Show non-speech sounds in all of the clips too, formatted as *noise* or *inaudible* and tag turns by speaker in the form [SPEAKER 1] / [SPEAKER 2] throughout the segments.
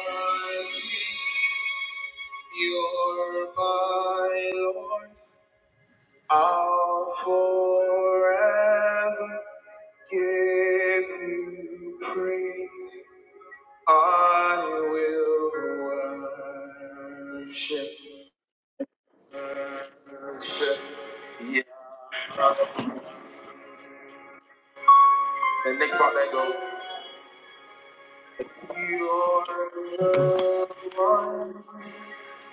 [SPEAKER 1] You're my Lord. I'll forever give you praise. I will worship. worship. Yeah. And next part that goes. You're the one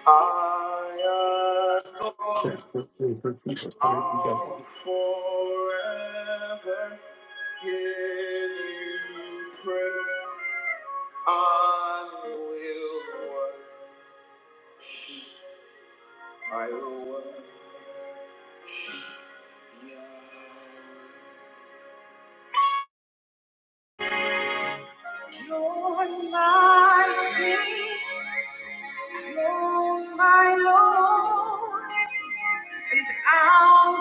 [SPEAKER 1] I adore. I'll forever give you praise. I will worship. I will worship Yahweh. You're my King. You're my Lord. And I'll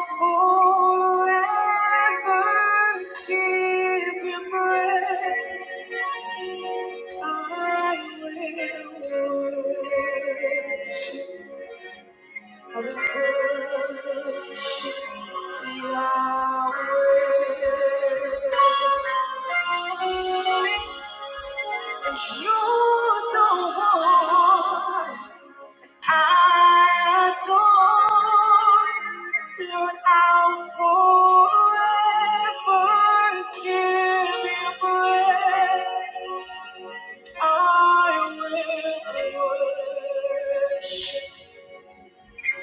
[SPEAKER 1] forever give you praise. I I I I'll will will worship, worship, you are and you're the one I adore. Lord, I'll Forever give you praise. I will worship.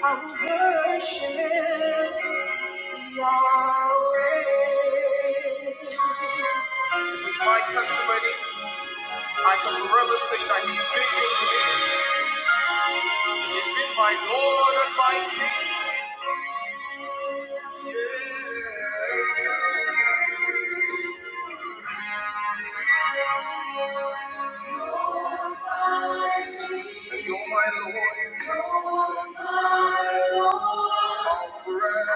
[SPEAKER 1] I will worship Yahweh. This is my testimony. I can forever say that He's been good to me. He's been my Lord and my King. Yeah. You're my Lord. You're my Lord. All forever.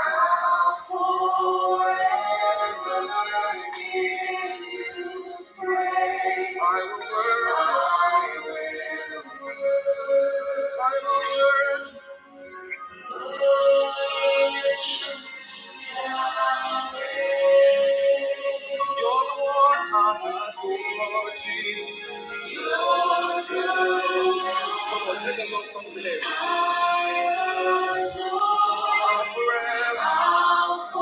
[SPEAKER 1] All forever. I give you praise. I will worship. I will worship. I will worship. You're the one I adore, Jesus. You're good. Come on, sing a love song today. I adore. I'm forever.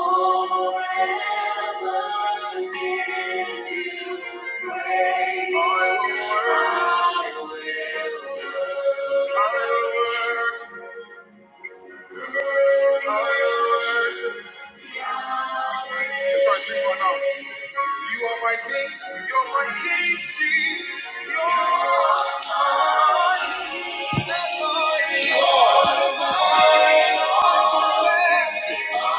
[SPEAKER 1] I'll forever give you praise. I will worship. I will worship. I will worship. start three one You are my king. You're my king, Jesus. You're my Lord. Confess it.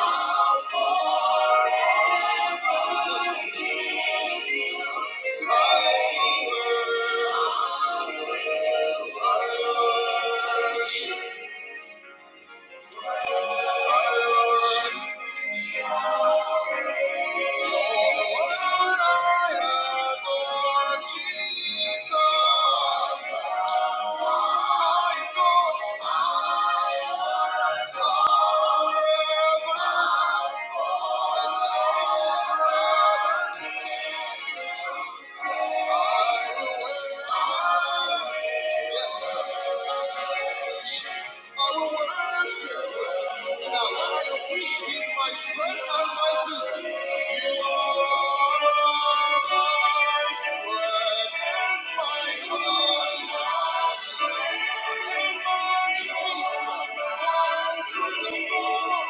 [SPEAKER 1] Yes, I will worship. Now I appreciate He's my strength and my peace. You are My strength and my God, my peace.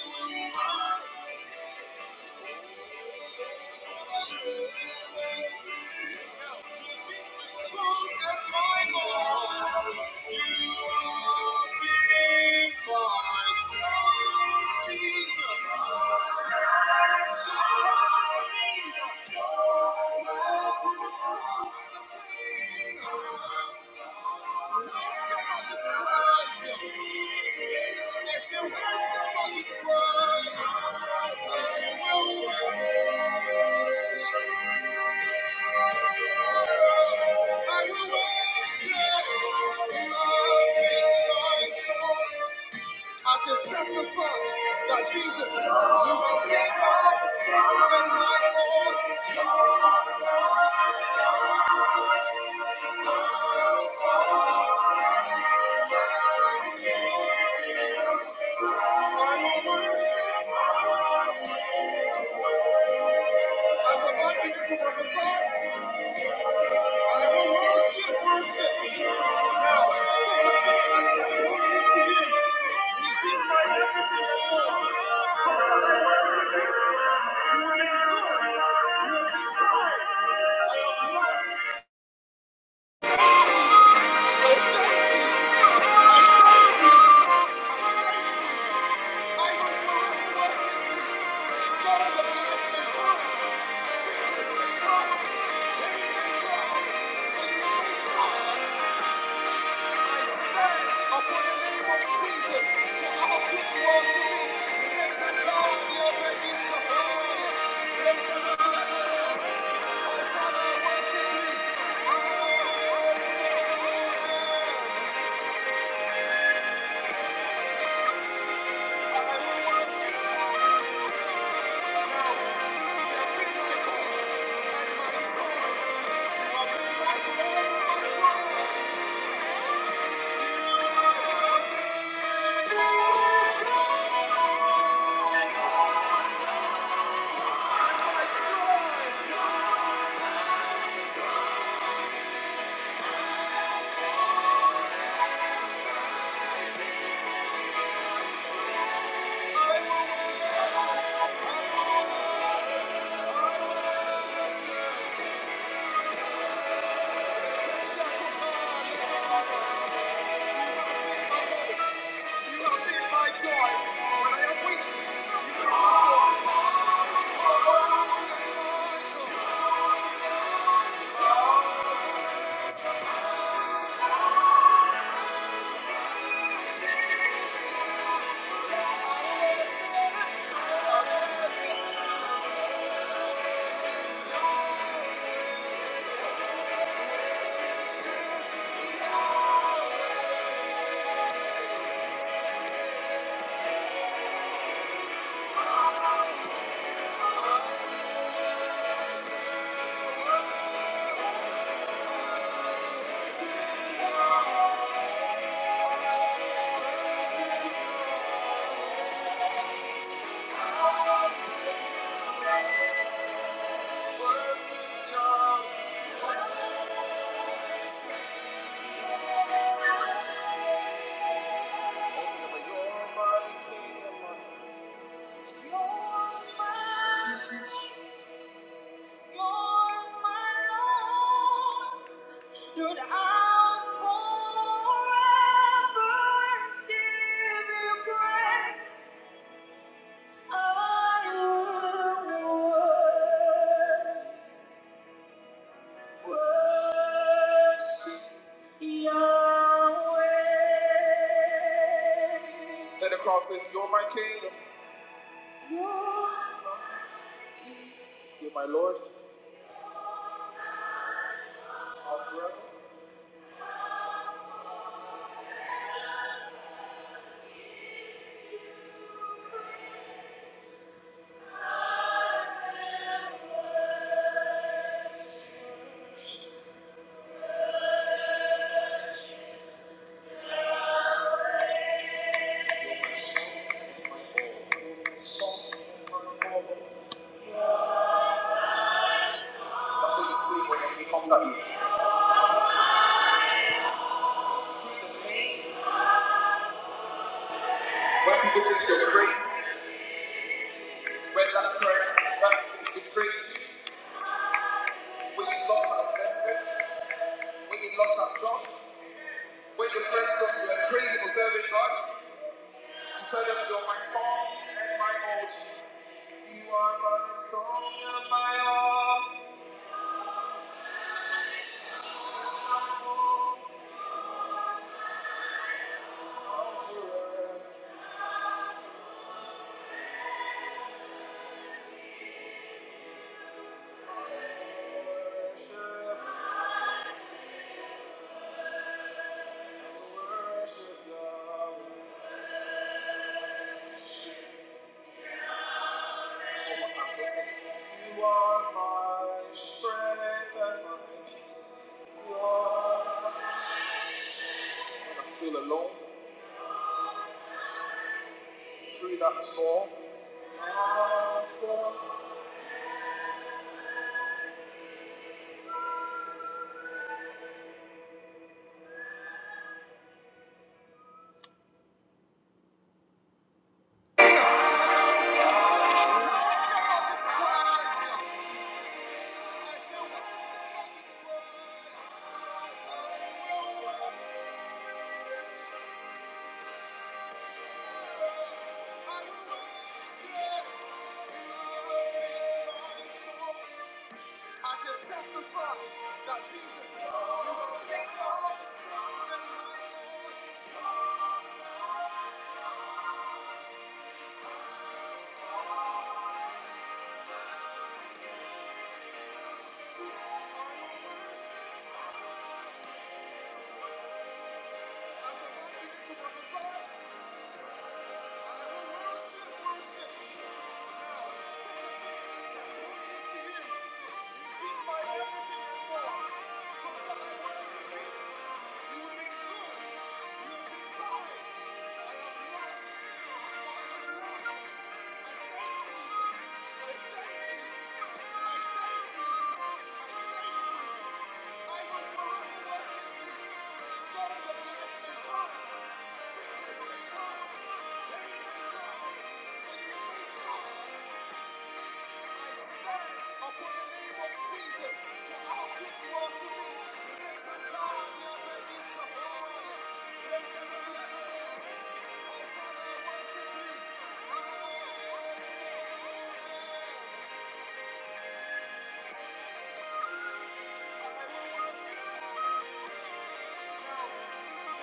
[SPEAKER 1] Thank you. I will worship. I can testify that Jesus, you have made us and my Lord. I will worship. I will not begin to prophesy. I will worship, worship. Now, take a minute and tell me what you see. I will worship, I will worship Thank you. on to me. Let the power of your babies come on. Let the power of your babies come on. You're my Lord. Should I forever give you praise? I would worship Yahweh. Let the crowd say, You're my king, you're my Lord. I'll forever. That's what you see when enemy comes at you. When people think you're crazy, when that's right, when people betray you. when we lost our business, when we lost our job, when your friends thought you were crazy for serving God, you tell them you're my song and my all. You are my song and my all. I'll forever worship, worship Yahweh. You are my strength and my peace. You are. When I feel alone through that storm. I everything. Thank you. Thank you. I'll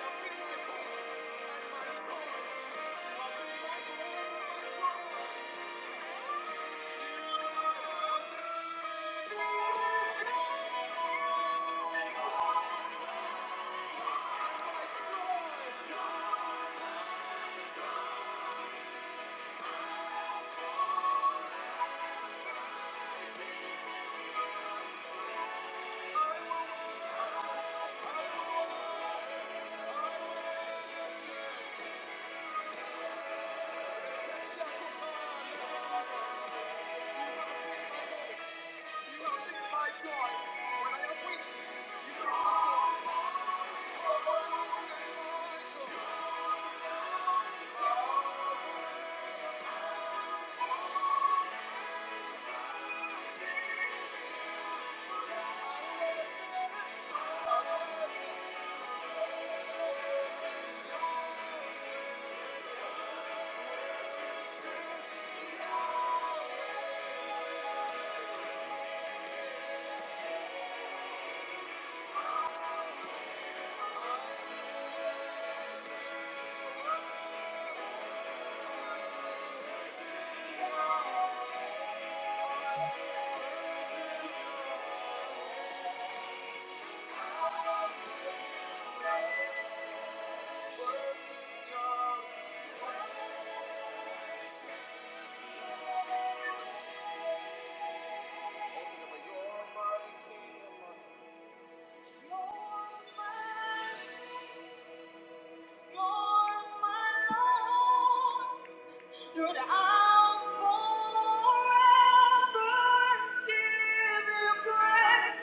[SPEAKER 1] Forever give you praise.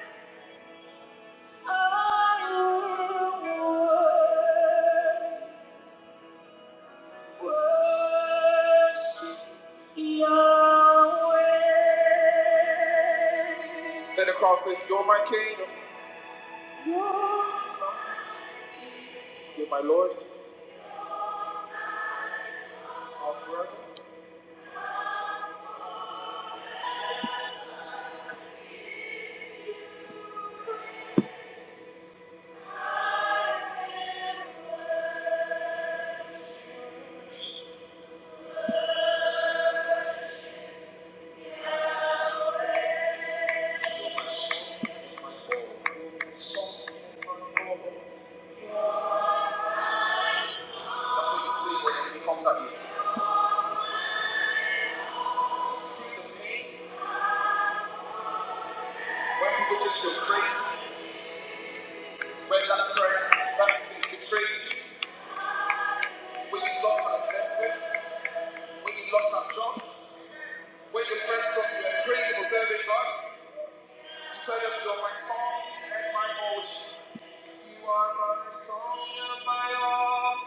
[SPEAKER 1] Let the crowd say, You're my king, you're my Lord. I'll forever." That's what you see when the enemy comes at you. Feel the pain when people think you're crazy, when that friend, that people betrayed you, when you lost that investment, when you lost that job, when your friends thought you were crazy for serving God. Say it, you're my song and my hope. You are my song and my all.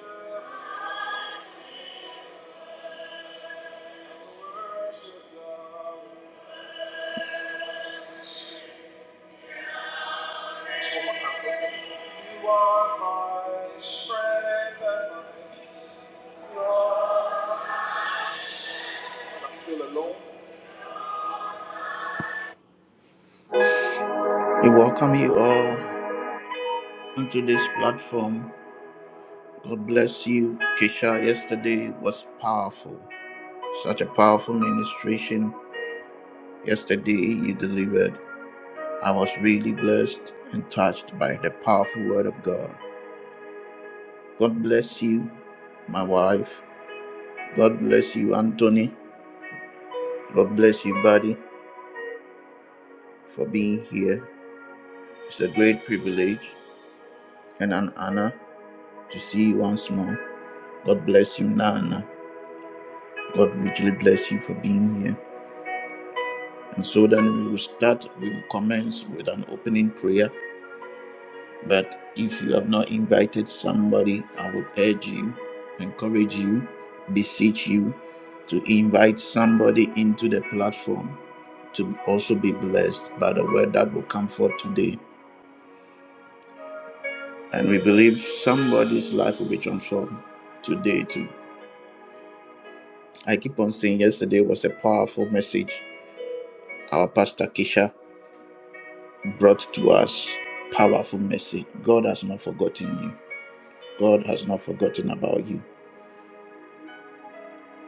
[SPEAKER 1] Worship, worship God. one more time, please. You are my strength and my peace. You are. I feel alone. We welcome you all into this platform. God bless you. Kesha. yesterday was powerful. Such a powerful ministration. Yesterday you delivered. I was really blessed and touched by the powerful word of God. God bless you, my wife. God bless you, Anthony. God bless you, buddy, for being here. It's a great privilege and an honor to see you once more. God bless you, Nana. God richly bless you for being here. And so then we will start, we will commence with an opening prayer. But if you have not invited somebody, I would urge you, encourage you, beseech you to invite somebody into the platform to also be blessed by the word that will come forth today. And we believe somebody's life will be transformed today too. I keep on saying yesterday was a powerful message. Our pastor Kisha brought to us powerful message. God has not forgotten you. God has not forgotten about you.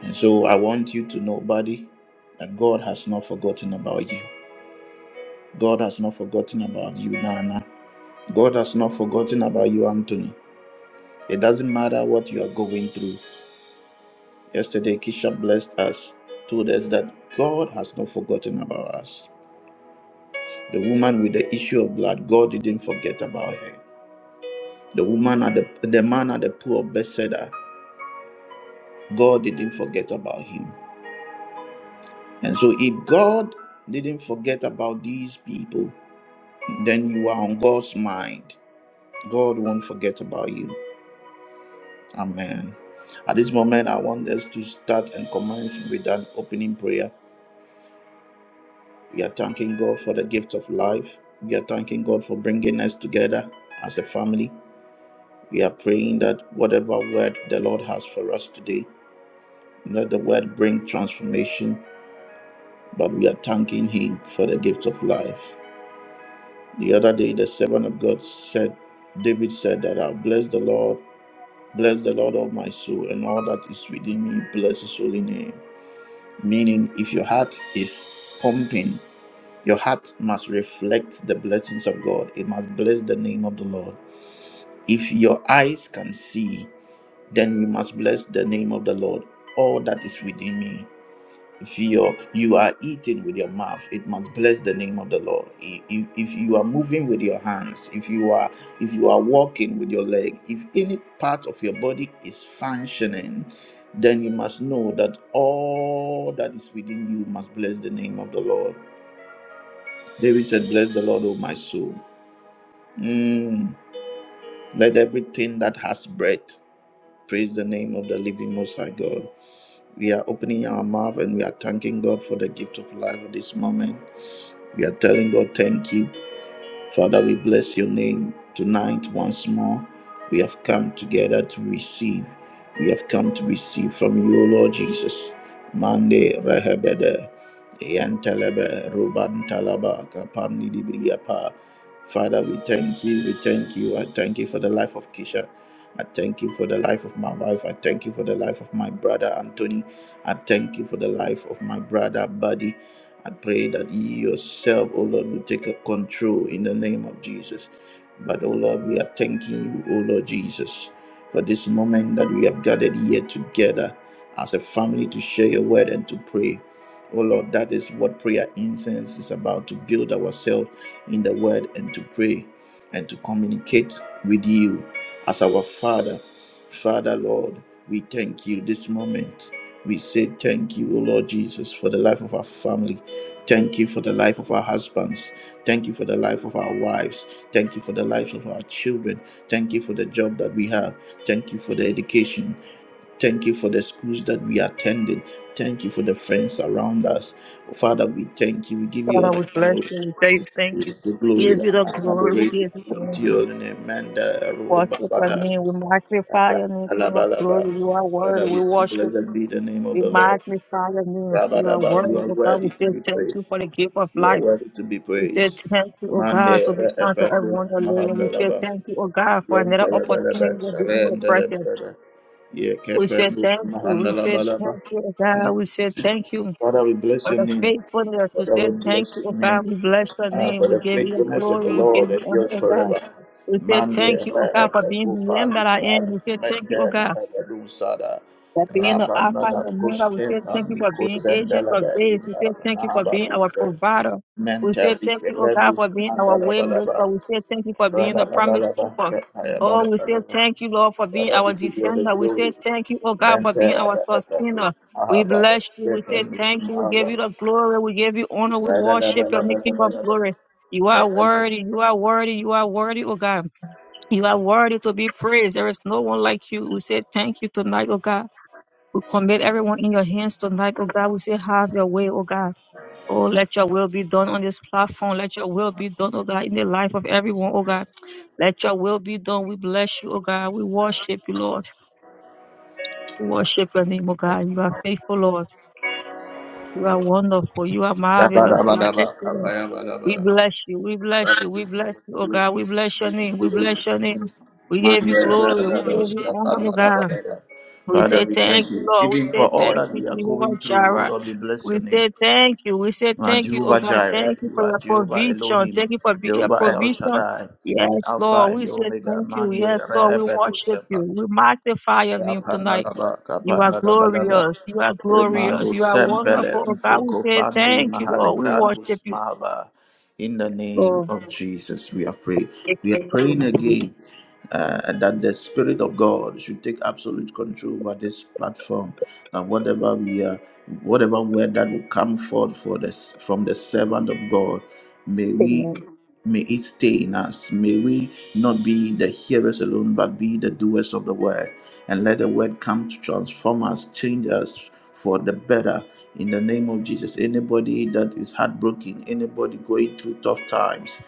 [SPEAKER 1] And so I want you to know, buddy, that God has not forgotten about you. God has not forgotten about you, Nana. God has not forgotten about you, Anthony. It doesn't matter what you are going through. Yesterday, Kisha blessed us, told us that God has not forgotten about us. The woman with the issue of blood, God didn't forget about her. The woman at the, the man at the pool of Bethesda, God didn't forget about him. And so, if God didn't forget about these people, then you are on God's mind. God won't forget about you. Amen. At this moment, I want us to start and commence with an opening prayer. We are thanking God for the gift of life. We are thanking God for bringing us together as a family. We are praying that whatever word the Lord has for us today, let the word bring transformation, but we are thanking Him for the gift of life. The other day, the servant of God said, David said that I'll bless the Lord Bless the Lord of my soul and all that is within me. Bless his holy name. Meaning, if your heart is pumping, your heart must reflect the blessings of God. It must bless the name of the Lord. If your eyes can see, then you must bless the name of the Lord, all that is within me. If you're, you are eating with your mouth, it must bless the name of the Lord. I- If, if you are moving with your hands, if you are if you are walking with your leg, if any part of your body is functioning, then you must know that all that is within you must bless the name of the Lord. David said, Bless the Lord, O my soul. Mm, let everything that has breath praise the name of the living Most High God. We are opening our mouth and we are thanking God for the gift of life at this moment. We are telling God, thank you. Father, we bless your name tonight once more. We have come together to receive. We have come to receive from you, O Lord Jesus. Mande Rehebede, Yantelebe, Ruban Talaba, Kapam Father, we thank you. We thank you. I thank you for the life of Kisha. I thank you for the life of my wife. I thank you for the life of my brother Anthony. I thank you for the life of my brother Buddy. I pray that you yourself, O Lord, will take control in the name of Jesus. But, O Lord, we are thanking you, O Lord Jesus, for this moment that we have gathered here together as a family to share your word and to pray. Oh Lord, that is what prayer incense is about to build ourselves in the word and to pray and to communicate with you as our Father. Father, Lord, we thank you this moment. We say thank you, O Lord Jesus, for the life of our family. Thank you for the life of our husbands. Thank you for the life of our wives. Thank you for the lives of our children. Thank you for the job that we have. Thank you for the education. Thank you for the schools that we attended. Thank you for the friends around us. Father, we thank you. We give you all
[SPEAKER 2] Father,
[SPEAKER 1] the
[SPEAKER 2] we bless
[SPEAKER 1] glory.
[SPEAKER 2] you. We tell you thank you.
[SPEAKER 1] It's the
[SPEAKER 2] We
[SPEAKER 1] glory
[SPEAKER 2] give you
[SPEAKER 1] and
[SPEAKER 2] the
[SPEAKER 1] honor,
[SPEAKER 2] glory. We
[SPEAKER 1] adoration
[SPEAKER 2] give you honor.
[SPEAKER 1] unto your name. Manda,
[SPEAKER 2] We worship
[SPEAKER 1] Roba,
[SPEAKER 2] your
[SPEAKER 1] Bada,
[SPEAKER 2] name. We magnify
[SPEAKER 1] Ra-
[SPEAKER 2] your name, King of glory.
[SPEAKER 1] Alabalaba.
[SPEAKER 2] You are
[SPEAKER 1] Father,
[SPEAKER 2] worthy.
[SPEAKER 1] we
[SPEAKER 2] We
[SPEAKER 1] say,
[SPEAKER 2] worship you.
[SPEAKER 1] blessed be the name of
[SPEAKER 2] We
[SPEAKER 1] the Lord.
[SPEAKER 2] magnify your name. You are
[SPEAKER 1] Rabadaba, you
[SPEAKER 2] worthy,
[SPEAKER 1] are
[SPEAKER 2] oh God.
[SPEAKER 1] worthy
[SPEAKER 2] We
[SPEAKER 1] to
[SPEAKER 2] say
[SPEAKER 1] be
[SPEAKER 2] thank
[SPEAKER 1] praised.
[SPEAKER 2] you for the gift of
[SPEAKER 1] You are
[SPEAKER 2] life.
[SPEAKER 1] worthy to be
[SPEAKER 2] We say
[SPEAKER 1] praised.
[SPEAKER 2] thank you, oh
[SPEAKER 1] Mande,
[SPEAKER 2] God, to be
[SPEAKER 1] Re-
[SPEAKER 2] kind to
[SPEAKER 1] Ependus,
[SPEAKER 2] everyone you're living. We say
[SPEAKER 1] Mahandalaba.
[SPEAKER 2] thank you, oh God, for another
[SPEAKER 1] Yentalabalaba,
[SPEAKER 2] opportunity to be in your presence.
[SPEAKER 1] Rendalabalaba.
[SPEAKER 2] We say
[SPEAKER 1] Yekependus,
[SPEAKER 2] thank you. We say
[SPEAKER 1] Mahandalabalaba.
[SPEAKER 2] thank you, oh God. We say thank you.
[SPEAKER 1] Father, we bless
[SPEAKER 2] for
[SPEAKER 1] your
[SPEAKER 2] the
[SPEAKER 1] name.
[SPEAKER 2] faithfulness. We say
[SPEAKER 1] Father, we
[SPEAKER 2] thank
[SPEAKER 1] bless
[SPEAKER 2] you, O
[SPEAKER 1] your
[SPEAKER 2] God.
[SPEAKER 1] name.
[SPEAKER 2] We bless your
[SPEAKER 1] Uh,
[SPEAKER 2] name.
[SPEAKER 1] for
[SPEAKER 2] We
[SPEAKER 1] the
[SPEAKER 2] give you
[SPEAKER 1] faithfulness of
[SPEAKER 2] glory.
[SPEAKER 1] the
[SPEAKER 2] We give
[SPEAKER 1] Lord
[SPEAKER 2] you honor,
[SPEAKER 1] endures
[SPEAKER 2] O God.
[SPEAKER 1] forever.
[SPEAKER 2] We say
[SPEAKER 1] Mande
[SPEAKER 2] thank you, O God, for being
[SPEAKER 1] repetu
[SPEAKER 2] the end
[SPEAKER 1] pali
[SPEAKER 2] that I am.
[SPEAKER 1] pali
[SPEAKER 2] We say thank
[SPEAKER 1] mete
[SPEAKER 2] you, O God.
[SPEAKER 1] mahadadun sada.
[SPEAKER 2] That being the
[SPEAKER 1] Rabba
[SPEAKER 2] Alpha and
[SPEAKER 1] nada
[SPEAKER 2] Omega, we
[SPEAKER 1] kushte
[SPEAKER 2] say thank you
[SPEAKER 1] mandi
[SPEAKER 2] for being ancient
[SPEAKER 1] kusendela
[SPEAKER 2] of
[SPEAKER 1] be
[SPEAKER 2] days. We
[SPEAKER 1] inda
[SPEAKER 2] say thank you for being our
[SPEAKER 1] nahabaduste.
[SPEAKER 2] provider. We
[SPEAKER 1] Mente
[SPEAKER 2] say thank you, oh God,
[SPEAKER 1] rikependus
[SPEAKER 2] for being our
[SPEAKER 1] mandala
[SPEAKER 2] way
[SPEAKER 1] balaba.
[SPEAKER 2] maker. We say thank you for being
[SPEAKER 1] Rabba
[SPEAKER 2] the promise
[SPEAKER 1] balaba
[SPEAKER 2] keeper.
[SPEAKER 1] kaya
[SPEAKER 2] Oh, we say
[SPEAKER 1] balaba.
[SPEAKER 2] thank you, Lord, for being
[SPEAKER 1] Father, we
[SPEAKER 2] our
[SPEAKER 1] give you the
[SPEAKER 2] defender. We
[SPEAKER 1] glory.
[SPEAKER 2] say thank you, oh God, for
[SPEAKER 1] Mente
[SPEAKER 2] being our
[SPEAKER 1] repetus
[SPEAKER 2] sustainer. We
[SPEAKER 1] mahabada.
[SPEAKER 2] bless you. We say
[SPEAKER 1] Kependus
[SPEAKER 2] thank you. We give
[SPEAKER 1] mahabada.
[SPEAKER 2] you the glory. We give you honor. We
[SPEAKER 1] Father, we
[SPEAKER 2] worship your King of glory. You are
[SPEAKER 1] thank
[SPEAKER 2] worthy. You are worthy. You are worthy, oh God. You are worthy to be praised. There is no one like you. We say thank you tonight, oh God. We commit everyone in your hands tonight, oh God. We say, have your way, oh God. Oh, let your will be done on this platform. Let your will be done, oh God, in the life of everyone, oh God. Let your will be done. We bless you, oh God. We worship you, Lord. We worship your name, oh God. You are faithful, Lord. You are wonderful. You are marvelous. You are excellent. We bless you. We bless you. We bless you, oh God. We bless your name. We bless your name. We give you glory. We give you honor, oh God. We say thank you,
[SPEAKER 1] you.
[SPEAKER 2] Lord. We
[SPEAKER 1] Even for
[SPEAKER 2] say
[SPEAKER 1] all
[SPEAKER 2] thank
[SPEAKER 1] that
[SPEAKER 2] you,
[SPEAKER 1] we are
[SPEAKER 2] Jehovah
[SPEAKER 1] going through, oh
[SPEAKER 2] Jireh.
[SPEAKER 1] Lord, we bless
[SPEAKER 2] We
[SPEAKER 1] your name.
[SPEAKER 2] say thank you. We say
[SPEAKER 1] You are
[SPEAKER 2] thank you, oh
[SPEAKER 1] Jehovah
[SPEAKER 2] God.
[SPEAKER 1] Jireh.
[SPEAKER 2] Thank you
[SPEAKER 1] You
[SPEAKER 2] for
[SPEAKER 1] are
[SPEAKER 2] your
[SPEAKER 1] Jehovah
[SPEAKER 2] provision.
[SPEAKER 1] Elohim.
[SPEAKER 2] Thank you for be- your
[SPEAKER 1] Jehovah El
[SPEAKER 2] provision.
[SPEAKER 1] Shaddai.
[SPEAKER 2] Yes,
[SPEAKER 1] Alpha
[SPEAKER 2] Lord.
[SPEAKER 1] and
[SPEAKER 2] We
[SPEAKER 1] the
[SPEAKER 2] say
[SPEAKER 1] Omega.
[SPEAKER 2] thank you.
[SPEAKER 1] Mande,
[SPEAKER 2] Yes, Lord. We
[SPEAKER 1] Rebedo,
[SPEAKER 2] worship you.
[SPEAKER 1] Sepa.
[SPEAKER 2] We magnify your name tonight.
[SPEAKER 1] Apanalaba,
[SPEAKER 2] You are
[SPEAKER 1] tapanalabalaba.
[SPEAKER 2] glorious. You are glorious.
[SPEAKER 1] Emmanuel
[SPEAKER 2] You are
[SPEAKER 1] Sembele,
[SPEAKER 2] wonderful, oh God. We
[SPEAKER 1] Mfoko
[SPEAKER 2] say
[SPEAKER 1] Family,
[SPEAKER 2] thank you, Lord. We
[SPEAKER 1] Mahalegrandus
[SPEAKER 2] worship you.
[SPEAKER 1] Mahava. In the
[SPEAKER 2] Yes,
[SPEAKER 1] name
[SPEAKER 2] Lord.
[SPEAKER 1] of Jesus, we are praying. We are praying
[SPEAKER 2] Amen.
[SPEAKER 1] again uh, that the Spirit of God should take absolute control over this platform and whatever we are, whatever word that will come forth for this from the servant of God, may we
[SPEAKER 2] Amen.
[SPEAKER 1] may it stay in us. May we not be the hearers alone, but be the doers of the word and let the word come to transform us, change us for the better in the name of Jesus. Anybody that is heartbroken, anybody going through tough times,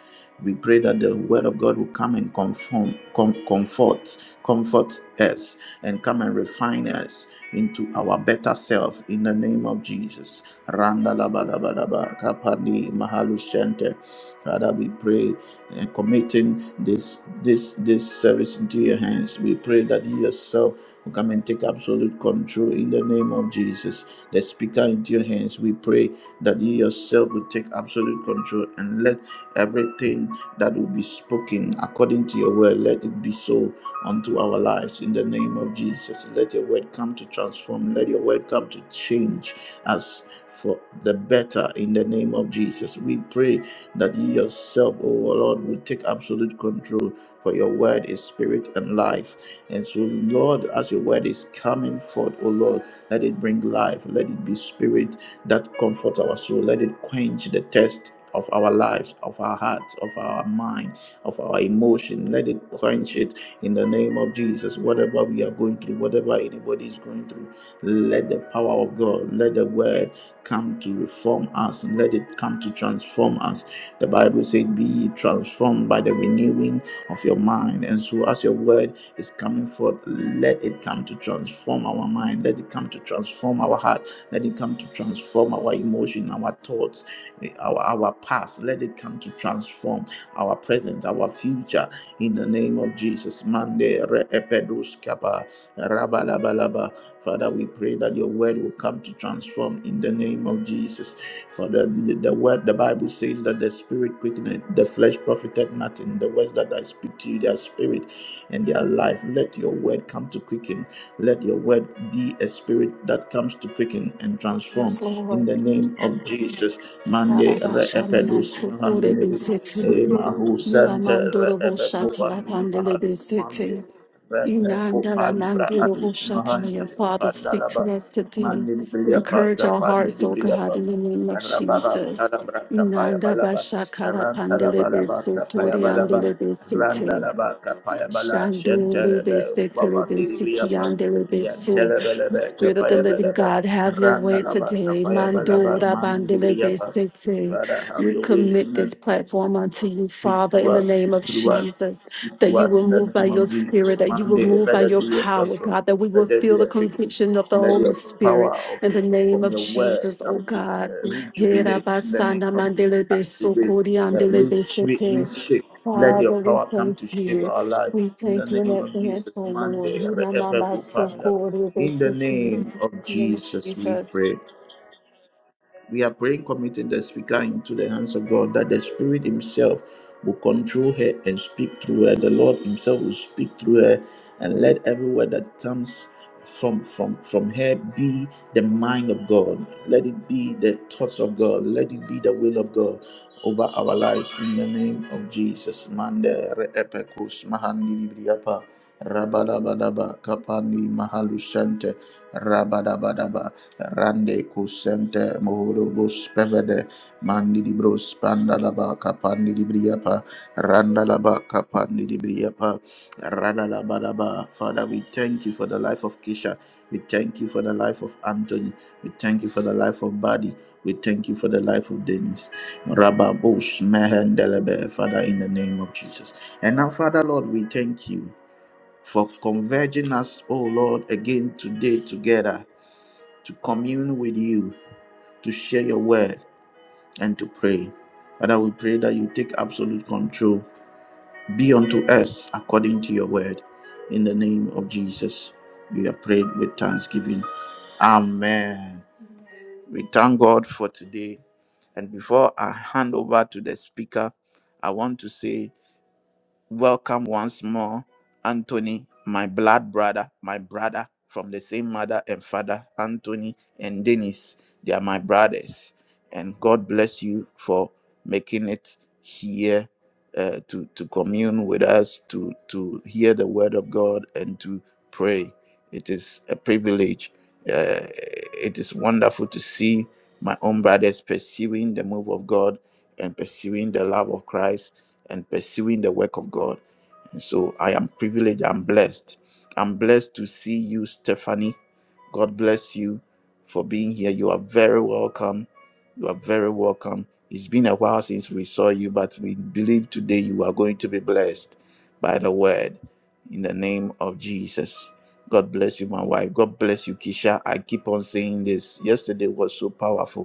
[SPEAKER 1] we pray that the word of God will come and conform, com- comfort, comfort us, and come and refine us into our better self in the name of Jesus. Randa la ba la ba la ba, kapani mahalu shente. Father, we pray and committing this this this service into your hands. We pray that you yourself will come and take absolute control in the name of Jesus. The speaker into your hands. We pray that you yourself will take absolute control and let everything that will be spoken according to your word, let it be so unto our lives in the name of Jesus. Let your word come to transform. Let your word come to change us for the better in the name of Jesus. We pray that you yourself, O Lord, will take absolute control, for your word is spirit and life. And so, Lord, as your word is coming forth, O Lord, let it bring life, let it be spirit that comforts our soul, let it quench the thirst of our lives, of our hearts, of our mind, of our emotion. Let it quench it in the name of Jesus. Whatever we are going through, whatever anybody is going through, let the power of God, let the word come to reform us, and let it come to transform us the Bible says, Be transformed by the renewing of your mind. And so, as your word is coming forth, let it come to transform our mind, let it come to transform our heart, let it come to transform our emotion, our thoughts, eh, our, our past, let it come to transform our present, our future. In the name of Jesus, Mande re epedos kapa, rabalabalaba. Father, we pray that your word will come to transform in the name of Jesus. For the, the word, the Bible says that the spirit quickeneth, the flesh profited nothing. The words that I speak to you, their spirit and their life. Let your word come to quicken. Let your word be a spirit that comes to quicken and
[SPEAKER 3] Yes,
[SPEAKER 1] transform. In
[SPEAKER 3] Lord.
[SPEAKER 1] the name of Jesus. Mande re epedus
[SPEAKER 3] Arabashalamasuku
[SPEAKER 1] mahandele,
[SPEAKER 3] rebesete.
[SPEAKER 1] eh, mahu sente re
[SPEAKER 3] Ilamandorobo
[SPEAKER 1] ebeko fandi mahalu
[SPEAKER 3] shatalapandeleresete.
[SPEAKER 1] mande re pe opa
[SPEAKER 3] Inandalamandorobo
[SPEAKER 1] adus
[SPEAKER 3] shatala.
[SPEAKER 1] mahandi
[SPEAKER 3] Your Father, speak to
[SPEAKER 1] pandalaba
[SPEAKER 3] us today.
[SPEAKER 1] mande di bria pa
[SPEAKER 3] Encourage our
[SPEAKER 1] tapandi
[SPEAKER 3] hearts,
[SPEAKER 1] di
[SPEAKER 3] O
[SPEAKER 1] bria
[SPEAKER 3] God,
[SPEAKER 1] pa.
[SPEAKER 3] in the name of
[SPEAKER 1] Rababa,
[SPEAKER 3] Jesus.
[SPEAKER 1] Kadabra, Kapaya
[SPEAKER 3] Inanda
[SPEAKER 1] Balaba,
[SPEAKER 3] basha kala pandele
[SPEAKER 1] Rantalabalaba,
[SPEAKER 3] beso
[SPEAKER 1] Kapaya
[SPEAKER 3] tori
[SPEAKER 1] Balaba,
[SPEAKER 3] andele besete.
[SPEAKER 1] Randalaba, Kapaya Bala,
[SPEAKER 3] Shandorebe,
[SPEAKER 1] Shentelebe,
[SPEAKER 3] setelebe,
[SPEAKER 1] Babandiribriapa,
[SPEAKER 3] sikiandelebe, so.
[SPEAKER 1] Yantelebelebe,
[SPEAKER 3] Spirit of the
[SPEAKER 1] Kapaya
[SPEAKER 3] living
[SPEAKER 1] Belebe,
[SPEAKER 3] God, have your way
[SPEAKER 1] Randalaba,
[SPEAKER 3] today.
[SPEAKER 1] Kapaya Balaba,
[SPEAKER 3] Mandora bandelebe,
[SPEAKER 1] Mandiribriapa.
[SPEAKER 3] sete.
[SPEAKER 1] Father, have
[SPEAKER 3] We
[SPEAKER 1] your way
[SPEAKER 3] commit
[SPEAKER 1] in the
[SPEAKER 3] this platform unto you,
[SPEAKER 1] Speak
[SPEAKER 3] Father,
[SPEAKER 1] to
[SPEAKER 3] in the
[SPEAKER 1] us,
[SPEAKER 3] name
[SPEAKER 1] speak
[SPEAKER 3] of
[SPEAKER 1] through us,
[SPEAKER 3] Jesus,
[SPEAKER 1] speak
[SPEAKER 3] that
[SPEAKER 1] to
[SPEAKER 3] you
[SPEAKER 1] us
[SPEAKER 3] will
[SPEAKER 1] in
[SPEAKER 3] move
[SPEAKER 1] the
[SPEAKER 3] by
[SPEAKER 1] name
[SPEAKER 3] your
[SPEAKER 1] of Jesus.
[SPEAKER 3] spirit, that you will
[SPEAKER 1] Monday,
[SPEAKER 3] move
[SPEAKER 1] let
[SPEAKER 3] by
[SPEAKER 1] there
[SPEAKER 3] your
[SPEAKER 1] be a
[SPEAKER 3] power,
[SPEAKER 1] transformation,
[SPEAKER 3] God, that we will
[SPEAKER 1] let there
[SPEAKER 3] feel
[SPEAKER 1] be
[SPEAKER 3] the
[SPEAKER 1] a quickening,
[SPEAKER 3] conviction of the
[SPEAKER 1] let
[SPEAKER 3] Holy
[SPEAKER 1] your power
[SPEAKER 3] Spirit
[SPEAKER 1] of,
[SPEAKER 3] in the name
[SPEAKER 1] from
[SPEAKER 3] of
[SPEAKER 1] your word
[SPEAKER 3] Jesus, oh
[SPEAKER 1] come to
[SPEAKER 3] God.
[SPEAKER 1] uh, rejuvenate in the name
[SPEAKER 3] Herabasana
[SPEAKER 1] of Jesus.
[SPEAKER 3] mandelebe,
[SPEAKER 1] Activate, uh,
[SPEAKER 3] sokoriandelebe,
[SPEAKER 1] resh- re-
[SPEAKER 3] sete.
[SPEAKER 1] reshape. Let your
[SPEAKER 3] Father, we
[SPEAKER 1] power come
[SPEAKER 3] thank
[SPEAKER 1] to
[SPEAKER 3] you.
[SPEAKER 1] shape our life
[SPEAKER 3] We
[SPEAKER 1] in the
[SPEAKER 3] thank you in
[SPEAKER 1] name of
[SPEAKER 3] advance,
[SPEAKER 1] Jesus.
[SPEAKER 3] O Lord.
[SPEAKER 1] Monday,
[SPEAKER 3] We
[SPEAKER 1] re-
[SPEAKER 3] now know
[SPEAKER 1] epic,
[SPEAKER 3] about so
[SPEAKER 1] Father.
[SPEAKER 3] called it
[SPEAKER 1] in
[SPEAKER 3] is
[SPEAKER 1] the
[SPEAKER 3] that you
[SPEAKER 1] name
[SPEAKER 3] need.
[SPEAKER 1] of
[SPEAKER 3] In the name of
[SPEAKER 1] Jesus, we pray.
[SPEAKER 3] Jesus.
[SPEAKER 1] We are praying, committing the speaker into the hands of God that the Spirit Himself will control her and speak through her. The Lord Himself will speak through her and let every word that comes from from from her be the mind of God. Let it be the thoughts of God. Let it be the will of God over our lives in the name of Jesus. Mande re epekus mahandi libriapa. Rabadabadaba Kapani Mahalushente Rabadabadaba Rande Kusente moholobos Pevede Mandibros Pandalaba Kapani Libriapa Randalaba Kapani Libriapa Radalabadaba Father we thank you for the life of Kisha we thank you for the life of Anthony we thank you for the life of Buddy we thank you for the life of Dennis. Rabba Bosh Mehendelebe, Father, in the name of Jesus. And now, Father, Lord, we thank you for converging us, O Lord, again today together to commune with you, to share your word, and to pray. Father, we pray that you take absolute control. Be unto us according to your word. In the name of Jesus, we are prayed with thanksgiving. Amen. We thank God for today. And before I hand over to the speaker, I want to say Welcome once more, Anthony, my blood brother, my brother from the same mother and father, Anthony and Dennis. They are my brothers. And God bless you for making it here uh, to, to commune with us, to, to hear the word of God, and to pray. It is a privilege. Uh, it is wonderful to see my own brothers pursuing the move of God and pursuing the love of Christ and pursuing the work of God. And so I am privileged, I'm blessed. I'm blessed to see you, Stephanie. God bless you for being here. You are very welcome. You are very welcome. It's been a while since we saw you, but we believe today you are going to be blessed by the word in the name of Jesus. God bless you, my wife. God bless you, Kisha. I keep on saying this. Yesterday was so powerful.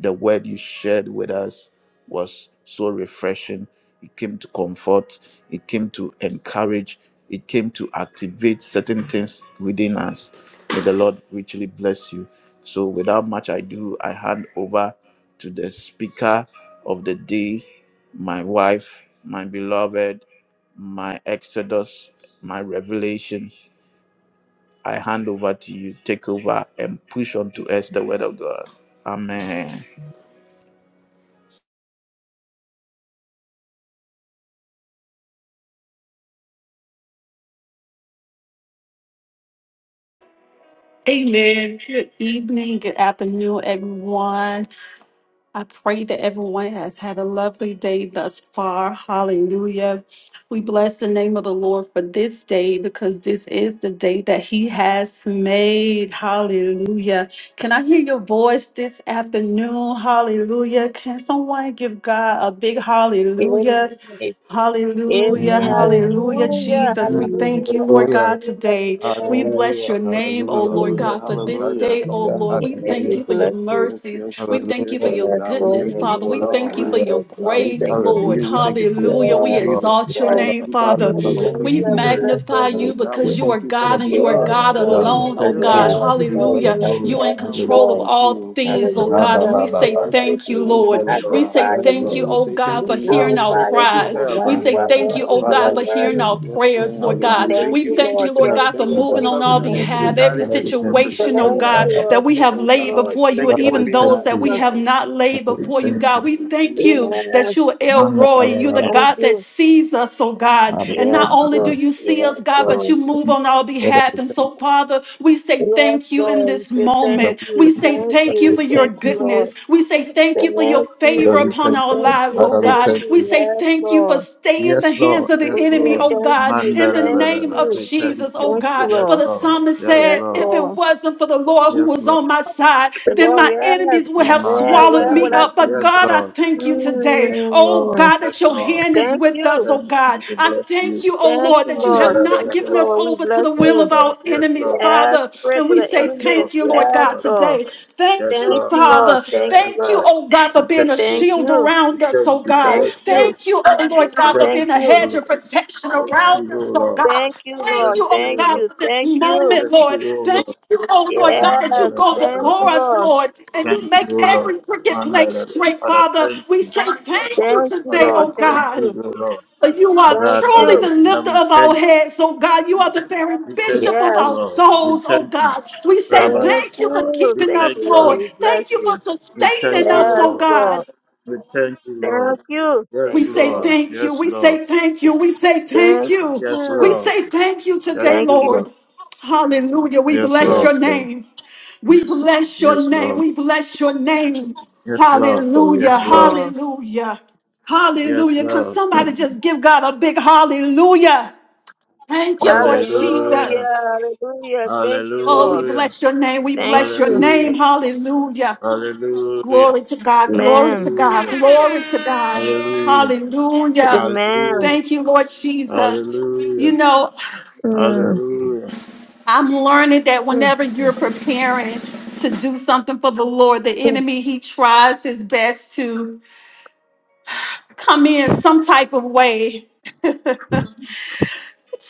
[SPEAKER 1] The word you shared with us was so refreshing. It came to comfort, it came to encourage, it came to activate certain things within us. May the Lord richly bless you. So, without much ado, I hand over to the speaker of the day, my wife, my beloved, my Exodus, my revelation. I hand over to you. Take over and push on to us the word of God. Amen.
[SPEAKER 3] Amen. Good evening, good afternoon, everyone. I pray that everyone has had a lovely day thus far. Hallelujah. We bless the name of the Lord for this day because this is the day that He has made. Hallelujah. Can I hear your voice this afternoon? Hallelujah. Can someone give God a big hallelujah?
[SPEAKER 2] Amen.
[SPEAKER 3] Hallelujah,
[SPEAKER 2] Amen.
[SPEAKER 4] Amen.
[SPEAKER 3] hallelujah,
[SPEAKER 2] Hallelujah.
[SPEAKER 3] Jesus. We
[SPEAKER 4] Amen.
[SPEAKER 3] thank you,
[SPEAKER 2] Hallelujah.
[SPEAKER 3] Lord
[SPEAKER 1] Hallelujah,
[SPEAKER 3] God,
[SPEAKER 2] Hallelujah.
[SPEAKER 3] today. We
[SPEAKER 1] hallelujah,
[SPEAKER 2] Amen.
[SPEAKER 3] bless your name, oh
[SPEAKER 1] hallelujah,
[SPEAKER 3] Lord
[SPEAKER 5] Hallelujah,
[SPEAKER 2] Amen.
[SPEAKER 3] God, for this
[SPEAKER 5] hallelujah.
[SPEAKER 3] day, oh
[SPEAKER 1] hallelujah,
[SPEAKER 3] Lord. We
[SPEAKER 2] Amen.
[SPEAKER 3] thank
[SPEAKER 2] We
[SPEAKER 3] you for your
[SPEAKER 2] bless you.
[SPEAKER 5] Yes, yes,
[SPEAKER 3] mercies.
[SPEAKER 5] yes,
[SPEAKER 3] We
[SPEAKER 5] yes,
[SPEAKER 3] thank you
[SPEAKER 5] yes,
[SPEAKER 3] for
[SPEAKER 1] hallelujah,
[SPEAKER 5] yes.
[SPEAKER 3] your
[SPEAKER 2] Yes,
[SPEAKER 5] God, we
[SPEAKER 2] Lord,
[SPEAKER 3] goodness,
[SPEAKER 2] in
[SPEAKER 5] thank
[SPEAKER 1] hallelujah,
[SPEAKER 2] the
[SPEAKER 5] you
[SPEAKER 3] Father.
[SPEAKER 2] name
[SPEAKER 5] for
[SPEAKER 3] We
[SPEAKER 5] it
[SPEAKER 2] of
[SPEAKER 3] thank you for
[SPEAKER 5] all.
[SPEAKER 3] your
[SPEAKER 2] Jesus. We
[SPEAKER 5] God,
[SPEAKER 2] just
[SPEAKER 5] we
[SPEAKER 3] grace,
[SPEAKER 2] thank
[SPEAKER 5] thank you for
[SPEAKER 2] you.
[SPEAKER 1] hallelujah.
[SPEAKER 3] Lord.
[SPEAKER 5] you. We thank you for your
[SPEAKER 3] Hallelujah.
[SPEAKER 5] son,
[SPEAKER 3] We
[SPEAKER 5] Jesus
[SPEAKER 2] Yes,
[SPEAKER 3] exalt your
[SPEAKER 2] Lord.
[SPEAKER 5] Christ.
[SPEAKER 3] name,
[SPEAKER 5] We thank you
[SPEAKER 3] Father.
[SPEAKER 1] Father,
[SPEAKER 5] for the Holy
[SPEAKER 3] We
[SPEAKER 2] Hallelujah. We
[SPEAKER 5] Spirit.
[SPEAKER 2] bless your
[SPEAKER 3] magnify you
[SPEAKER 2] name.
[SPEAKER 5] God, we
[SPEAKER 3] because you are
[SPEAKER 5] thank you for the
[SPEAKER 3] God and you are
[SPEAKER 2] Yes,
[SPEAKER 5] blood,
[SPEAKER 3] God
[SPEAKER 5] oh God,
[SPEAKER 2] Lord.
[SPEAKER 5] that
[SPEAKER 3] alone, oh
[SPEAKER 5] still
[SPEAKER 1] Thank
[SPEAKER 3] God.
[SPEAKER 5] works.
[SPEAKER 1] you.
[SPEAKER 2] Yes,
[SPEAKER 1] We give you all
[SPEAKER 2] Lord.
[SPEAKER 1] the
[SPEAKER 3] Hallelujah.
[SPEAKER 2] You are
[SPEAKER 1] glory.
[SPEAKER 3] You are in
[SPEAKER 2] yes,
[SPEAKER 5] God, we
[SPEAKER 3] control of
[SPEAKER 1] Hallelujah.
[SPEAKER 2] Lord.
[SPEAKER 5] thank
[SPEAKER 3] all
[SPEAKER 5] you.
[SPEAKER 3] things, oh
[SPEAKER 1] Ba,
[SPEAKER 3] God.
[SPEAKER 1] ba,
[SPEAKER 2] Hallelujah.
[SPEAKER 3] And
[SPEAKER 1] ba,
[SPEAKER 3] we
[SPEAKER 2] We
[SPEAKER 1] ba,
[SPEAKER 3] say
[SPEAKER 5] Thank
[SPEAKER 1] ba,
[SPEAKER 5] you,
[SPEAKER 1] ba.
[SPEAKER 5] thank
[SPEAKER 2] worship
[SPEAKER 3] thank
[SPEAKER 5] you,
[SPEAKER 3] you,
[SPEAKER 2] you. We
[SPEAKER 5] thank
[SPEAKER 3] Lord.
[SPEAKER 5] you,
[SPEAKER 1] Yes,
[SPEAKER 5] oh
[SPEAKER 3] We
[SPEAKER 1] Lord.
[SPEAKER 5] God.
[SPEAKER 3] say
[SPEAKER 2] magnify
[SPEAKER 1] Yes,
[SPEAKER 5] Thank
[SPEAKER 3] thank
[SPEAKER 2] you.
[SPEAKER 1] Lord.
[SPEAKER 3] you,
[SPEAKER 5] you. We
[SPEAKER 3] oh
[SPEAKER 5] say thank
[SPEAKER 3] God,
[SPEAKER 2] We
[SPEAKER 3] for
[SPEAKER 5] you now.
[SPEAKER 3] hearing
[SPEAKER 5] We
[SPEAKER 3] our
[SPEAKER 5] say
[SPEAKER 2] glorify
[SPEAKER 5] thank you
[SPEAKER 2] you,
[SPEAKER 3] cries.
[SPEAKER 2] oh
[SPEAKER 3] We
[SPEAKER 2] God.
[SPEAKER 1] My
[SPEAKER 5] forever.
[SPEAKER 2] You
[SPEAKER 3] say
[SPEAKER 2] are
[SPEAKER 1] God,
[SPEAKER 3] thank
[SPEAKER 1] my
[SPEAKER 3] you,
[SPEAKER 2] worthy.
[SPEAKER 3] oh
[SPEAKER 2] You
[SPEAKER 1] Father,
[SPEAKER 3] God,
[SPEAKER 2] are
[SPEAKER 3] for
[SPEAKER 1] we
[SPEAKER 5] Yes,
[SPEAKER 3] hearing
[SPEAKER 1] thank
[SPEAKER 5] yes,
[SPEAKER 2] worthy.
[SPEAKER 1] you.
[SPEAKER 3] our
[SPEAKER 5] yes,
[SPEAKER 3] prayers,
[SPEAKER 5] yes,
[SPEAKER 3] Lord
[SPEAKER 5] God.
[SPEAKER 3] God.
[SPEAKER 1] Hallelujah.
[SPEAKER 2] Thank
[SPEAKER 5] Thank
[SPEAKER 3] We
[SPEAKER 5] you
[SPEAKER 2] you,
[SPEAKER 5] for
[SPEAKER 3] thank
[SPEAKER 2] Lord.
[SPEAKER 3] you,
[SPEAKER 5] keeping
[SPEAKER 3] Lord
[SPEAKER 5] us.
[SPEAKER 2] Thank
[SPEAKER 3] God, for
[SPEAKER 5] Thank
[SPEAKER 2] you.
[SPEAKER 5] you for
[SPEAKER 3] moving
[SPEAKER 1] Father,
[SPEAKER 2] Thank
[SPEAKER 3] on
[SPEAKER 2] you.
[SPEAKER 5] covering
[SPEAKER 3] our
[SPEAKER 5] us.
[SPEAKER 2] Thank
[SPEAKER 1] thank
[SPEAKER 5] Thank you for
[SPEAKER 4] Amen.
[SPEAKER 2] you.
[SPEAKER 3] behalf.
[SPEAKER 1] you.
[SPEAKER 3] Every
[SPEAKER 5] guiding.
[SPEAKER 1] Father,
[SPEAKER 5] Thank
[SPEAKER 1] we
[SPEAKER 5] you for
[SPEAKER 1] thank you.
[SPEAKER 2] Thank
[SPEAKER 3] situation, oh
[SPEAKER 5] protecting
[SPEAKER 2] you,
[SPEAKER 5] us.
[SPEAKER 1] Father,
[SPEAKER 3] God,
[SPEAKER 1] Father,
[SPEAKER 2] Lord.
[SPEAKER 3] that we have
[SPEAKER 2] Thank
[SPEAKER 5] Oh
[SPEAKER 2] you,
[SPEAKER 3] laid
[SPEAKER 5] God,
[SPEAKER 2] Lord.
[SPEAKER 3] before you,
[SPEAKER 5] thank
[SPEAKER 3] and
[SPEAKER 5] you
[SPEAKER 1] Father,
[SPEAKER 2] You
[SPEAKER 5] for
[SPEAKER 2] are
[SPEAKER 1] we
[SPEAKER 3] even
[SPEAKER 5] being
[SPEAKER 1] thank
[SPEAKER 3] those
[SPEAKER 5] our
[SPEAKER 3] that
[SPEAKER 1] you.
[SPEAKER 3] we
[SPEAKER 2] Jesus.
[SPEAKER 3] have
[SPEAKER 5] help.
[SPEAKER 3] not laid
[SPEAKER 1] Father, we
[SPEAKER 3] before you,
[SPEAKER 1] thank you.
[SPEAKER 3] God. We
[SPEAKER 5] We
[SPEAKER 3] thank
[SPEAKER 5] Thank
[SPEAKER 3] you
[SPEAKER 5] you.
[SPEAKER 2] Yes,
[SPEAKER 3] that you are El
[SPEAKER 1] Man, ba,
[SPEAKER 3] Roy.
[SPEAKER 1] ba,
[SPEAKER 3] You're the
[SPEAKER 1] ba, ba,
[SPEAKER 2] Thank
[SPEAKER 1] ba.
[SPEAKER 3] God that
[SPEAKER 2] you.
[SPEAKER 3] sees us, oh God. God.
[SPEAKER 1] Ba, ba,
[SPEAKER 3] And
[SPEAKER 1] ba,
[SPEAKER 2] Yes,
[SPEAKER 3] not
[SPEAKER 1] ba, ba,
[SPEAKER 3] only
[SPEAKER 1] ba.
[SPEAKER 2] Lord.
[SPEAKER 3] do you see
[SPEAKER 2] Yes,
[SPEAKER 3] us, God,
[SPEAKER 1] Father,
[SPEAKER 3] but
[SPEAKER 1] we
[SPEAKER 2] Lord.
[SPEAKER 3] you move
[SPEAKER 1] thank
[SPEAKER 3] on
[SPEAKER 1] you.
[SPEAKER 3] our
[SPEAKER 1] Father,
[SPEAKER 3] behalf.
[SPEAKER 1] we
[SPEAKER 3] And
[SPEAKER 1] thank
[SPEAKER 3] so, Father, we say
[SPEAKER 2] Yes,
[SPEAKER 3] thank you in
[SPEAKER 2] Lord. We
[SPEAKER 3] this
[SPEAKER 2] say thank
[SPEAKER 3] moment. We
[SPEAKER 2] you.
[SPEAKER 3] say
[SPEAKER 1] you.
[SPEAKER 2] Thank
[SPEAKER 1] Father,
[SPEAKER 3] thank you
[SPEAKER 2] you.
[SPEAKER 1] we
[SPEAKER 3] for
[SPEAKER 1] thank you.
[SPEAKER 3] your
[SPEAKER 2] Thank you, Lord.
[SPEAKER 3] goodness. We say thank you for your
[SPEAKER 2] Thank
[SPEAKER 3] favor
[SPEAKER 2] you.
[SPEAKER 1] Father, we
[SPEAKER 2] We
[SPEAKER 3] upon
[SPEAKER 2] say
[SPEAKER 1] thank
[SPEAKER 3] our
[SPEAKER 2] thank
[SPEAKER 1] you.
[SPEAKER 3] lives,
[SPEAKER 2] you.
[SPEAKER 3] oh
[SPEAKER 1] Father, we
[SPEAKER 2] Thank
[SPEAKER 3] God.
[SPEAKER 1] thank
[SPEAKER 3] We
[SPEAKER 1] you.
[SPEAKER 2] you.
[SPEAKER 3] say
[SPEAKER 2] Yes,
[SPEAKER 3] thank you for
[SPEAKER 2] Lord.
[SPEAKER 3] staying in the
[SPEAKER 1] Yes,
[SPEAKER 3] hands
[SPEAKER 1] Lord.
[SPEAKER 3] of the
[SPEAKER 2] We
[SPEAKER 1] Yes,
[SPEAKER 3] enemy,
[SPEAKER 2] say
[SPEAKER 1] Lord.
[SPEAKER 3] oh
[SPEAKER 2] thank
[SPEAKER 3] God,
[SPEAKER 2] you.
[SPEAKER 3] in the
[SPEAKER 2] Thank
[SPEAKER 3] name of
[SPEAKER 1] Mandara,
[SPEAKER 2] you.
[SPEAKER 1] we thank
[SPEAKER 3] Jesus, oh
[SPEAKER 1] you.
[SPEAKER 2] Thank you,
[SPEAKER 3] God.
[SPEAKER 1] Yes,
[SPEAKER 3] For
[SPEAKER 2] Lord.
[SPEAKER 3] the
[SPEAKER 1] Lord.
[SPEAKER 3] psalmist
[SPEAKER 1] Yes,
[SPEAKER 3] said,
[SPEAKER 2] Yes,
[SPEAKER 3] if
[SPEAKER 1] Lord.
[SPEAKER 3] it
[SPEAKER 2] Lord.
[SPEAKER 3] wasn't for the Lord who
[SPEAKER 1] Yes,
[SPEAKER 3] was on
[SPEAKER 1] Lord.
[SPEAKER 3] my side,
[SPEAKER 2] Say,
[SPEAKER 3] then
[SPEAKER 2] Lord,
[SPEAKER 3] my
[SPEAKER 2] yes.
[SPEAKER 3] enemies would have
[SPEAKER 2] Yeah,
[SPEAKER 1] Remande,
[SPEAKER 3] swallowed
[SPEAKER 2] where
[SPEAKER 3] me
[SPEAKER 2] would I
[SPEAKER 1] shadada.
[SPEAKER 3] up. But
[SPEAKER 1] Yes,
[SPEAKER 2] be?
[SPEAKER 3] God, I
[SPEAKER 1] Lord.
[SPEAKER 3] thank you today.
[SPEAKER 1] Yes,
[SPEAKER 3] Oh
[SPEAKER 1] Lord.
[SPEAKER 2] Mm.
[SPEAKER 3] God, that
[SPEAKER 1] Yes,
[SPEAKER 3] your
[SPEAKER 1] Lord.
[SPEAKER 3] hand is
[SPEAKER 2] Thank
[SPEAKER 3] with us,
[SPEAKER 2] you.
[SPEAKER 3] oh oh
[SPEAKER 1] Thank
[SPEAKER 3] God.
[SPEAKER 1] you. We
[SPEAKER 3] I
[SPEAKER 1] bless
[SPEAKER 3] thank
[SPEAKER 1] you.
[SPEAKER 3] you, oh
[SPEAKER 2] Thank
[SPEAKER 3] Lord,
[SPEAKER 2] you,
[SPEAKER 3] that you have
[SPEAKER 2] Lord.
[SPEAKER 1] Mandara,
[SPEAKER 3] not
[SPEAKER 2] Thank you,
[SPEAKER 3] given us
[SPEAKER 2] Lord. We
[SPEAKER 3] over to
[SPEAKER 2] bless
[SPEAKER 3] the
[SPEAKER 1] Yes,
[SPEAKER 3] will
[SPEAKER 2] you.
[SPEAKER 3] of
[SPEAKER 1] Lord.
[SPEAKER 3] our
[SPEAKER 1] Yes,
[SPEAKER 3] enemies,
[SPEAKER 1] Lord.
[SPEAKER 2] Yes,
[SPEAKER 3] Father.
[SPEAKER 2] pray to
[SPEAKER 3] And we
[SPEAKER 2] the
[SPEAKER 3] say
[SPEAKER 1] Yes,
[SPEAKER 2] enemies.
[SPEAKER 1] Lord.
[SPEAKER 3] thank you,
[SPEAKER 1] Yes,
[SPEAKER 3] Lord God,
[SPEAKER 2] Yes,
[SPEAKER 1] Lord.
[SPEAKER 2] Lord.
[SPEAKER 3] today.
[SPEAKER 1] Yes,
[SPEAKER 3] Thank you,
[SPEAKER 2] Thank
[SPEAKER 1] Lord.
[SPEAKER 2] you, Lord.
[SPEAKER 3] Father.
[SPEAKER 2] Thank
[SPEAKER 1] Mandara.
[SPEAKER 2] you,
[SPEAKER 3] Thank you,
[SPEAKER 2] Lord.
[SPEAKER 3] oh God, for
[SPEAKER 1] We thank
[SPEAKER 3] being a
[SPEAKER 1] you.
[SPEAKER 2] Thank
[SPEAKER 3] shield
[SPEAKER 2] you.
[SPEAKER 1] We
[SPEAKER 3] around us, oh
[SPEAKER 1] thank you.
[SPEAKER 3] God.
[SPEAKER 2] Thank
[SPEAKER 1] Yes,
[SPEAKER 2] you.
[SPEAKER 1] Lord.
[SPEAKER 3] Thank you, oh
[SPEAKER 1] We
[SPEAKER 3] Lord God, for
[SPEAKER 1] thank
[SPEAKER 2] Thank
[SPEAKER 3] being a
[SPEAKER 2] you.
[SPEAKER 1] you,
[SPEAKER 3] hedge
[SPEAKER 1] Lord.
[SPEAKER 3] of protection
[SPEAKER 1] Thank
[SPEAKER 3] around
[SPEAKER 1] you, O
[SPEAKER 3] us, oh
[SPEAKER 1] Lord.
[SPEAKER 3] God.
[SPEAKER 2] Thank you,
[SPEAKER 3] Thank
[SPEAKER 2] Lord.
[SPEAKER 3] you,
[SPEAKER 1] Thank
[SPEAKER 3] oh
[SPEAKER 2] Thank
[SPEAKER 1] you, Lord.
[SPEAKER 3] God,
[SPEAKER 2] you.
[SPEAKER 3] for this
[SPEAKER 2] Thank you.
[SPEAKER 3] moment,
[SPEAKER 1] Thank
[SPEAKER 3] Lord.
[SPEAKER 1] you, O
[SPEAKER 3] Thank
[SPEAKER 1] Lord.
[SPEAKER 3] you, oh
[SPEAKER 2] Yes.
[SPEAKER 3] Lord God, that you
[SPEAKER 1] Mandala,
[SPEAKER 3] go
[SPEAKER 2] Thank
[SPEAKER 3] before
[SPEAKER 2] you,
[SPEAKER 1] Father,
[SPEAKER 3] us,
[SPEAKER 2] Lord.
[SPEAKER 3] Lord, and you
[SPEAKER 1] Thank
[SPEAKER 3] make
[SPEAKER 1] you, O Lord.
[SPEAKER 3] every crooked place
[SPEAKER 1] Mandala,
[SPEAKER 3] straight,
[SPEAKER 1] Father,
[SPEAKER 3] Father.
[SPEAKER 1] thank
[SPEAKER 3] We
[SPEAKER 1] you.
[SPEAKER 3] say thank you
[SPEAKER 2] Thank you,
[SPEAKER 3] today,
[SPEAKER 1] Father,
[SPEAKER 2] Lord.
[SPEAKER 1] we
[SPEAKER 3] oh
[SPEAKER 2] Thank
[SPEAKER 1] thank
[SPEAKER 3] God.
[SPEAKER 2] you.
[SPEAKER 1] you, O Lord.
[SPEAKER 3] For you are
[SPEAKER 2] Thank
[SPEAKER 3] truly
[SPEAKER 2] you.
[SPEAKER 1] Radala,
[SPEAKER 3] the
[SPEAKER 1] Father,
[SPEAKER 3] lifter
[SPEAKER 1] we
[SPEAKER 3] of
[SPEAKER 1] thank
[SPEAKER 3] our
[SPEAKER 1] you.
[SPEAKER 3] heads, oh God. You are the very
[SPEAKER 1] We thank
[SPEAKER 3] bishop of
[SPEAKER 1] you,
[SPEAKER 2] Yes.
[SPEAKER 1] O
[SPEAKER 3] our
[SPEAKER 1] Lord. We
[SPEAKER 3] souls, oh
[SPEAKER 1] thank you.
[SPEAKER 3] God. We say
[SPEAKER 2] Thank
[SPEAKER 1] Rabba,
[SPEAKER 3] thank you for
[SPEAKER 2] you.
[SPEAKER 1] We
[SPEAKER 3] keeping
[SPEAKER 2] Thank
[SPEAKER 3] us,
[SPEAKER 1] thank
[SPEAKER 2] you,
[SPEAKER 1] you,
[SPEAKER 2] Lord.
[SPEAKER 3] Lord.
[SPEAKER 1] O
[SPEAKER 2] We bless
[SPEAKER 3] Thank you for
[SPEAKER 2] you.
[SPEAKER 1] We thank
[SPEAKER 3] sustaining
[SPEAKER 1] you, O
[SPEAKER 3] us,
[SPEAKER 2] Yes,
[SPEAKER 3] oh
[SPEAKER 1] Lord.
[SPEAKER 2] Lord.
[SPEAKER 3] God.
[SPEAKER 1] We thank you, Lord.
[SPEAKER 2] Thank you.
[SPEAKER 3] We
[SPEAKER 1] Yes,
[SPEAKER 2] Thank you,
[SPEAKER 3] say
[SPEAKER 1] Lord.
[SPEAKER 2] Lord.
[SPEAKER 3] thank you.
[SPEAKER 1] Yes,
[SPEAKER 3] We
[SPEAKER 1] Lord.
[SPEAKER 3] say thank you. We say thank
[SPEAKER 2] Thank
[SPEAKER 3] you.
[SPEAKER 1] Yes,
[SPEAKER 3] We
[SPEAKER 2] you.
[SPEAKER 1] Lord.
[SPEAKER 3] say thank you
[SPEAKER 1] Thank
[SPEAKER 3] today,
[SPEAKER 2] Thank
[SPEAKER 1] you,
[SPEAKER 2] you.
[SPEAKER 1] Lord.
[SPEAKER 3] Lord. Hallelujah. We
[SPEAKER 1] Yes,
[SPEAKER 3] bless
[SPEAKER 1] Lord.
[SPEAKER 2] Yes,
[SPEAKER 3] your
[SPEAKER 2] Lord.
[SPEAKER 3] name. We bless your
[SPEAKER 1] Yes,
[SPEAKER 3] name.
[SPEAKER 1] Lord.
[SPEAKER 3] We bless your name.
[SPEAKER 1] Yes, Lord.
[SPEAKER 2] Thank you,
[SPEAKER 3] Hallelujah.
[SPEAKER 1] Yes, Lord.
[SPEAKER 2] Lord.
[SPEAKER 3] Hallelujah.
[SPEAKER 1] Yes,
[SPEAKER 3] Hallelujah. Can
[SPEAKER 1] Lord.
[SPEAKER 3] somebody just give God a big hallelujah? Thank you, Lord
[SPEAKER 1] Hallelujah.
[SPEAKER 3] Jesus.
[SPEAKER 2] Hallelujah. Hallelujah. Thank you,
[SPEAKER 3] Oh, we
[SPEAKER 2] Lord.
[SPEAKER 1] Hallelujah.
[SPEAKER 3] bless your name. We
[SPEAKER 2] Thank
[SPEAKER 3] bless your
[SPEAKER 2] you.
[SPEAKER 3] name.
[SPEAKER 1] Hallelujah.
[SPEAKER 3] Hallelujah.
[SPEAKER 1] Hallelujah.
[SPEAKER 3] Glory to God.
[SPEAKER 1] Hallelujah.
[SPEAKER 3] Glory to
[SPEAKER 2] Amen.
[SPEAKER 3] God. Glory to God.
[SPEAKER 1] Hallelujah.
[SPEAKER 3] Hallelujah.
[SPEAKER 2] Amen.
[SPEAKER 1] Hallelujah.
[SPEAKER 3] Thank you, Lord Jesus. You
[SPEAKER 1] Hallelujah.
[SPEAKER 3] know,
[SPEAKER 2] Mm,
[SPEAKER 1] Hallelujah.
[SPEAKER 3] I'm learning that
[SPEAKER 2] mm,
[SPEAKER 3] whenever you're
[SPEAKER 2] mm,
[SPEAKER 3] preparing to do something for the Lord, the
[SPEAKER 2] mm.
[SPEAKER 3] enemy, he tries his best to come in some type of way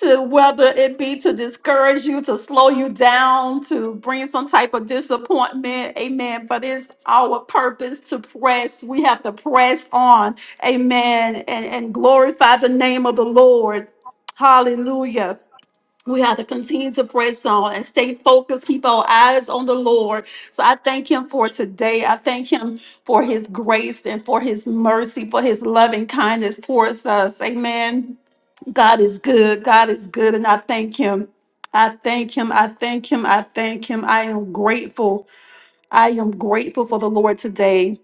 [SPEAKER 3] to whether it be to discourage you, to slow you down, to bring some type of disappointment. Amen. But it's our purpose to press. We have to press on. Amen. And, and glorify the name of the Lord. Hallelujah. We have to continue to press on and stay focused, keep our eyes on the Lord. So I thank Him for today. I thank Him for His grace and for His mercy, for His loving kindness towards us. Amen. God is good. God is good. And I thank him. I thank him. I thank him. I thank him. I am grateful. I am grateful for the Lord today.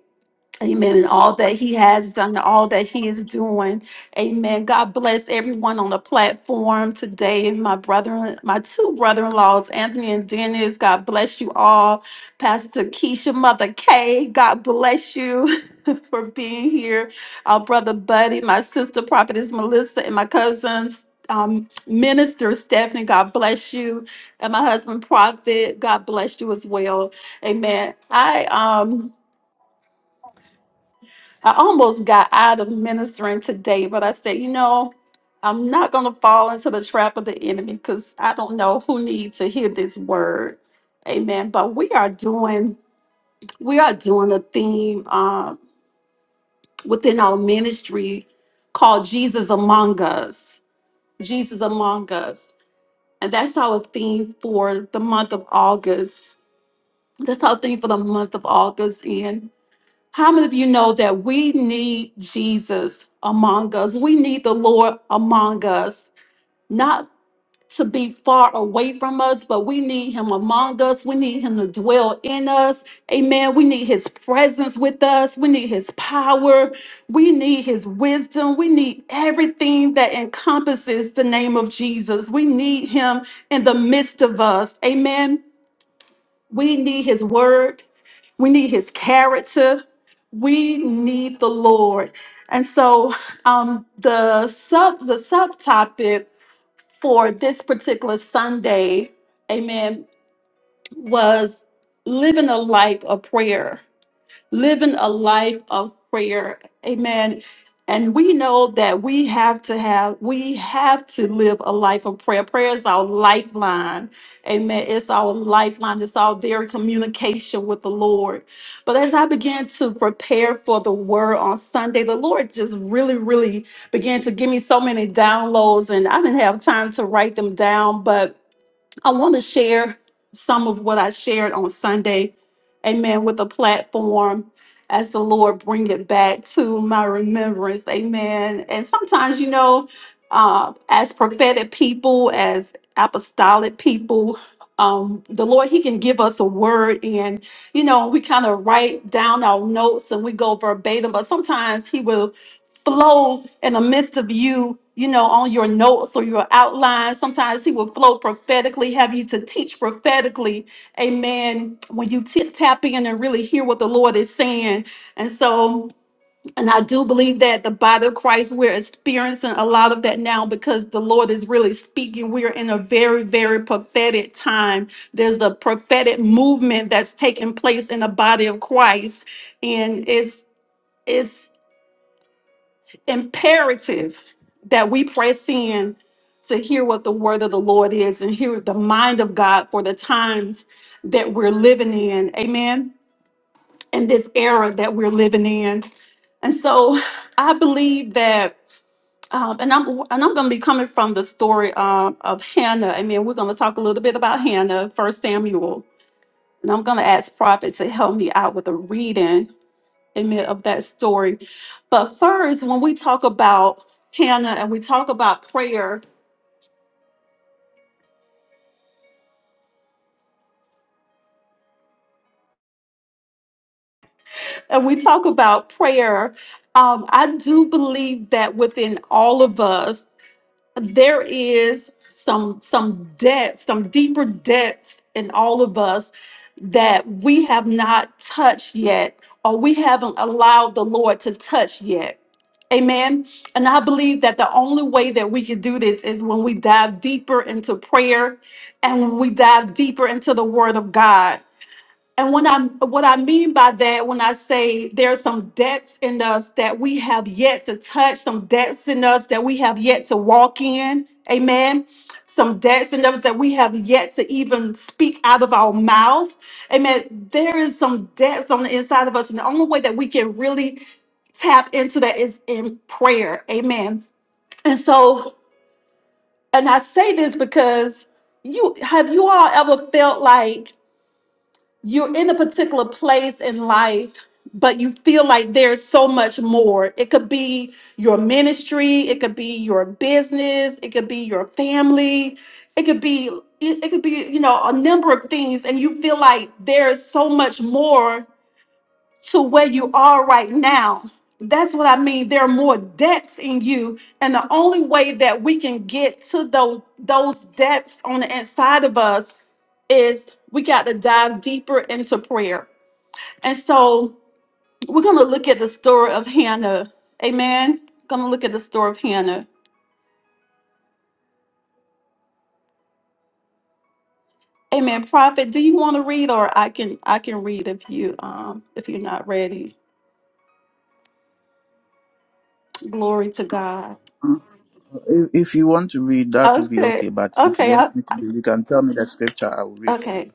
[SPEAKER 3] Amen. And all that he has done, and all that he is doing. Amen. God bless everyone on the platform today. My brother, my two brother in laws, Anthony and Dennis. God bless you all. Pastor Keisha, Mother Kay. God bless you *laughs* for being here. Our brother Buddy, my sister, Prophetess Melissa, and my cousins. Um, Minister Stephanie, God bless you, and my husband Prophet, God bless you as well. Amen. I um I almost got out of ministering today, but I said, you know, I'm not going to fall into the trap of the enemy because I don't know who needs to hear this word. Amen. But we are doing, we are doing a theme uh, within our ministry called Jesus Among Us. Jesus Among Us. And that's our theme for the month of August. That's our theme for the month of August. And How many of you know that we need Jesus among us? We need the Lord among us, not to be far away from us, but we need Him among us. We need Him to dwell in us. Amen. We need His presence with us. We need His power. We need His wisdom. We need everything that encompasses the name of Jesus. We need Him in the midst of us. Amen. We need his word. We need his character. We need the Lord. And so um the sub the subtopic for this particular Sunday, amen, was living a life of prayer living a life of prayer. Amen. And we know that we have to have, we have to live a life of prayer. Prayer is our lifeline. Amen. It's our lifeline. It's our very communication with the Lord. But as I began to prepare for the word on Sunday, the Lord just really, really began to give me so many downloads, and I didn't have time to write them down. But I want to share some of what I shared on Sunday, amen, with a platform as the Lord bring it back to my remembrance, amen. And sometimes, you know, uh, as prophetic people, as apostolic people, um, the Lord, He can give us a word, and you know, we kind of write down our notes and we go verbatim, but sometimes He will flow in the midst of you, you know, on your notes or your outline. Sometimes he will flow prophetically, have you to teach prophetically. Amen. When you tip tap in and really hear what the Lord is saying. And so, and I do believe that the body of Christ, we're experiencing a lot of that now because the Lord is really speaking. We're in a very, very prophetic time. There's a prophetic movement that's taking place in the body of Christ. And it's, it's imperative that we press in to hear what the word of the Lord is and hear the mind of God for the times that we're living in. Amen. In this era that we're living in. And so *sighs* I believe that. Um, and I'm and I'm going to be coming from the story um, of Hannah. Amen. We're going to talk a little bit about Hannah, First Samuel, and I'm going to ask Prophet to help me out with a reading admit of that story. But first, when we talk about Hannah and we talk about prayer and we talk about prayer, um, I do believe that within all of us. there is some some depth, some deeper depths in all of us that we have not touched yet, or we haven't allowed the Lord to touch yet. Amen. And I believe that the only way that we can do this is when we dive deeper into prayer and when we dive deeper into the Word of God. And when I what I mean by that, when I say there are some depths in us that we have yet to touch, some depths in us that we have yet to walk in, amen. Some depths in us that we have yet to even speak out of our mouth. Amen. There is some depths on the inside of us. And the only way that we can really tap into that is in prayer. Amen. And so, and I say this because you have you all ever felt like you're in a particular place in life but you feel like there's so much more it could be your ministry it could be your business it could be your family it could be it, it could be you know a number of things and you feel like there's so much more to where you are right now that's what i mean there are more depths in you and the only way that we can get to those those depths on the inside of us is we got to dive deeper into prayer. And so we're going to look at the story of Hannah. Amen. Going to look at the story of Hannah. Amen. Prophet, do you want to read or I can I can read if you um if you're not ready. Glory to God.
[SPEAKER 1] If, if you want to read, that will be
[SPEAKER 3] Okay.
[SPEAKER 1] okay. But if you
[SPEAKER 3] Okay. I-
[SPEAKER 1] want me to read, you can tell me the scripture. I will read for you.
[SPEAKER 3] okay.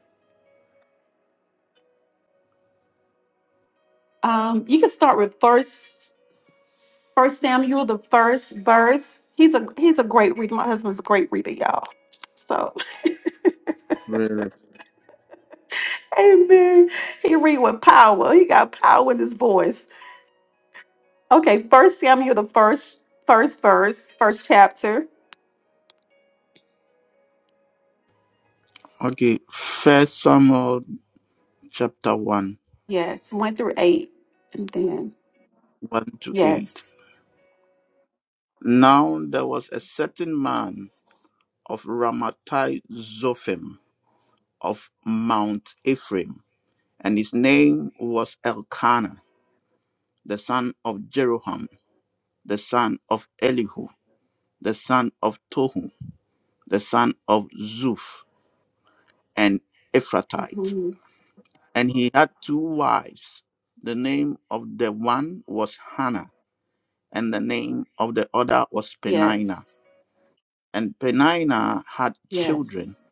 [SPEAKER 3] Um you can start with first first Samuel the first verse. He's a he's a great reader. My husband's a great reader, y'all. So,
[SPEAKER 1] Really?
[SPEAKER 3] Amen. He read with power. He got power in his voice. Okay, first Samuel, the first first verse, first chapter.
[SPEAKER 1] Okay. First Samuel chapter 1,
[SPEAKER 3] Yes, one through eight. And then
[SPEAKER 1] 1 to 8.
[SPEAKER 3] yes.
[SPEAKER 1] Now there was a certain man of Ramattai Zophim of Mount Ephraim and his name was Elkanah, the son of Jeroham, the son of Elihu, the son of Tohu, the son of Zuf, an Ephratite.
[SPEAKER 3] Mhm.
[SPEAKER 1] And he had two wives. The name of the one was Hannah, and the name of the other was Penina.
[SPEAKER 3] Yes.
[SPEAKER 1] And Penina had children,
[SPEAKER 3] Yes.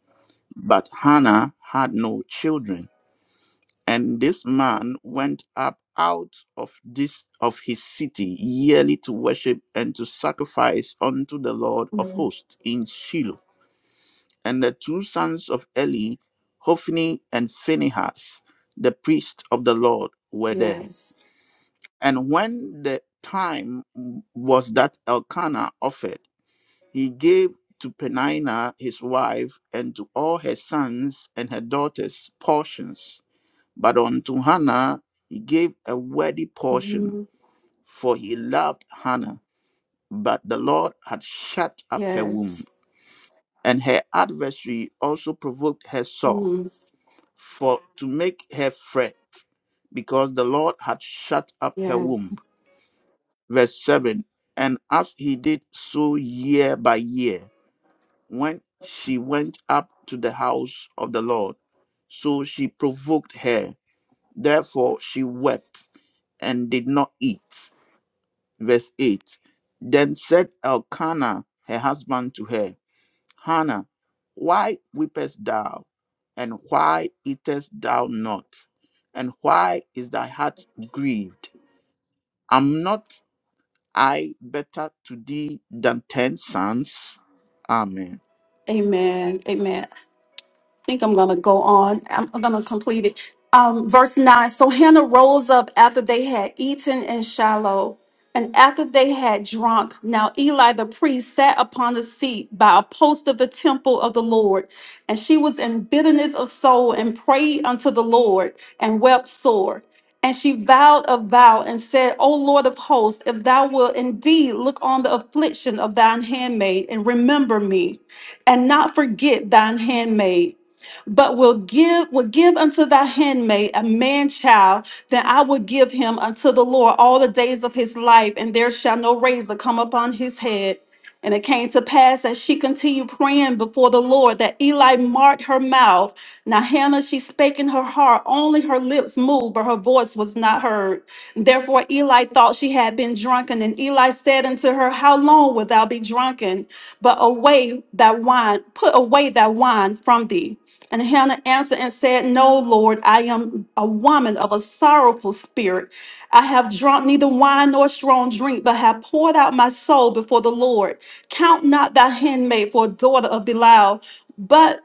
[SPEAKER 1] but Hannah had no children. and this man went up out of this of his city yearly to worship and to sacrifice unto the Lord of
[SPEAKER 3] Mhm.
[SPEAKER 1] hosts in Shiloh. And the two sons of Eli, Hophni and Phinehas, the priest of the Lord, were there.
[SPEAKER 3] Yes.
[SPEAKER 1] And when the time was that Elkanah offered, he gave to Peninnah his wife and to all her sons and her daughters portions but unto Hannah he gave a worthy portion,
[SPEAKER 3] Mhm.
[SPEAKER 1] for he loved Hannah. But the Lord had shut up her womb,
[SPEAKER 3] Yes.
[SPEAKER 1] and her adversary also provoked her sore,
[SPEAKER 3] Mhm.
[SPEAKER 1] for to make her fret, because the Lord had shut up her womb.
[SPEAKER 3] Yes.
[SPEAKER 1] Verse 7 And as he did so year by year, when she went up to the house of the Lord, so she provoked her. Therefore she wept and did not eat. Verse 8 Then said Elkanah, her husband, to her, Hannah, why weepest thou? And why eatest thou not? And why is thy heart grieved? Am not I better to thee than ten sons? Amen.
[SPEAKER 3] Amen. Amen. think I'm going to go on. I'm going to complete it. Um, verse 9. So Hannah rose up after they had eaten in Shiloh, and after they had drunk. Now Eli the priest sat upon a seat by a post of the temple of the Lord. And she was in bitterness of soul and prayed unto the Lord and wept sore. And she vowed a vow and said, O Lord of hosts, if thou wilt indeed look on the affliction of thine handmaid and remember me, and not forget thine handmaid but will give will give unto thy handmaid a man child then i will give him unto the lord all the days of his life and there shall no razor come upon his head and it came to pass as she continued praying before the Lord that Eli marked her mouth. Now Hannah, she spake in her heart, only her lips moved, but her voice was not heard. Therefore Eli thought she had been drunken, and Eli said unto her, How long wilt thou be drunken? But away that wine, put away that wine from thee. And Hannah answered and said, No, Lord, I am a woman of a sorrowful spirit. I have drunk neither wine nor strong drink, but have poured out my soul before the Lord. Count not thy handmaid for a daughter of Belial, but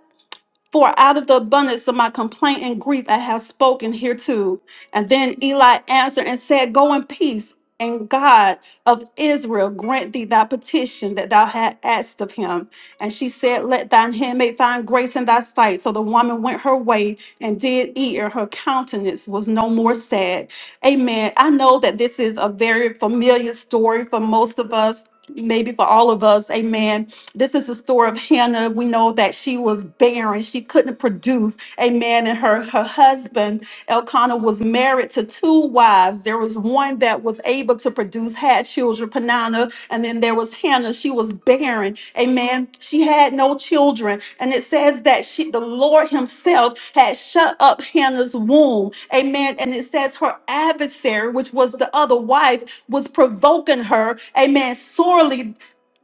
[SPEAKER 3] for out of the abundance of my complaint and grief I have spoken hereto. And then Eli answered and said, Go in peace, and God of Israel grant thee thy petition that thou had asked of him. And she said, Let thine handmaid find grace in thy sight. So the woman went her way and did eat, and her countenance was no more sad. Amen. I know that this is a very familiar story for most of us, maybe for all of us. Amen. This is the story of Hannah. We know that she was barren. She couldn't produce. Amen. And her, her husband, Elkanah, was married to two wives. There was one that was able to produce reproduced, had children, Panana, and then there was Hannah. She was barren. Amen. She had no children. And it says that she, the Lord Himself had shut up Hannah's womb. Amen. And it says her adversary, which was the other wife, was provoking her, amen, sorely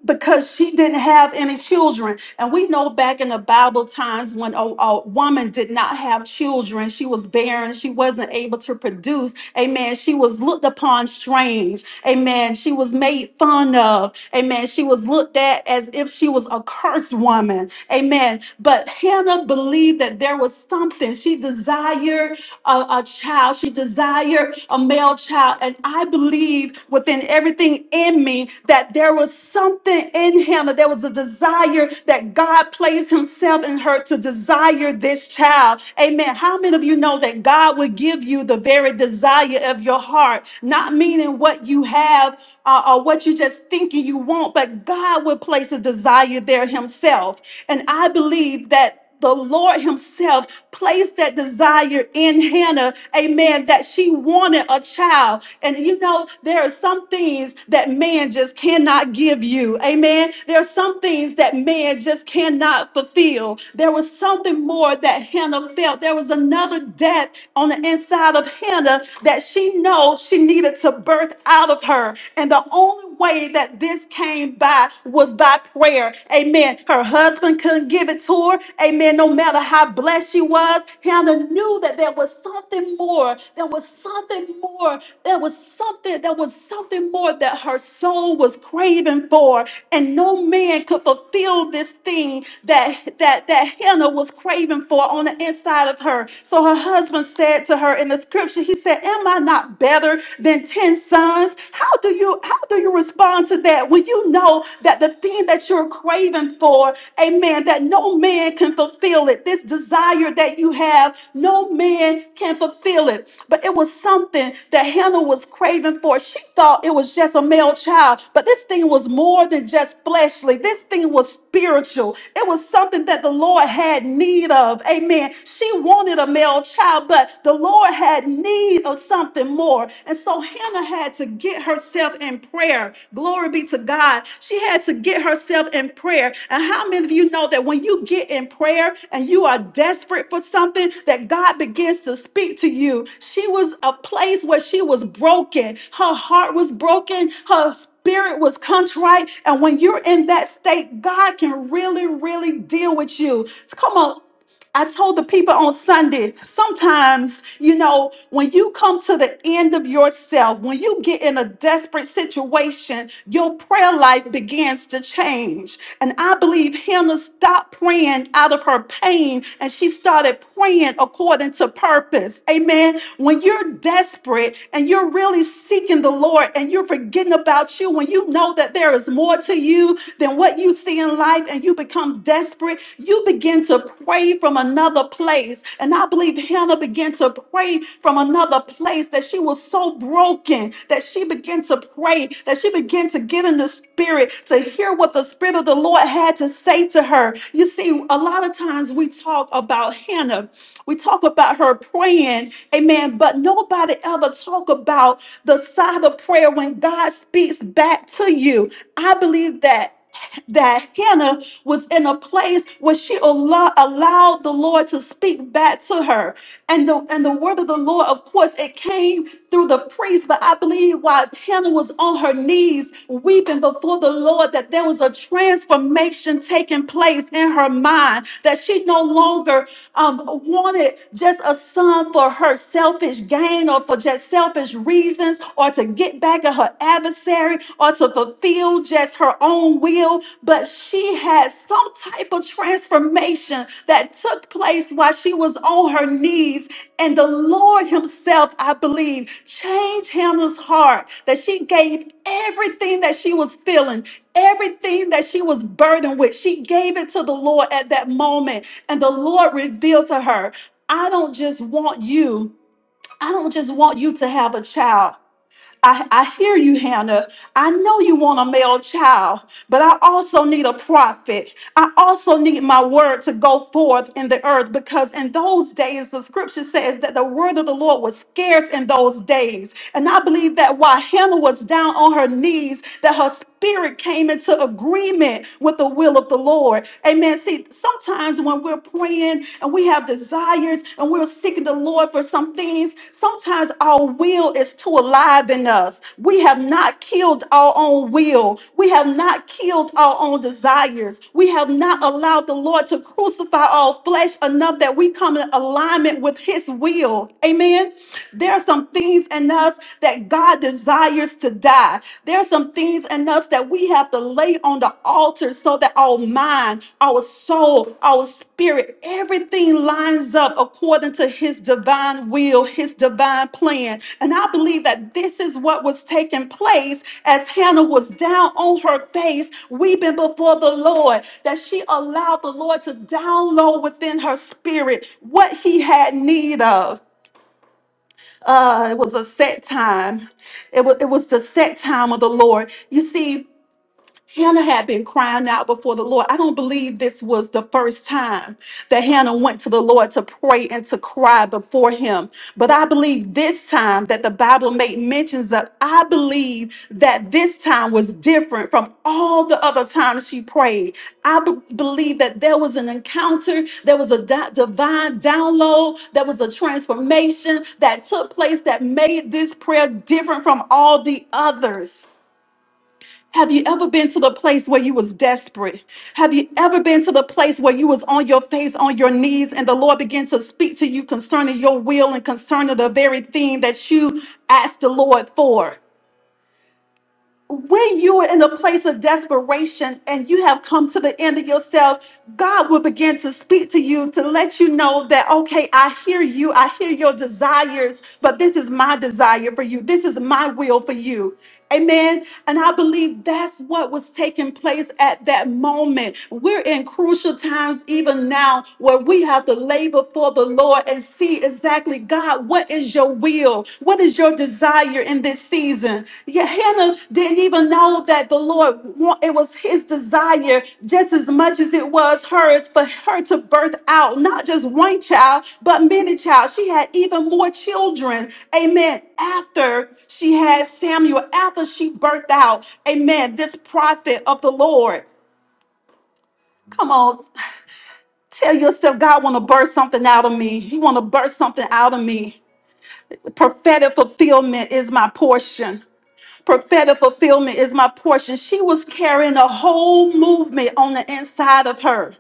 [SPEAKER 3] because she didn't have any children. And we know back in the Bible times when a, a woman did not have children, she was barren, she wasn't able to produce. Amen. She was looked upon strange. Amen. She was made fun of. Amen. She was looked at as if she was a cursed woman. Amen. But Hannah believed that there was something. She desired a, a child, she desired a male child, and I believe within everything in me that there was something in him, that there was a desire that God placed himself in her to desire this child. Amen. How many of you know that God will give you the very desire of your heart? Not meaning what you have uh, or what you just thinking you want, but God will place a desire there himself. And I believe that the Lord Himself placed that desire in Hannah, amen, that she wanted a child. And you know, there are some things that man just cannot give you, amen. There are some things that man just cannot fulfill. There was something more that Hannah felt. There was another depth on the inside of Hannah that she know she needed to birth out of her. And the only way that this came by was by was by prayer. Amen. Her husband couldn't give it to her. Amen. No matter how blessed she was, Hannah knew that there was something more. There was something more. There was something. There was something more that her soul was craving for, and no man could fulfill this thing that that that Hannah was craving for on the inside of her. So her husband said to her in the scripture, he said, "Am I not better than ten sons? How do you how do you respond to that when you know that the thing that you're craving for, amen, that no man can fulfill it. This desire that you have, no man can fulfill it. But it was something that Hannah was craving for. She thought it was just a male child, but this thing was more than just fleshly. This thing was spiritual. It was something that the Lord had need of. Amen. She wanted a male child, but the Lord had had need of something more. And so Hannah had to get herself in prayer. Glory be to God. She had to get herself in prayer. And how many of you know that when you get in prayer and you are desperate for something, that God begins to speak to you? She was a place where she was broken. Her heart was broken. Her spirit was contrite. And when you're in that state, God can really, really deal with you. Come on. I told the people on Sunday, sometimes, you know, when you come to the end of yourself, when you get in a desperate situation, your prayer life begins to change. And I believe Hannah stopped praying out of her pain and she started praying according to purpose. Amen. When you're desperate and you're really seeking the Lord and you're forgetting about you, when you know that there is more to you than what you see in life, and you you become desperate, you begin to pray from another place. And I believe Hannah began to pray from another place that she was so broken that she began to pray, that she began to get in the spirit to hear what the spirit of the Lord had to say to her. You see, a lot of times we talk about Hannah, we talk about her praying, amen, but nobody ever talk about the side of prayer when God speaks back to you. I believe that that Hannah was in a place where she allo- allowed the Lord to speak back to her. And the, and the word of the Lord, of course, it came through the priest, but I believe while Hannah was on her knees weeping before the Lord, that there was a transformation taking place in her mind, that she no longer um, wanted just a son for her selfish gain or for just selfish reasons or to get back attack of her adversary or to fulfill just her own will, but she had some type of transformation that took place while she was on her knees. And the Lord Himself, I believe, changed Hannah's heart that she gave everything that she was feeling, everything that she was burdened with, she gave it to the Lord at that moment. And the Lord revealed to her, I don't just want you, I don't just want you to have a child. I, I hear you, Hannah. I know you want a male child, but I also need a prophet. I also need my word to go forth in the earth because in those days, the scripture says that the word of the Lord was scarce in those days. And I believe that while Hannah was down on her knees, that her spirit came into agreement with the will of the Lord. Amen. See, sometimes when we're praying and we have desires and we're seeking the Lord for some things. Sometimes our will is too alive in us. We have not killed our own will. We have not killed our own desires. We have not allowed the Lord to crucify our flesh enough that we come in alignment with His will. Amen. There are some things in us that God desires to die. There are some things in us us that we have to lay on the altar so that our mind, our soul, our spirit, everything lines up according to his divine will, his divine plan. And I believe that this is what was taking place as Hannah was down on her face, weeping before the Lord, that she allowed the Lord to download within her spirit what he had need of. Uh, it was a set time. It was, it was the set time of the Lord. You see, Hannah had been crying out before the Lord. I don't believe this was the first time that Hannah went to the Lord to pray and to cry before him. But I believe this time that the Bible made mentions of, I believe that this time was different from all the other times she prayed. I be- believe that there was an encounter, there was a di- divine download, there was a transformation that took place that made this prayer different from all the others. Have you ever been to the place where you was desperate? Have you ever been to the place where you was on your face, on your knees, and the Lord began to speak to you concerning your will and concerning the very thing that you asked the Lord for? when you are in a place of desperation and you have come to the end of yourself, God will begin to speak to you to let you know that, okay, I hear you, I hear your desires, but this is my desire for you, this is my will for you. Amen. And I believe that's what was taking place at that moment. We're in crucial times, even now, where we have to labor for the Lord and see Exactly, God, what is your will? What is your desire in this season? Yeah, Hannah didn't even know that the Lord, wa- it was his desire just as much as it was hers for her to birth out not just one child, but many child. She had even more children. Amen. After she had Samuel, after she birthed out, amen, this prophet of the Lord. Come on, tell yourself God want to burst something out of me. He want to burst something out of me. Prophetic fulfillment is my portion. Prophetic fulfillment is my portion. She was carrying a whole movement on the inside of her.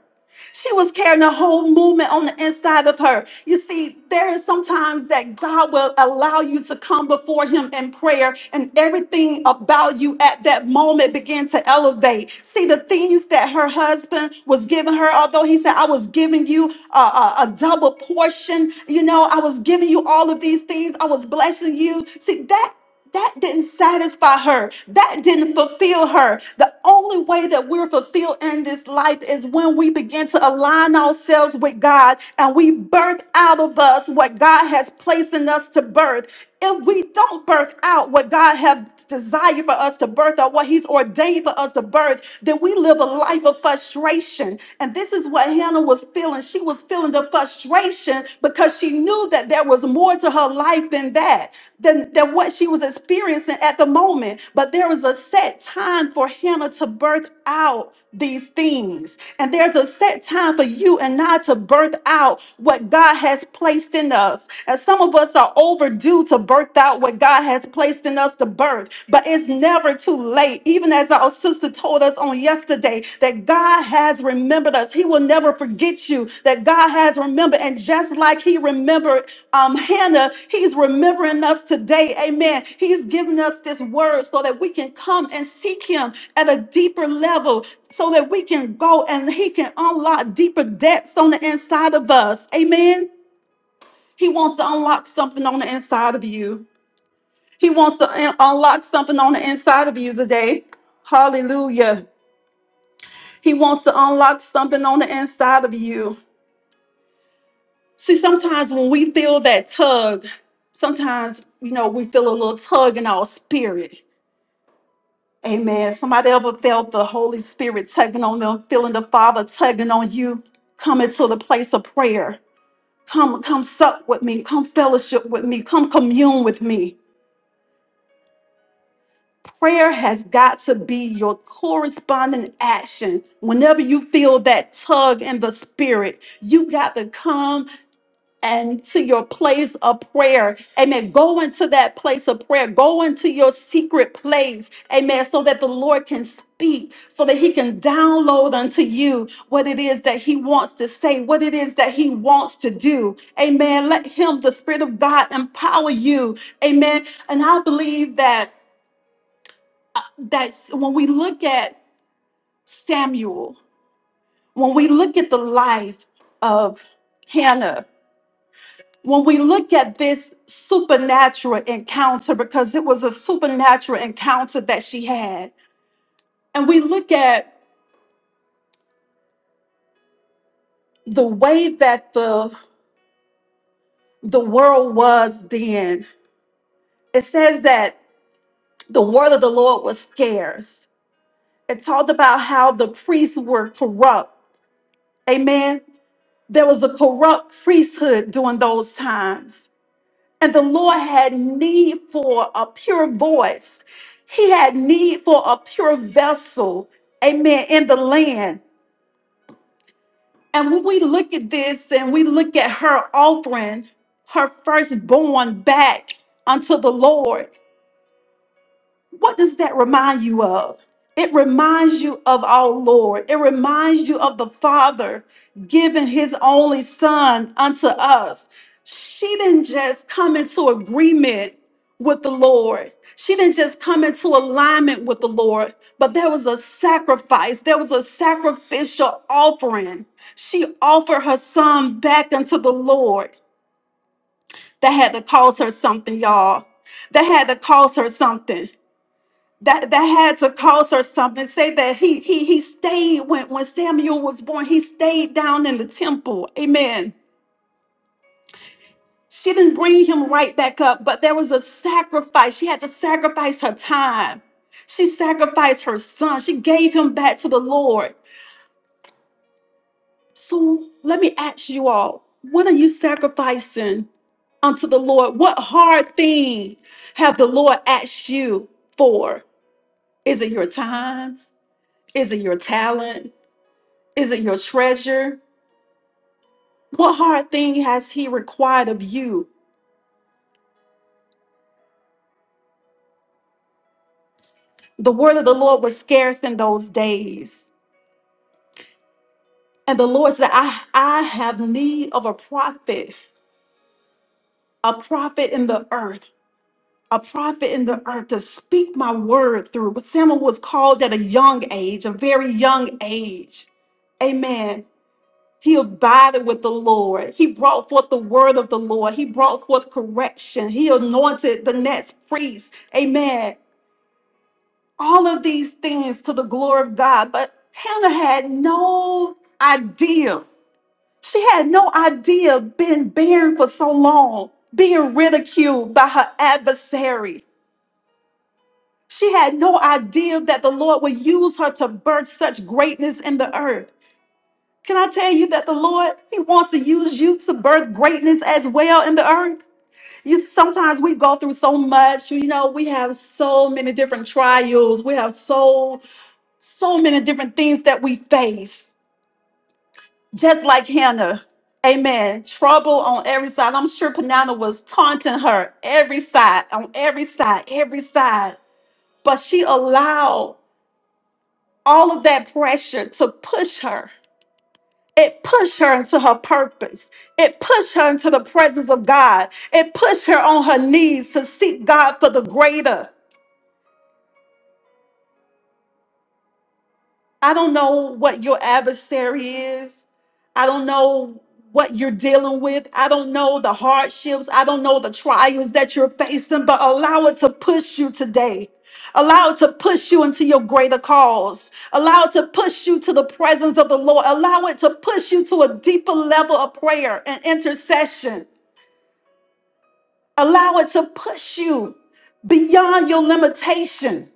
[SPEAKER 3] She was carrying a whole movement on the inside of her. You see, there is sometimes that God will allow you to come before Him in prayer, and everything about you at that moment began to elevate. See, the things that her husband was giving her, although he said, I was giving you a, a, a double portion, you know, I was giving you all of these things, I was blessing you. See, that. That didn't satisfy her. That didn't fulfill her. The only way that we're fulfilled in this life is when we begin to align ourselves with God and we birth out of us what God has placed in us to birth. If we don't birth out what God has desired for us to birth or what He's ordained for us to birth, then we live a life of frustration. And this is what Hannah was feeling feeling. She was feeling the frustration because she knew that there was more to her life than that, than, than what she was experiencing at the moment. But there was a set time for Hannah to birth out these things. And there's a set time for you and I to birth out what God has placed in us. And some of us are overdue to birth out what God has placed in us to birth, but it's never never too late. Even as our sister told us on yesterday, that God has remembered us. He will never forget you. That God has remembered. And just like He remembered um, Hannah, He's remembering us today. Amen. He's giving us this word so that we can come and seek Him at a deeper level, so that we can go and He can unlock deeper depths on the inside of us. Amen. He wants to unlock something on the inside of you. He wants to un- unlock something on the inside of you today. Hallelujah. He wants to unlock something on the inside of you. See, sometimes when we feel that tug, sometimes, you know, we feel a little tug in our spirit. Amen. Somebody ever felt the Holy Spirit tugging on them, feeling the Father tugging on you? Come into the place of prayer. Come, come sup with me. Come fellowship with me. Come commune with me. Prayer has got to be your corresponding action. Whenever you feel that tug in the spirit, you got to come and to your place of prayer. Amen. Go into that place of prayer. Go into your secret place. Amen. So that the Lord can speak, so that He can download unto you what it is that He wants to say, what it is that He wants to do. Amen. Let Him, the Spirit of God, empower you. Amen. And I believe that. That's when we look at Samuel, when we look at the life of Hannah, when we look at this supernatural encounter, because it was a supernatural encounter that she had, and we look at the way that the the world was then, it says that the word of the Lord was scarce. It talked about how the priests were corrupt. Amen. There was a corrupt priesthood during those times And the Lord had need for a pure voice. He had need for a pure vessel, amen, in the land. And when we look at this and we look at her offering her firstborn back unto the Lord, What does that remind you of? It reminds you of our Lord. It reminds you of the Father giving his only Son unto us. She didn't just come into agreement with the Lord, she didn't just come into alignment with the Lord, but there was a sacrifice, there was a sacrificial offering. She offered her son back unto the Lord. That had to cost her something, y'all. That had to cost her something that that had to cost her something. Say that he he he stayed when when Samuel was born. He stayed down in the temple. Amen. She didn't bring him right back up, but there was a sacrifice. She had to sacrifice her time. She sacrificed her son. She gave him back to the Lord. So let me ask you all: What are you sacrificing unto the Lord? What hard thing have the Lord asked you for? Is it your time? Is it your talent? Is it your treasure? What hard thing has he required of you? The word of the Lord was scarce in those days. And the Lord said, I, I have need of a prophet, a prophet in the earth, a prophet in the earth to speak my word through. But Samuel was called at a young age, a very young age. Amen. He abided with the Lord. He brought forth the word of the Lord. He brought forth correction. He anointed the next priest. Amen all of these things to the glory of God. But Hannah had no idea. She had no idea being barren for so long, being ridiculed by her adversary. She had no idea that the Lord would use her to birth such greatness in the earth. Can I tell you that the Lord, He wants to use you to birth greatness as well in the earth? You sometimes we go through so much, you know, we have so many different trials, we have so so many different things that we face, just like Hannah. Amen. Trouble on every side. I'm sure Panana was taunting her every side, on every side, every side. But she allowed all of that pressure to push her. It pushed her into her purpose. It pushed her into the presence of God. It pushed her on her knees to seek God for the greater. I don't know what your adversary is. I don't know what you're dealing with. I don't know the hardships. I don't know the trials that you're facing, but allow it to push you today. Allow it to push you into your greater cause. Allow it to push you to the presence of the Lord. Allow it to push you to a deeper level of prayer and intercession. Allow it to push you beyond your limitation.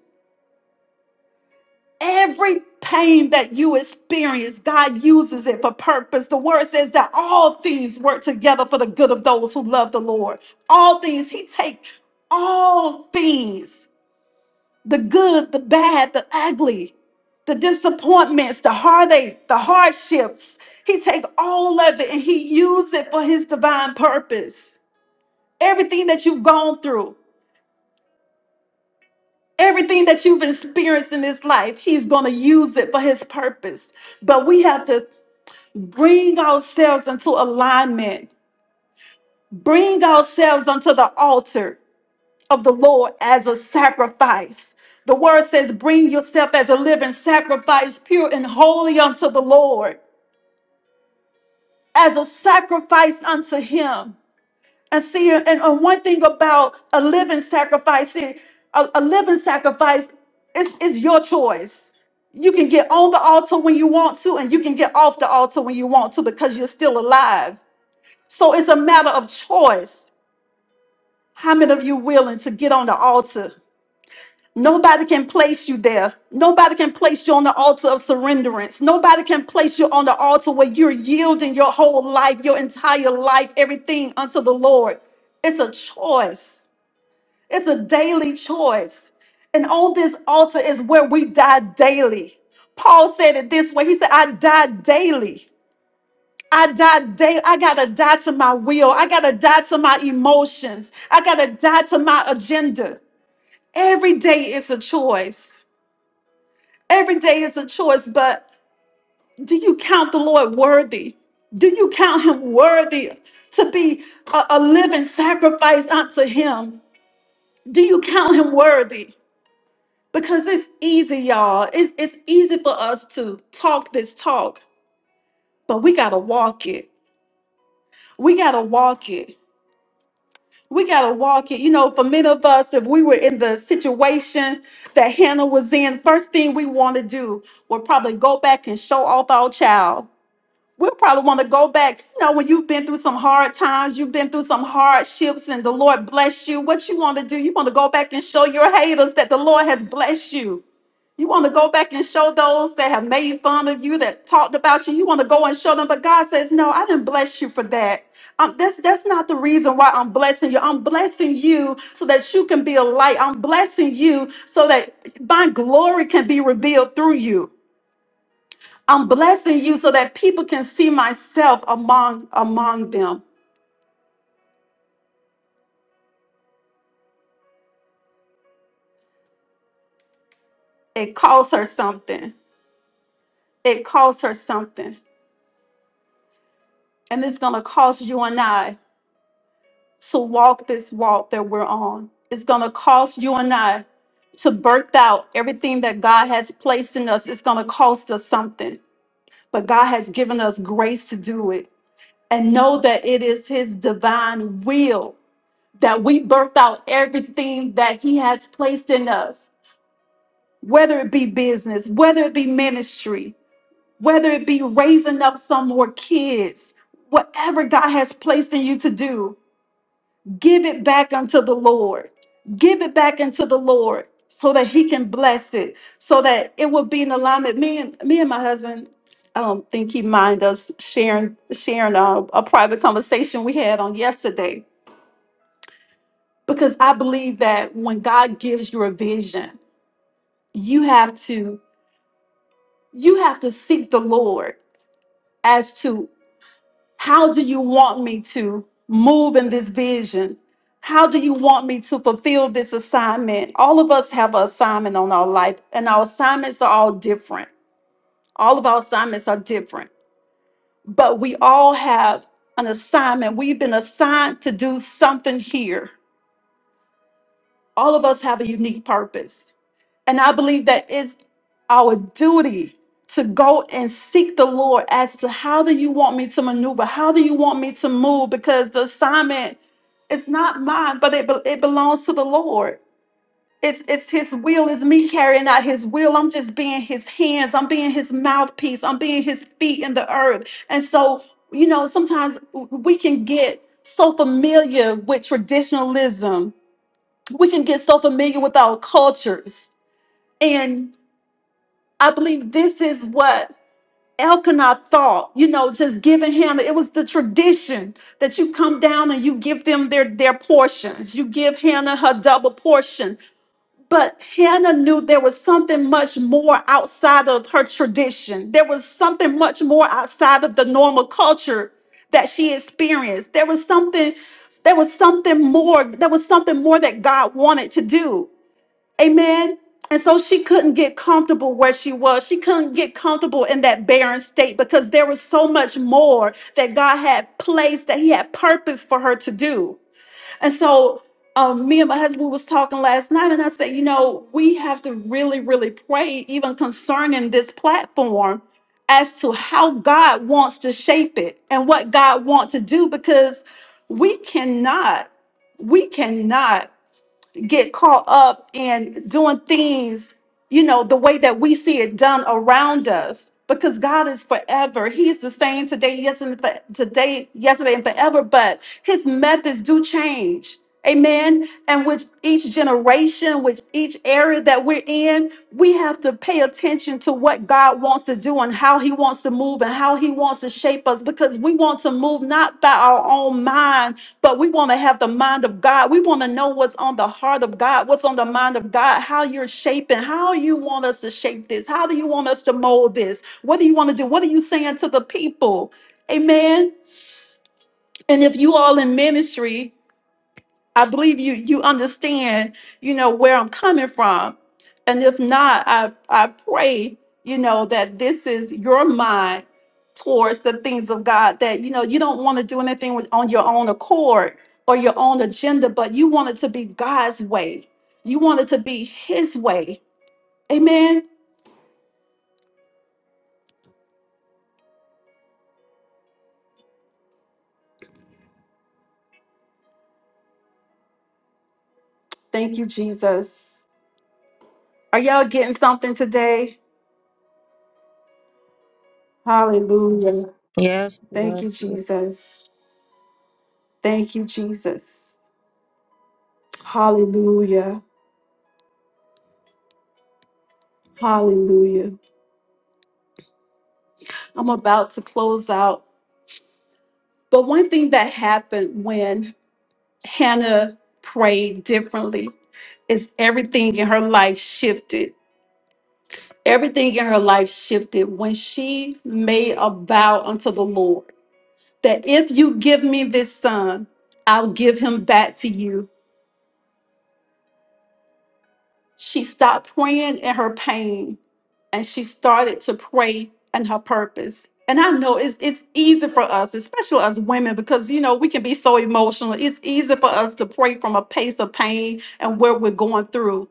[SPEAKER 3] Every pain that you experience, God uses it for purpose. The word says that all things work together for the good of those who love the Lord. All things, He takes all things the good, the bad, the ugly, the disappointments, the heartache, the hardships. He takes all of it and He uses it for His divine purpose. Everything that you've gone through, everything that you've experienced in this life, He's going to use it for His purpose but we have to Bring ourselves into alignment. Bring ourselves unto the altar of the Lord as a sacrifice. The word says, Bring yourself as a living sacrifice, pure and holy unto the Lord, as a sacrifice unto Him. And see, and, and one thing about a living sacrifice, see, a, a living sacrifice is, is your choice. You can get on the altar when you want to, and you can get off the altar when you want to because you're still alive. So it's a matter of choice. How many of you willing to get on the altar? Nobody can place you there. Nobody can place you on the altar of surrenderance. Nobody can place you on the altar where you're yielding your whole life, your entire life, everything unto the Lord. It's a choice. It's a daily choice. And on this altar is where we die daily. Paul said it this way. He said, I die daily. I die day. I gotta die to my will. I gotta die to my emotions. I gotta die to my agenda. Every day is a choice. Every day is a choice, but do you count the Lord worthy? Do you count him worthy to be a, a living sacrifice unto him? Do you count him worthy? Because it's easy, y'all. It's, it's easy for us to talk this talk, but we gotta walk it. We gotta walk it. We got to walk it. You know, for many of us, if we were in the situation that Hannah was in, first thing we want to do would probably go back and show off our child we'll probably want to go back. You know, when you've been through some hard times, you've been through some hardships, and the Lord bless you. What you want to do? You want to go back and show your haters that the Lord has blessed you. You want to go back and show those that have made fun of you, that talked about you. You want to go and show them, but God says, "No, I didn't bless you for that. Um, that's that's not the reason why I'm blessing you. I'm blessing you so that you can be a light. I'm blessing you so that my glory can be revealed through you." I'm blessing you so that people can see myself among among them. It costs her something. It costs her something. And it's gonna cost you and I to walk this walk that we're on. It's gonna cost you and I to birth out everything that God has placed in us. It's gonna cost us something. But God has given us grace to do it. And know that it is his divine will that we birth out everything that he has placed in us whether it be business, whether it be ministry, whether it be raising up some more kids, whatever God has placed in you to do, give it back unto the Lord. Give it back unto the Lord so that He can bless it, so that it will be in alignment. Me and me and my husband, I don't think he mind us sharing sharing a, a private conversation we had on yesterday. Because I believe that when God gives you a vision, you have to you have to seek the Lord as to how do you want me to move in this vision? How do you want me to fulfill this assignment? All of us have an assignment on our life, and our assignments are all different. All of our assignments are different, but we all have an assignment. We've been assigned to do something here. All of us have a unique purpose And I believe that it's our duty to go and seek the Lord as to how do you want me to maneuver? How do you want me to move? Because the assignment is not mine, but it, be- it belongs to the Lord. It's, it's his will, it's me carrying out his will. I'm just being his hands, I'm being his mouthpiece, I'm being his feet in the earth. And so, you know, sometimes we can get so familiar with traditionalism, we can get so familiar with our cultures. I believe this is what Elkanah thought, you know, just giving Hannah. It was the tradition that you come down and you give them their, their portions. You give Hannah her double portion. But Hannah knew there was something much more outside of her tradition. There was something much more outside of the normal culture that she experienced. There was something, there was something more, there was something more that God wanted to do. Amen. And so she couldn't get comfortable where she was. She couldn't get comfortable in that barren state because there was so much more that God had placed, that He had purpose for her to do. And so um, me and my husband was talking last night, and I said, you know, we have to really, really pray, even concerning this platform, as to how God wants to shape it and what God wants to do, because we cannot, we cannot get caught up in doing things, you know, the way that we see it done around us. Because God is forever. He's the same today, yesterday, today, yesterday, and forever. But his methods do change. Amen. And with each generation, with each area that we're in, we have to pay attention to what God wants to do and how He wants to move and how He wants to shape us because we want to move not by our own mind, but we want to have the mind of God. We want to know what's on the heart of God, what's on the mind of God, how you're shaping, how you want us to shape this, how do you want us to mold this, what do you want to do, what are you saying to the people? Amen. And if you all in ministry, I believe you you understand, you know, where I'm coming from. And if not, I I pray, you know, that this is your mind towards the things of God that you know you don't want to do anything with, on your own accord or your own agenda, but you want it to be God's way. You want it to be his way. Amen. Thank you, Jesus. Are y'all getting something today? Hallelujah.
[SPEAKER 2] Yes.
[SPEAKER 3] Thank you,
[SPEAKER 2] Yes.
[SPEAKER 3] Jesus. Thank you, Jesus. Hallelujah. Hallelujah. I'm about to close out. But one thing that happened when Hannah prayed differently is everything in her life shifted. Everything in her life shifted when she made a vow unto the Lord that if you give me this son, I'll give him back to you. She stopped praying in her pain and she started to pray and her purpose. And I know it's it's easy for us, especially as women, because you know we can be so emotional. It's easy for us to pray from a place of pain and where we're going through.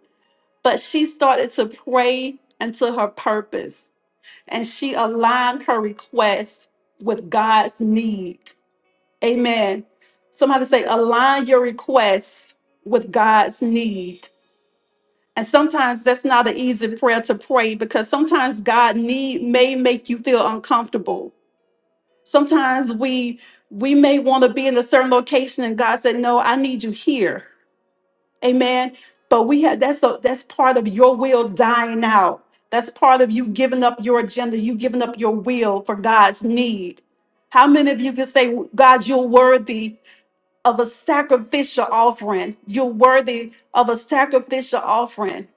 [SPEAKER 3] But she started to pray into her purpose, and she aligned her request with God's need. Amen. Somebody say, align your requests with God's need. And sometimes that's not an easy prayer to pray because sometimes God need may make you feel uncomfortable. Sometimes we we may want to be in a certain location and God said, "No, I need you here." Amen. But we have that's a, that's part of your will dying out. That's part of you giving up your agenda, you giving up your will for God's need. How many of you can say, God, you're worthy of a sacrificial offering? You're worthy of a sacrificial offering.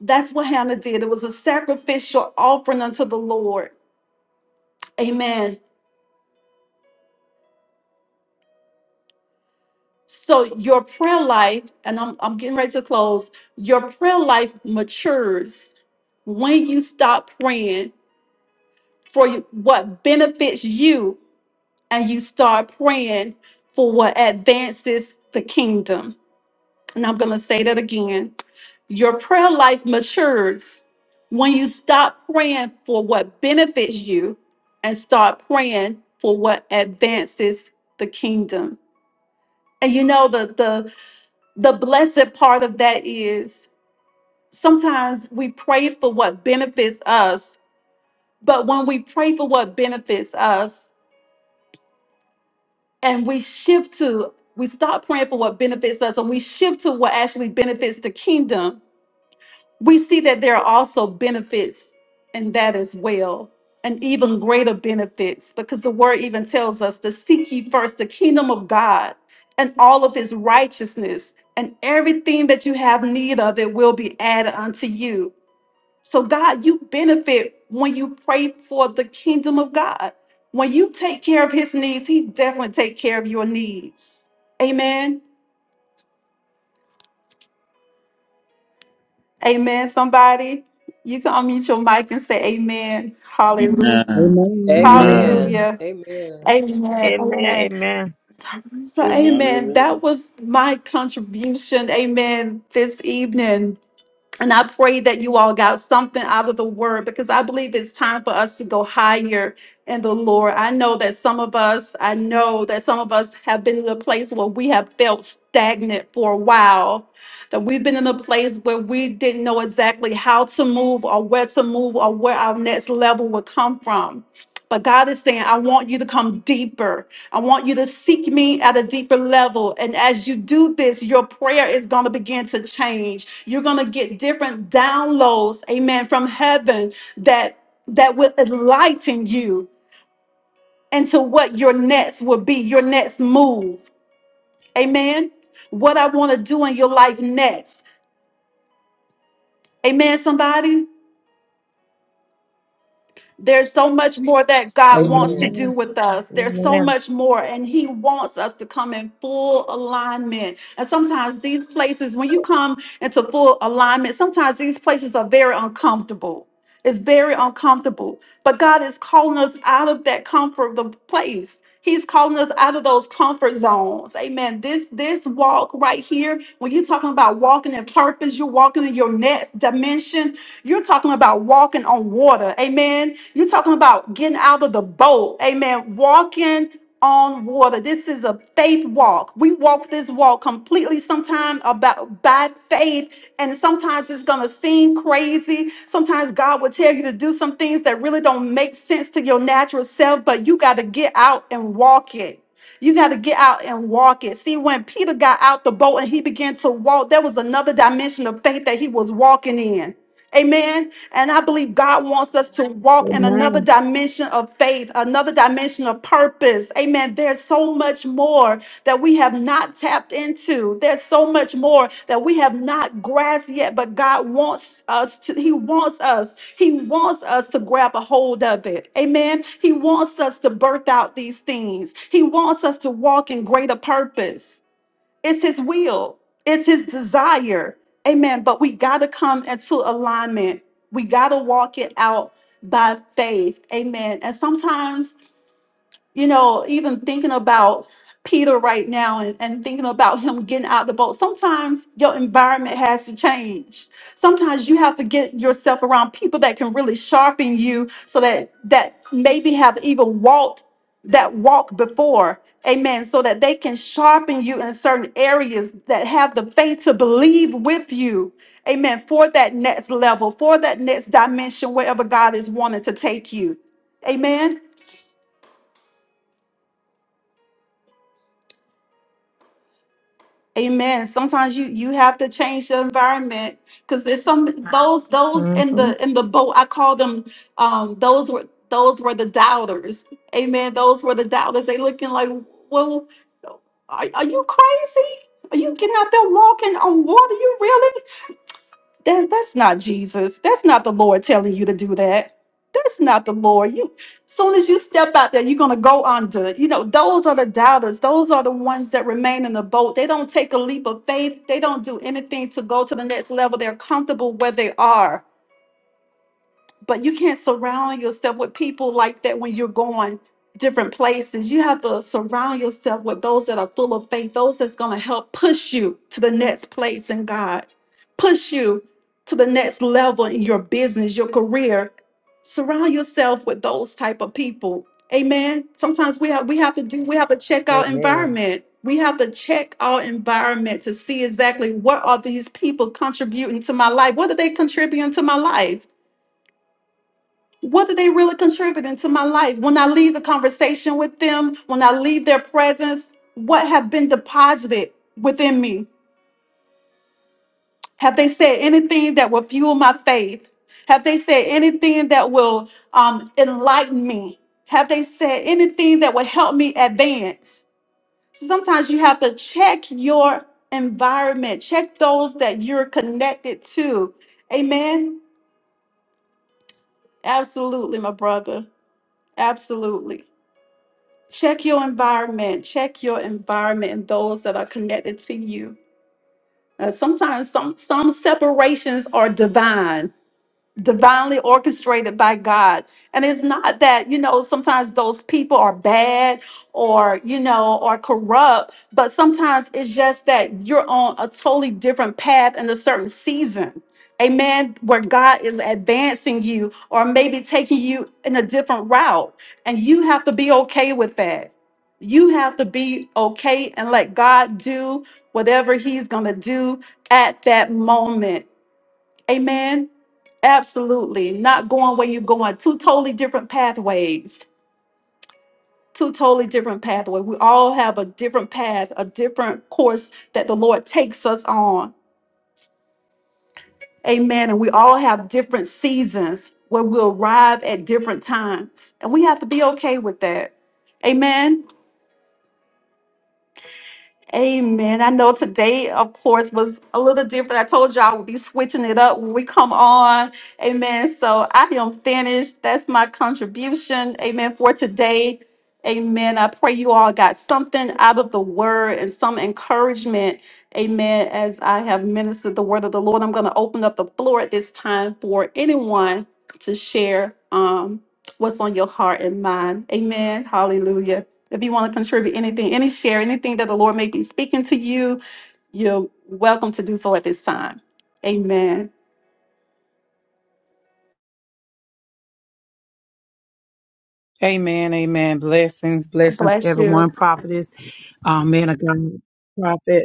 [SPEAKER 3] That's what Hannah did. It was a sacrificial offering unto the Lord. Amen. So your prayer life, and I'm, I'm getting ready to close, your prayer life matures when you stop praying for you- what benefits you and you start praying for what advances the kingdom. And I'm going to say that again. Your prayer life matures when you stop praying for what benefits you and start praying for what advances the kingdom. And you know the the the blessed part of that is sometimes we pray for what benefits us, but when we pray for what benefits us and we shift to we stop praying for what benefits us and we shift to what actually benefits the kingdom we see that there are also benefits in that as well, and even greater benefits, because the word even tells us to seek ye first the kingdom of God and all of his righteousness, and everything that you have need of it will be added unto you. So, God, you benefit when you pray for the kingdom of God. When you take care of his needs, he definitely take care of your needs. Amen. Amen. Somebody, you can unmute your mic and say amen. Hallelujah.
[SPEAKER 1] Amen. Amen.
[SPEAKER 6] Amen.
[SPEAKER 3] Hallelujah.
[SPEAKER 6] Amen.
[SPEAKER 3] Amen.
[SPEAKER 2] Amen.
[SPEAKER 3] Amen.
[SPEAKER 2] Amen.
[SPEAKER 3] So, so
[SPEAKER 5] Amen.
[SPEAKER 3] amen. That
[SPEAKER 5] Amen.
[SPEAKER 3] was my contribution. Amen. This evening. And I pray that you all got something out of the word because I believe it's time for us to go higher in the Lord. I know that some of us, I know that some of us have been in a place where we have felt stagnant for a while, that we've been in a place where we didn't know exactly how to move or where to move or where our next level would come from. But God is saying, I want you to come deeper. I want you to seek me at a deeper level. And as you do this, your prayer is going to begin to change. You're going to get different downloads, amen, from heaven that that will enlighten you into what your next will be, your next move. Amen. What I want to do in your life next. Amen, somebody. There's so much more that God wants to
[SPEAKER 6] Amen.
[SPEAKER 3] do
[SPEAKER 2] Amen.
[SPEAKER 3] with us. There's so
[SPEAKER 2] Amen.
[SPEAKER 3] much more, and He wants us to come in full alignment. And sometimes these places, when you come into full alignment, sometimes these places are very uncomfortable it's very uncomfortable. But God is calling us out of that comfortable place. He's calling us out of those comfort zones. Amen. This this walk right here, when you're talking about walking in purpose, you're walking in your next dimension. You're talking about walking on water. Amen. You're talking about getting out of the boat. Amen. Walking on water. This is a faith walk. We walk this walk completely sometimes about by faith, and sometimes it's gonna seem crazy. Sometimes God will tell you to do some things that really don't make sense to your natural self, but you gotta get out and walk it. You got to get out and walk it. See, when Peter got out the boat and he began to walk, there was another dimension of faith that he was walking in. Amen. And I believe God wants us to walk in another
[SPEAKER 2] Amen.
[SPEAKER 3] dimension of faith, another dimension of purpose. Amen. There's so much more that we have not tapped into. There's so much more that we have not grasped yet, but God wants us to, He wants us, He wants us to grab a hold of it. Amen. He wants us to birth out these things, He wants us to walk in greater purpose. It's His will, it's His desire. Amen. But we got to come into alignment, we got to walk it out by faith. Amen. And sometimes you know, even thinking about Peter right now and, and thinking about him getting out the boat, sometimes your environment has to change. Sometimes you have to get yourself around people that can really sharpen you so that that maybe have even walked that walk before. Amen. So that they can sharpen you in certain areas that have the faith to believe with you. Amen. For that next level, for that next dimension, wherever God is wanting to take you. Amen. Amen. Sometimes you you have to change the environment because it's some those those
[SPEAKER 2] hmm
[SPEAKER 3] in the in the boat. I call them um those were those were the doubters. Amen. Those were the doubters. They looking like, well, are, are you crazy? Are you getting out there walking on water? You really? that that's not Jesus. That's not the Lord telling you to do that. That's not the Lord. You soon as you step out there, you're gonna go under. You know, those are the doubters, those are the ones that remain in the boat. They don't take a leap of faith, they don't do anything to go to the next level. They're comfortable where they are but you can't surround yourself with people like that when you're going different places. You have to surround yourself with those that are full of faith, those that's going to help push you to the next place in God, push you to the next level in your business, your career. Surround yourself with those type of people. Amen. Sometimes we have we have to do we have to check our
[SPEAKER 6] Amen.
[SPEAKER 3] environment. We have to check our environment to see exactly what are these people contributing to my life? What are they contributing to my life? What are they really contributing to my life? When I leave the conversation with them, when I leave their presence, what have been deposited within me? Have they said anything that will fuel my faith? Have they said anything that will um, enlighten me? Have they said anything that will help me advance? So sometimes you have to check your environment, check those that you're connected to. Amen. Absolutely, my brother. Absolutely. Check your environment. Check your environment and those that are connected to you. Uh, sometimes some some separations are divine divinely orchestrated by God. And it's not that, you know, sometimes those people are bad or, you know, or corrupt, but sometimes it's just that you're on a totally different path in a certain season. Amen. Where God is advancing you or maybe taking you in a different route. And you have to be okay with that. You have to be okay and let God do whatever He's going to do at that moment Amen. Absolutely. Not going where you're going. Two totally different pathways. Two totally different pathways. We all have a different path, a different course that the Lord takes us on. Amen. And we all have different seasons where we arrive at different times. And we have to be okay with that. Amen. Amen. I know today, of course, was a little different. I told y'all we'll be switching it up when we come on. Amen. So I am finished. That's my contribution. Amen. For today. Amen. I pray you all got something out of the word and some encouragement. Amen. As I have ministered the word of the Lord, I'm going to open up the floor at this time for anyone to share um, what's on your heart and mind. Amen. Hallelujah. If you want to contribute anything, any share, anything that the Lord may be speaking to you, you're welcome to do so at this time. Amen.
[SPEAKER 4] Amen. Amen. Blessings.
[SPEAKER 3] God
[SPEAKER 4] Blessings,
[SPEAKER 3] bless you.
[SPEAKER 4] everyone. Prophetess. Um, man of God. Prophet.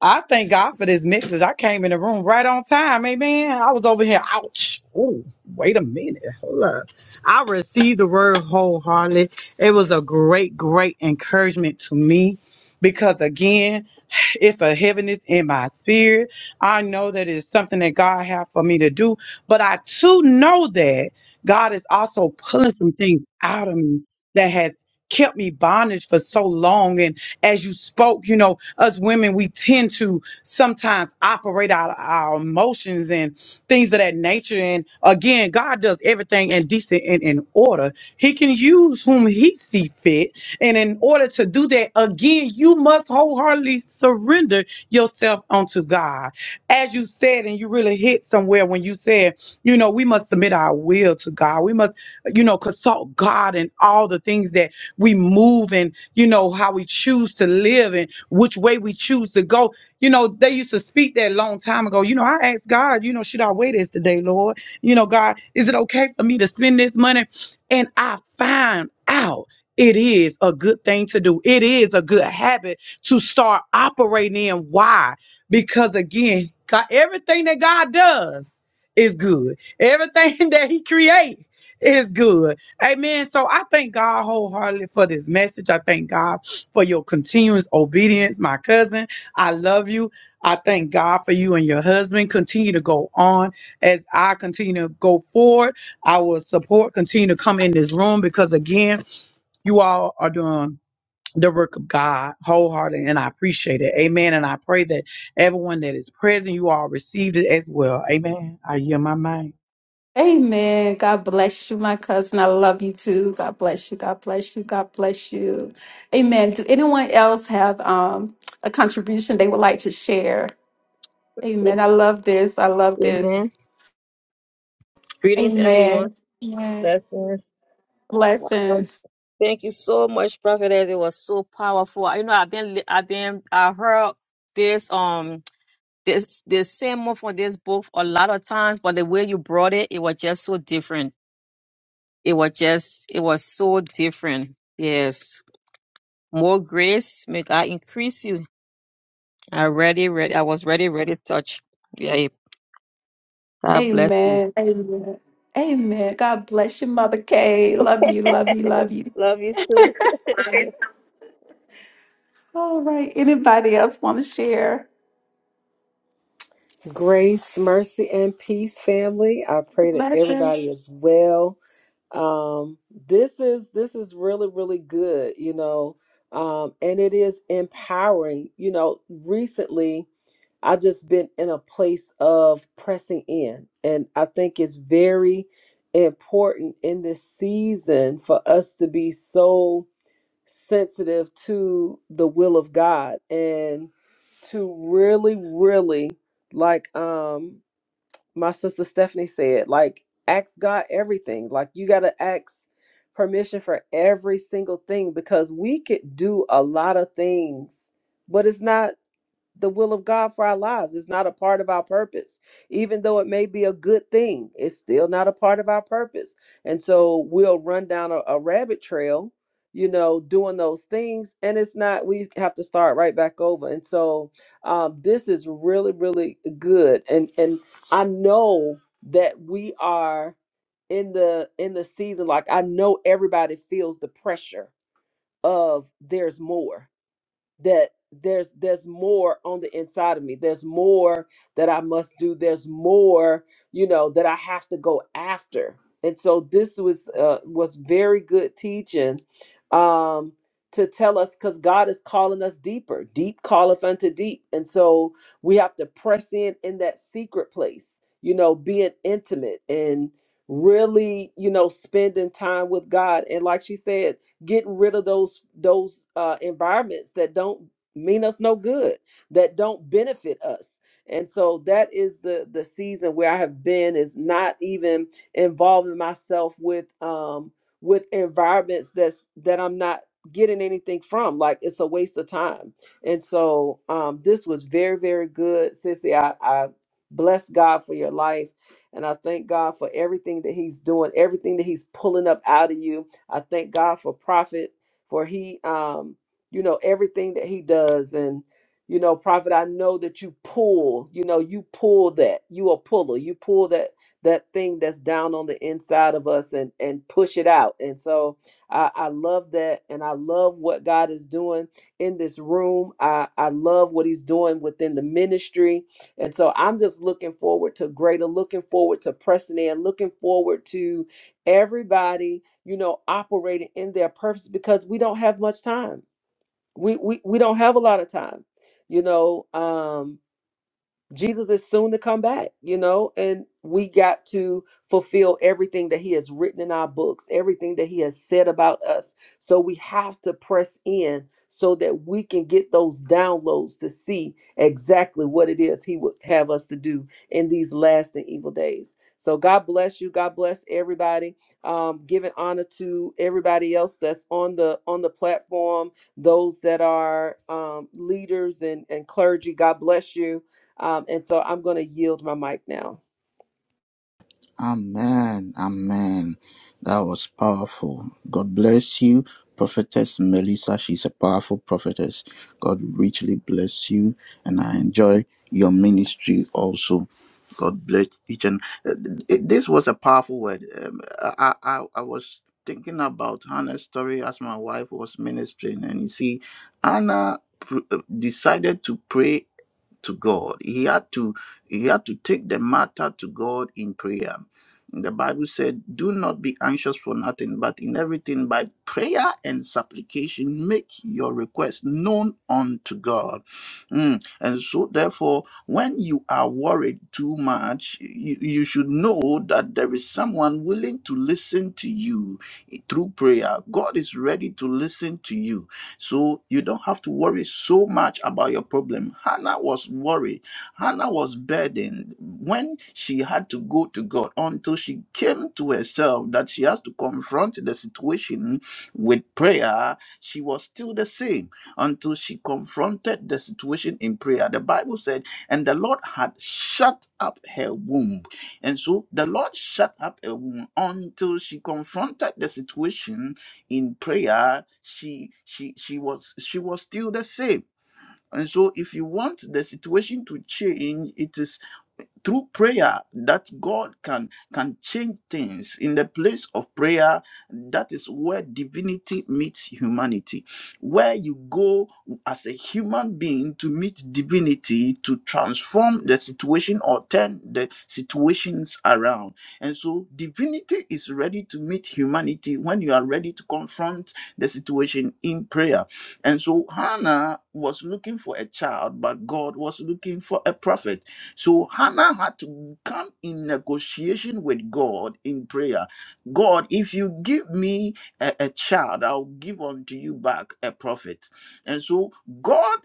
[SPEAKER 4] I thank God for this message. I came in the room right on time. Amen. I was over here. Ouch. Oh, wait a minute. Hold up. I received the word wholeheartedly. It was a great, great encouragement to me because, again, *sighs* it's a heaviness in my spirit. I know that it's something that God has for me to do, but I too know that God is also pulling some things out of me that has kept me bondage for so long as you spoke, you know, us women, we tend to sometimes operate out of our emotions and things of that nature. And again, God does everything in decent and in order. He can use whom he see fit. And in order to do that, again, you must wholeheartedly surrender yourself unto God. As you said, and you really hit somewhere when you said, you know, we must submit our will to God. We must you know, consult God and all the things that we move and, you know, how we choose to live and which way we choose to go. You know, they used to speak that long time ago. You know, I asked God, you know, should I weigh this today, Lord? You know, God, is it okay for me to spend this money? And I find out it is a good thing to do. It is a good habit to start operating in. Why? Because again, God, everything that God does is good. Everything *laughs* that He creates it is good. Amen. So I thank God wholeheartedly for this message. I thank God for your continuous obedience, my cousin. I love you. I thank God for you and your husband. Continue to go on as I continue to go forward. I will support, continue to come in this room because, again, you all are doing the work of God wholeheartedly, and I appreciate it. Amen. And I pray that everyone that is present, you all received it as well. Amen. I hear my mind.
[SPEAKER 3] Amen. God bless you, my cousin. I love you too. God bless you. God bless you. God bless you. Amen. Do anyone else have um, a contribution they would like to share? Amen. I love this. I love this.
[SPEAKER 2] Amen. Greetings, everyone.
[SPEAKER 3] Amen. Amen.
[SPEAKER 2] Blessings. Um,
[SPEAKER 3] Blessings.
[SPEAKER 2] Thank you so much, Prophet. Ed. It was so powerful. You know, I've been, li- I've been, I heard this, um, this, this same one from this book a lot of times, but the way you brought it, it was just so different. It was just, it was so different. Yes. More grace. May God increase you. I ready, ready. I was ready, ready to touch. Yeah. God bless you.
[SPEAKER 3] Amen. Amen. God bless you, Mother Kay. Love you. Love
[SPEAKER 2] *laughs*
[SPEAKER 3] you. Love you.
[SPEAKER 2] Love you too. *laughs*
[SPEAKER 3] All right. Anybody else want to share?
[SPEAKER 6] Grace, mercy, and peace, family. I pray that
[SPEAKER 3] Blessings.
[SPEAKER 6] everybody is well. Um, this is this is really, really good, you know. Um, and it is empowering. You know, recently I just been in a place of pressing in, and I think it's very important in this season for us to be so sensitive to the will of God and to really, really, like um my sister Stephanie said, like ask God everything. Like you gotta ask permission for every single thing because we could do a lot of things, but it's not the will of God for our lives. It's not a part of our purpose. Even though it may be a good thing, it's still not a part of our purpose. And so we'll run down a, a rabbit trail, you know, doing those things. And it's not, we have to start right back over. And so um, this is really, really good. And and I know that we are in the in the season, like I know everybody feels the pressure of there's more that there's there's more on the inside of me there's more that i must do there's more you know that i have to go after and so this was uh was very good teaching um to tell us because god is calling us deeper deep calleth unto deep and so we have to press in in that secret place you know being intimate and really you know spending time with god and like she said getting rid of those those uh, environments that don't mean us no good, that don't benefit us. And so that is the the season where I have been is not even involving myself with um with environments that's that I'm not getting anything from. Like it's a waste of time. And so um this was very, very good. Sissy, I, I bless God for your life. And I thank God for everything that He's doing, everything that He's pulling up out of you I thank God for Prophet for he um you know everything that he does and you know Prophet I know that you pull you know you pull that you a puller you pull that that thing that's down on the inside of us and and push it out and so I I love that and I love what God is doing in this room I I love what he's doing within the ministry and so I'm just looking forward to greater, looking forward to pressing in, looking forward to everybody you know, operating in their purpose because we don't have much time. We we we don't have a lot of time, you know. Um, Jesus is soon to come back, you know, and we got to fulfill everything that he has written in our books, everything that he has said about us. So we have to press in so that we can get those downloads to see exactly what it is he would have us to do in these last and evil days. So God bless you. God bless everybody. Um, giving honor to everybody else that's on the on the platform, those that are um, leaders and, and clergy. God bless you um, and so I'm going to yield my mic now.
[SPEAKER 1] Amen. Amen. That was powerful. God bless you, Prophetess Melissa. She's a powerful prophetess. God richly bless you, and I enjoy your ministry also. God bless each and uh, it- this was a powerful word. Um, I, I I was thinking about Hannah's story as my wife was ministering, and you see, Hannah pr- uh, decided to pray to God. He had to he had to take the matter to God in prayer. The Bible said, "Do not be anxious for nothing, but in everything by prayer and supplication make your request known unto God." Mm. And so, therefore, when you are worried too much, you, you should know that there is someone willing to listen to you through prayer. God is ready to listen to you so you don't have to worry so much about your problem. Hannah was worried. Hannah was burdened when she had to go to God until she came to herself that she has to confront the situation with prayer. She was still the same until she confronted the situation in prayer. The Bible said, and the Lord had shut up her womb. And so the Lord shut up her womb until she confronted the situation in prayer she she she was she was still the same and so if you want the situation to change it is through prayer that god can can change things in the place of prayer that is where divinity meets humanity where you go as a human being to meet divinity to transform the situation or turn the situations around and so divinity is ready to meet humanity when you are ready to confront the situation in prayer and so hannah was looking for a child but god was looking for a prophet so Hannah had to come in negotiation with God in prayer. God, if you give me a, a child, I'll give unto you back a prophet. And so God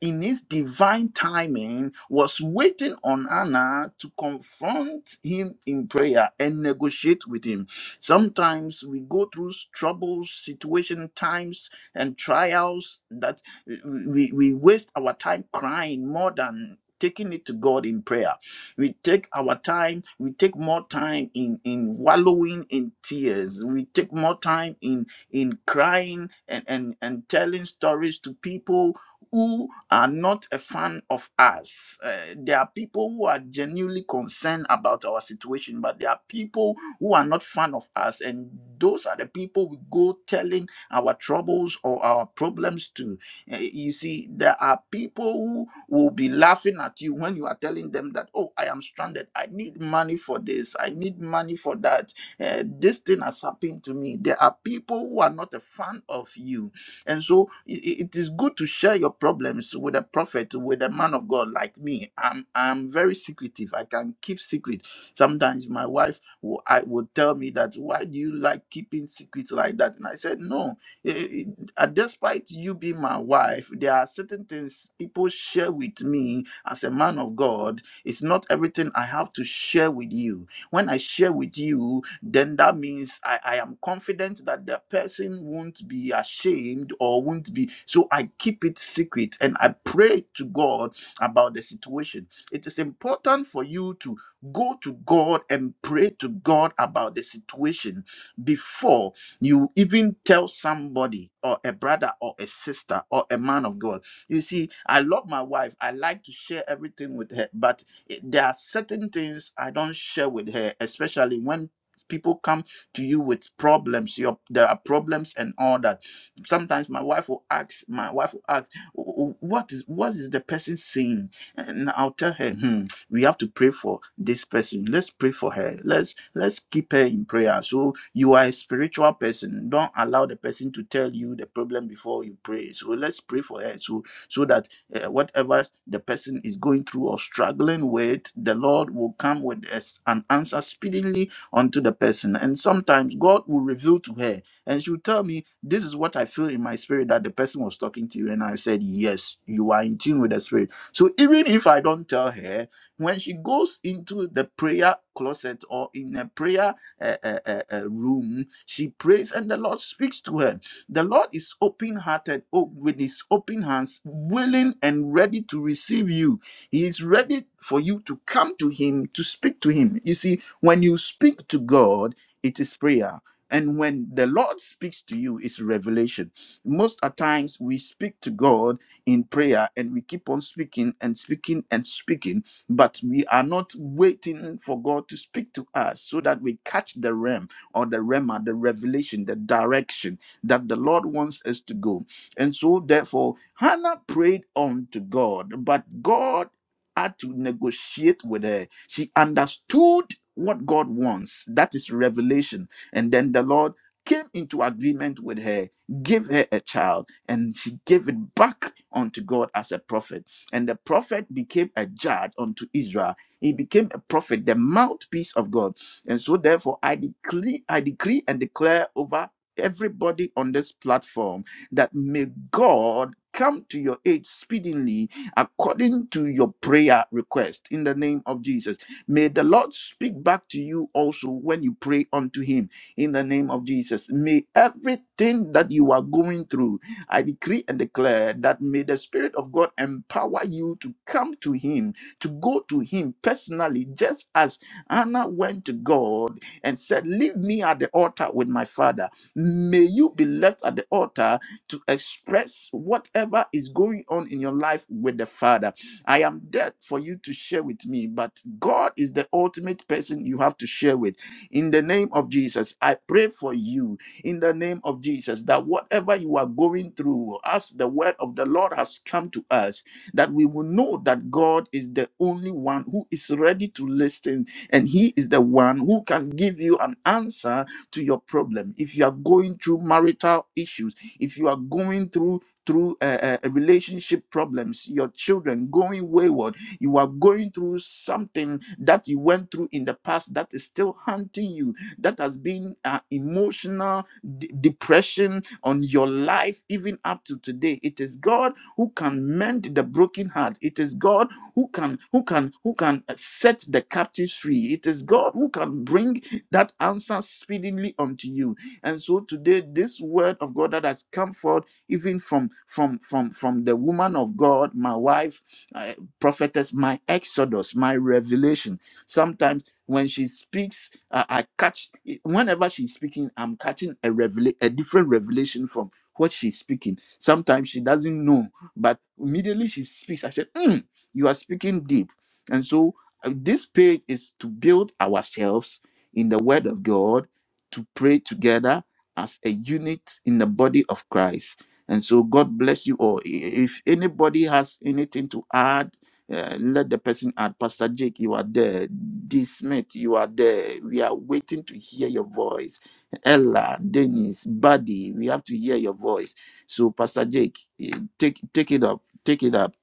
[SPEAKER 1] in his divine timing, was waiting on Anna to confront him in prayer and negotiate with him. Sometimes we go through troubles, situation, times, and trials that we, we waste our time crying more than taking it to God in prayer. We take our time, we take more time in, in wallowing in tears. We take more time in in crying and, and, and telling stories to people who are not a fan of us. Uh, there are people who are genuinely concerned about our situation, but there are people who are not fan of us, and those are the people we go telling our troubles or our problems to. Uh, you see, there are people who will be laughing at you when you are telling them that, "Oh, I am stranded. I need money for this. I need money for that. Uh, this thing has happened to me." There are people who are not a fan of you and so i- it is good to share your problems with a prophet, with a man of God like me. I'm I'm very secretive. I can keep secret. Sometimes my wife will, I will tell me that why do you like keeping secrets like that? And I said no. I- I- I- despite you being my wife, there are certain things people share with me as a man of God. It's not everything I have to share with you. When I share with you, then that means I, I am confident that the person won't be ashamed or won't be. So I keep it secret and I pray to God about the situation. It is important for you to go to God and pray to God about the situation before you even tell somebody or a brother or a sister or a man of God. You see, I love my wife. I like to share everything with her, but it- there are certain things I don't share with her, especially when people come to you with problems your there are problems and all that sometimes my wife will ask my wife will ask "Wh- wh- what is what is the person saying and i'll tell her hmm, we have to pray for this person let's pray for her let's let's keep her in prayer so you are a spiritual person don't allow the person to tell you the problem before you pray so let's pray for her so so that uh, whatever the person is going through or struggling with the lord will come with us an answer speedily unto the person. And sometimes God will reveal to her and she'll tell me, This is what I feel in my spirit that the person was talking to you. And I said, Yes, you are in tune with the spirit. So even if I don't tell her, when she goes into the prayer closet or in a prayer uh, uh, uh, uh, room, she prays and the Lord speaks to her. The Lord is open hearted, with his open hands, willing and ready to receive you. He is ready for you to come to him, to speak to him. You see, when you speak to God, it is prayer. And when the Lord speaks to you, it's revelation. Most of times we speak to God in prayer and we keep on speaking and speaking and speaking, but we are not waiting for God to speak to us so that we catch the realm or the rema, the revelation, the direction that the Lord wants us to go. And so, therefore, Hannah prayed on to God, but God had to negotiate with her. She understood what God wants. That is revelation. And then the Lord came into agreement with her, gave her a child, and she gave it back unto God as a prophet. And the prophet became a judge unto Israel. He became a prophet, the mouthpiece of God. And so therefore I decree, I decree and declare over everybody on this platform that may God come to your aid speedily according to your prayer request in the name of Jesus May the Lord speak back to you also when you pray unto Him in the name of Jesus. May everything that you are going through, I decree and declare that may the Spirit of God empower you to come to Him, to go to Him personally, just as Anna went to God and said, Leave me at the altar with my father. May you be left at the altar to express whatever is going on in your life with the father I am dead for you to share with me, but God is the ultimate person you have to share with. In the name of Jesus, I pray for you in the name of Jesus that whatever you are going through, as the word of the Lord has come to us, that we will know that God is the only one who is ready to listen and He is the one who can give you an answer to your problem. If you are going through marital issues, if you are going through through uh, uh, relationship problems, your children going wayward. You are going through something that you went through in the past that is still haunting you, that has been uh, emotional de- depression on your life, even up to today. It is God who can mend the broken heart. It is God who can who can who can uh, set the captives free. It is God who can bring that answer speedily unto you. And so today, this word of God that has come forth even from from from from the woman of god my wife uh, prophetess my exodus my revelation sometimes when she speaks uh, i catch whenever she's speaking i'm catching a revela- a different revelation from what she's speaking sometimes she doesn't know but immediately she speaks i said "Mm, you are speaking deep and so uh, this page is to build ourselves in the word of god to pray together as a unit in the body of christ and so God bless you all. I- If anybody has anything to add, uh, let the person add. Pastor Jake, you are there. D. Smith, you are there. We are waiting to hear your voice. Ella, Dennis, Buddy, we have to hear your voice. So, Pastor Jake, eh, take take it up. Take it up.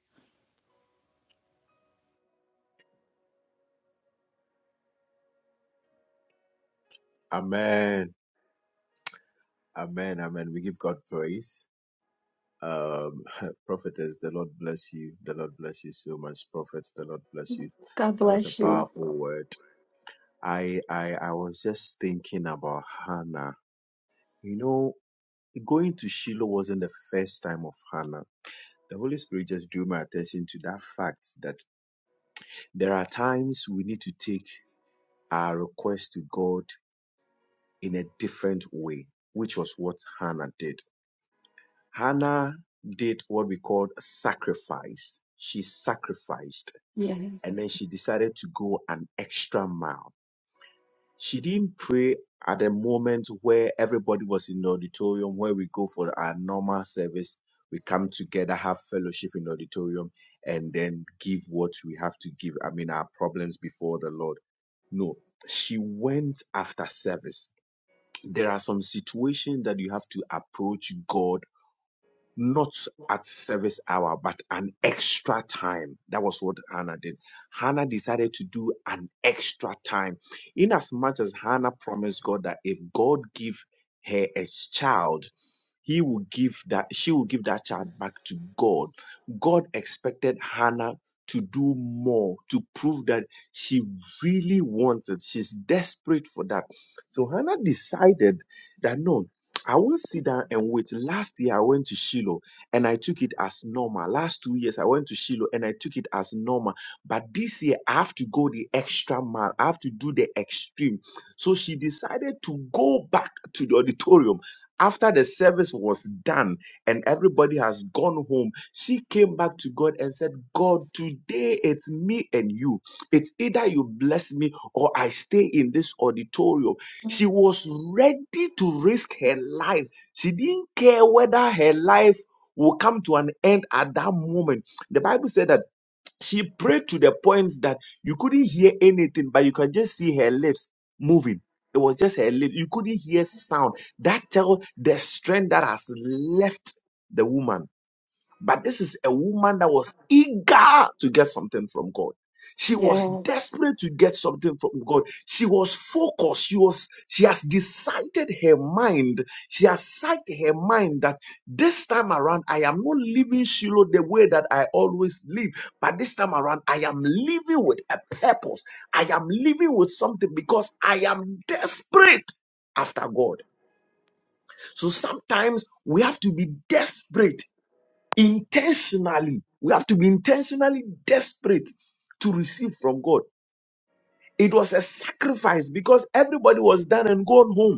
[SPEAKER 7] Amen. Amen. Amen. We give God praise. Um, *laughs* prophetess, the Lord bless you. The Lord bless you so much. Prophets, the Lord bless you.
[SPEAKER 3] God
[SPEAKER 7] That was a
[SPEAKER 3] bless you.
[SPEAKER 7] powerful word. I, I, I was just thinking about Hannah. You know, going to Shiloh wasn't the first time of Hannah. The Holy Spirit just drew my attention to that fact that there are times we need to take our request to God in a different way, which was what Hannah did Hannah did what we call sacrifice. She sacrificed and then
[SPEAKER 3] Yes.
[SPEAKER 7] she decided to go an extra mile. She didn't pray at a moment where everybody was in the auditorium, where we go for our normal service. We come together, have fellowship in the auditorium, and then give what we have to give. I mean, our problems before the Lord. No, she went after service. There are some situations that you have to approach God not at service hour, but an extra time. That was what Hannah did. Hannah decided to do an extra time. In as much as Hannah promised God that if God give her a child, he will give that she will give that child back to god god expected hannah to do more to prove that she really wants it she's desperate for that so hannah decided that no i won't sit down and wait last year i went to shiloh and i took it as normal last two years i went to shiloh and i took it as normal but this year i have to go the extra mile i have to do the extreme so she decided to go back to the auditorium after the service was done and everybody has gone home, she came back to God and said, God, today it's me and you. It's either you bless me or I stay in this auditorium. She was ready to risk her life. She didn't care whether her life will come to an end at that moment. The Bible said that she prayed to the point that you couldn't hear anything, but you can just see her lips moving. It was just her lips. You couldn't hear sound. That tells the strength that has left the woman but this is a woman that was eager to get something from God. She was
[SPEAKER 3] Yes.
[SPEAKER 7] desperate to get something from God. She was focused. She was, she has decided her mind. She has set her mind that this time around, I am not living Shiloh the way that I always live. But this time around, I am living with a purpose. I am living with something because I am desperate after God. So sometimes we have to be desperate intentionally. We have to be intentionally desperate to receive from God. It was a sacrifice because everybody was done and gone home.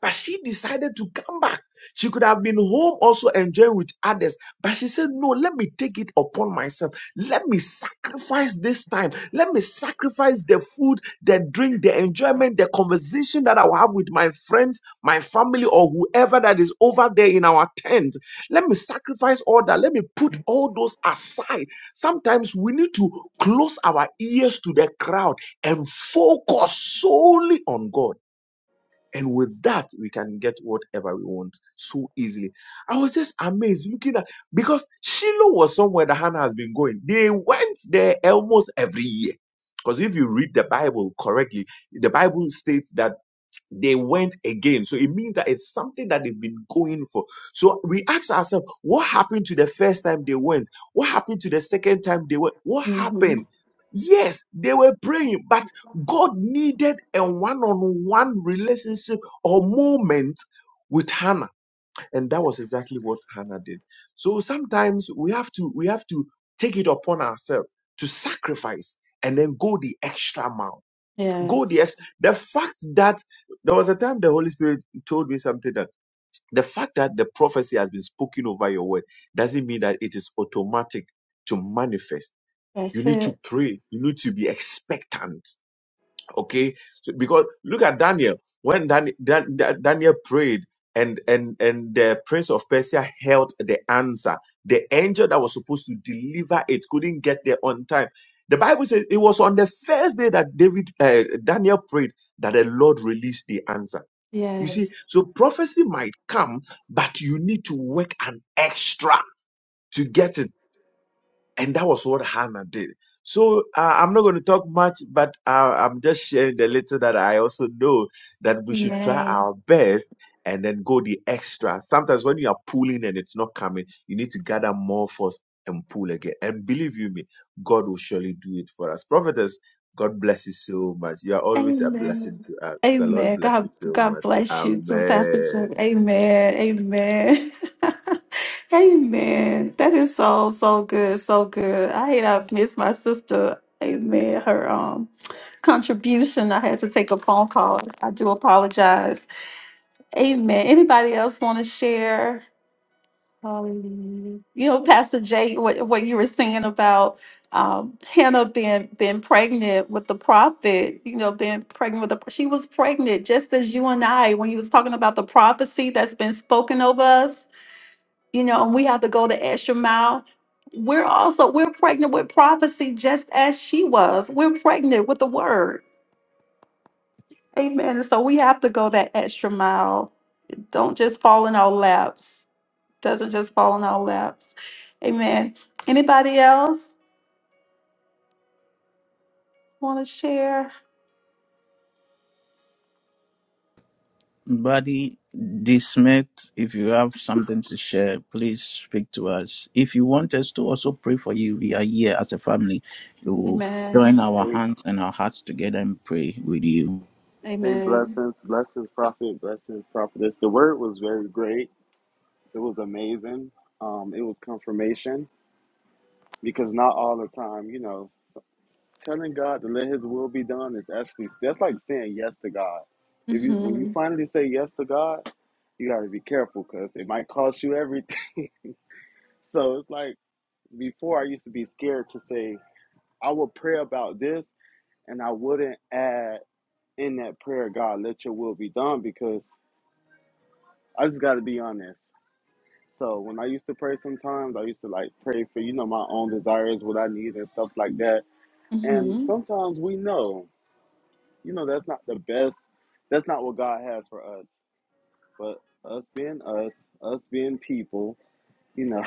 [SPEAKER 7] But she decided to come back. She could have been home also enjoying with others. But she said, No, let me take it upon myself. Let me sacrifice this time. Let me sacrifice the food, the drink, the enjoyment, the conversation that I will have with my friends, my family, or whoever that is over there in our tent. Let me sacrifice all that. Let me put all those aside. Sometimes we need to close our ears to the crowd and focus solely on God. And with that, we can get whatever we want so easily. I was just amazed looking at because Shiloh was somewhere that Hannah has been going. They went there almost every year. Because if you read the Bible correctly, the Bible states that they went again. So it means that it's something that they've been going for. So we ask ourselves, what happened to the first time they went? What happened to the second time they went? What
[SPEAKER 3] hmm
[SPEAKER 7] happened? Yes, they were praying, but God needed a one on one relationship or moment with Hannah. And that was exactly what Hannah did. So sometimes we have to we have to take it upon ourselves to sacrifice and then go the extra mile go the
[SPEAKER 3] Yes.
[SPEAKER 7] ex- the fact that there was a time the Holy Spirit told me something that the fact that the prophecy has been spoken over your word doesn't mean that it is automatic to manifest. You
[SPEAKER 3] That's
[SPEAKER 7] need to
[SPEAKER 3] it.
[SPEAKER 7] pray. You need to be expectant okay so, because look at daniel when Dan, Dan, Dan- daniel prayed and and and the prince of persia held the answer the angel that was supposed to deliver it couldn't get there on time the bible says it was on the first day that david uh, daniel prayed that the lord released the answer you see
[SPEAKER 3] Yes.
[SPEAKER 7] so prophecy might come but you need to work an extra to get it and that was what Hannah did. So uh, I'm not going to talk much, but uh, I'm just sharing the little that I also know that we should try
[SPEAKER 3] Amen.
[SPEAKER 7] our best and then go the extra. Sometimes when you are pulling and it's not coming, you need to gather more force and pull again. And believe you me, God will surely do it for us. Prophetess, God bless you so much. You are always a blessing
[SPEAKER 3] Amen.
[SPEAKER 7] to us. The Lord
[SPEAKER 3] Amen.
[SPEAKER 7] bless
[SPEAKER 3] God,
[SPEAKER 7] you so
[SPEAKER 3] God
[SPEAKER 7] much.
[SPEAKER 3] bless you too, Pastor Chuck.
[SPEAKER 7] Amen.
[SPEAKER 3] Amen. Amen. *laughs* Amen. That is so, so good. So good. I hate I've missed my sister. Amen. Her um contribution. I had to take a phone call. I do apologize. Amen. Anybody else want to share? Hallelujah. You know, Pastor Jay, what, what you were saying about um, Hannah being being pregnant with the prophet. You know, being pregnant with the she was pregnant just as you and I when you was talking about the prophecy that's been spoken over us. You know, and we have to go the extra mile. We're also we're pregnant with prophecy just as she was. We're pregnant with the word. Amen. And so we have to go that extra mile. Don't just fall in our laps. doesn't just fall on our laps. Amen. Anybody else want to share?
[SPEAKER 1] Buddy D. Smith, if you have something to share, please speak to us. If you want us to also pray for you, we are here as a family. We will join
[SPEAKER 3] Amen.
[SPEAKER 1] our
[SPEAKER 5] Hey,
[SPEAKER 1] hands and our hearts together and pray with you.
[SPEAKER 5] hey,
[SPEAKER 3] Amen.
[SPEAKER 5] blessings, blessings, prophet, blessings, prophetess. The word was very great. It was amazing. Um, it was confirmation because not all the time, you know, telling God to let His will be done is actually that's like saying yes to God. If you when you
[SPEAKER 3] Mm-hmm.
[SPEAKER 5] finally say yes to God, you got to be careful because it might cost you everything. *laughs* so it's like before I used to be scared to say. I would pray about this and I wouldn't add in that prayer, God, let your will be done because I just got to be honest. So when I used to pray sometimes, I used to like pray for, you know, my own desires, what I need and stuff like that. And
[SPEAKER 3] Mm-hmm.
[SPEAKER 5] sometimes we know, you know, that's not the best. That's not what God has for us. But us being us, us being people, you know,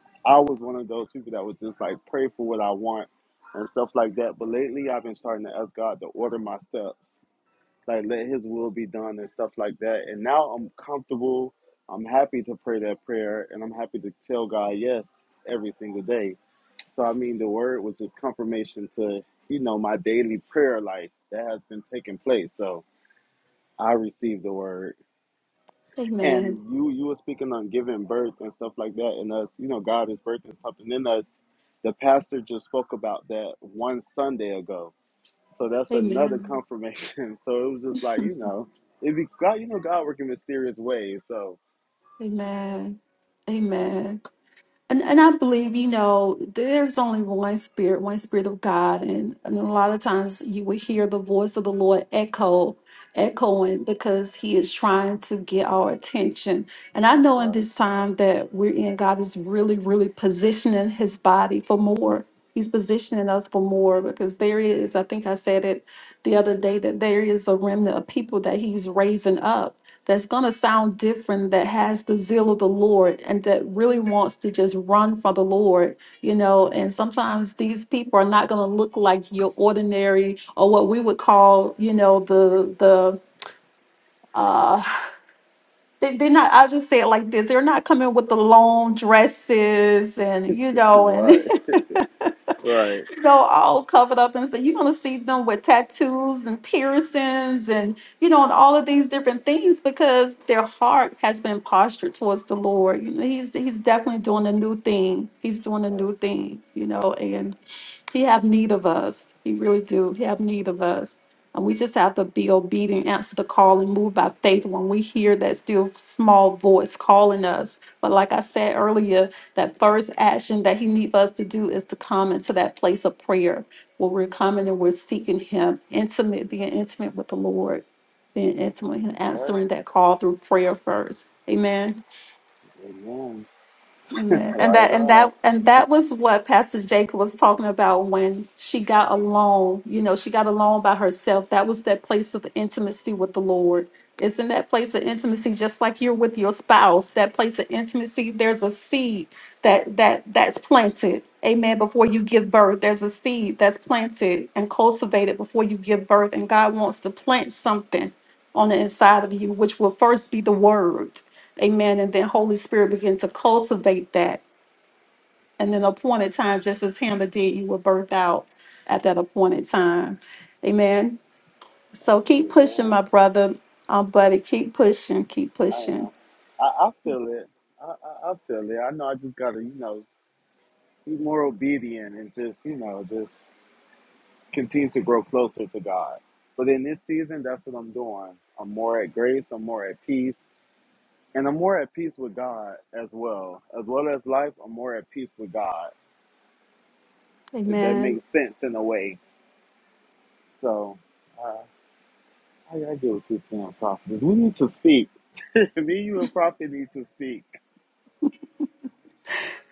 [SPEAKER 5] *laughs* I was one of those people that was just like pray for what I want and stuff like that. But lately, I've been starting to ask God to order my steps, like let His will be done and stuff like that. And now I'm comfortable. I'm happy to pray that prayer, and I'm happy to tell God yes every single day. So I mean, the word was just confirmation to you know my daily prayer life that has been taking place. So I received the word. And
[SPEAKER 3] Amen.
[SPEAKER 5] you you were speaking on giving birth and stuff like that, and us, you know, God is birthing something in us. The pastor just spoke about that one Sunday ago, so that's another
[SPEAKER 3] Amen.
[SPEAKER 5] confirmation. *laughs* So it was just like you know, it be God, you know, God working mysterious ways. So
[SPEAKER 3] Amen. Amen. And, and I believe, you know, there's only one spirit, one spirit of God. And, and a lot of times you will hear the voice of the Lord echo, echoing because he is trying to get our attention. And I know in
[SPEAKER 5] Right,
[SPEAKER 3] this time that we're in, God is really, really positioning his body for more. He's positioning us for more because there is, I think I said it the other day, that there is a remnant of people that he's raising up that's going to sound different, that has the zeal of the Lord, and that really wants to just run for the Lord, you know. And sometimes these people are not going to look like your ordinary or what we would call, you know, the, the, uh, *sighs* they, they're not, I'll just say it like this they're not coming with the long dresses and, you know,
[SPEAKER 5] right,
[SPEAKER 3] and *laughs*
[SPEAKER 5] right,
[SPEAKER 3] You know, all covered up and stuff. You're gonna see them with tattoos and piercings and you know, and all of these different things because their heart has been postured towards the Lord. You know, he's he's definitely doing a new thing. He's doing a new thing, you know, and. He have need of us. He really do. He have need of us. And we just have to be obedient, answer the call, and move by faith when we hear that still small voice calling us. But like I said earlier, that first action that he needs us to do is to come into that place of prayer where we're coming and we're seeking him, intimate, being intimate with the Lord, being intimate, and
[SPEAKER 5] right.
[SPEAKER 3] answering that call through prayer first. Amen.
[SPEAKER 5] amen,
[SPEAKER 3] Amen. And
[SPEAKER 5] right
[SPEAKER 3] that and
[SPEAKER 5] on,
[SPEAKER 3] that and that was what Pastor Jacob was talking about when she got alone. You know, she got alone by herself. That was that place of intimacy with the Lord. It's in that place of intimacy, just like you're with your spouse. That place of intimacy, there's a seed that that that's planted. Amen. Before you give birth, there's a seed that's planted and cultivated before you give birth. And God wants to plant something on the inside of you, which will first be the word. Amen. And then Holy Spirit begin to cultivate that. And then appointed time, just as Hannah did, you will birth out at that appointed time. Amen. So keep pushing,
[SPEAKER 5] amen.
[SPEAKER 3] my brother, um, buddy. Keep pushing, keep
[SPEAKER 5] I
[SPEAKER 3] pushing.
[SPEAKER 5] am, I, I feel it, I, I, I feel it. I know I just gotta, you know, be more obedient and just, you know, just. continue to grow closer to God. But in this season, that's what I'm doing. I'm more at grace, I'm more at peace, and I'm more at peace with God as well. As well as life, I'm more at peace with God, if that
[SPEAKER 3] Amen.
[SPEAKER 5] makes sense in a way. So, uh, how y'all deal with this damn prophet? We need to speak. *laughs* Me, you, and prophet need to speak.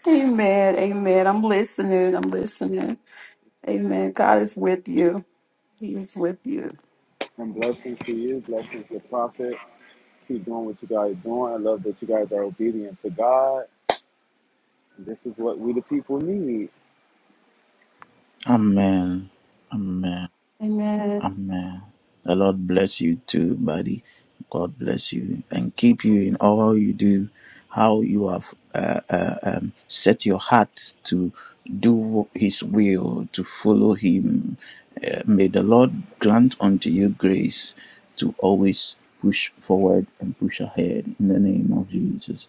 [SPEAKER 3] Amen. Amen. I'm listening. I'm listening. Amen. God is with you. He is with you.
[SPEAKER 5] And blessings to you, blessings to prophet. Keep doing what you guys are doing. I love that you guys are obedient to God. This is what we the people need.
[SPEAKER 1] Amen. Amen.
[SPEAKER 3] Amen.
[SPEAKER 1] Amen. The Lord bless you too, buddy. God bless you and keep you in all you do, how you have uh, uh, um, set your heart to do His will, to follow Him. Uh, may the Lord grant unto you grace to always push forward and push ahead in the name of Jesus.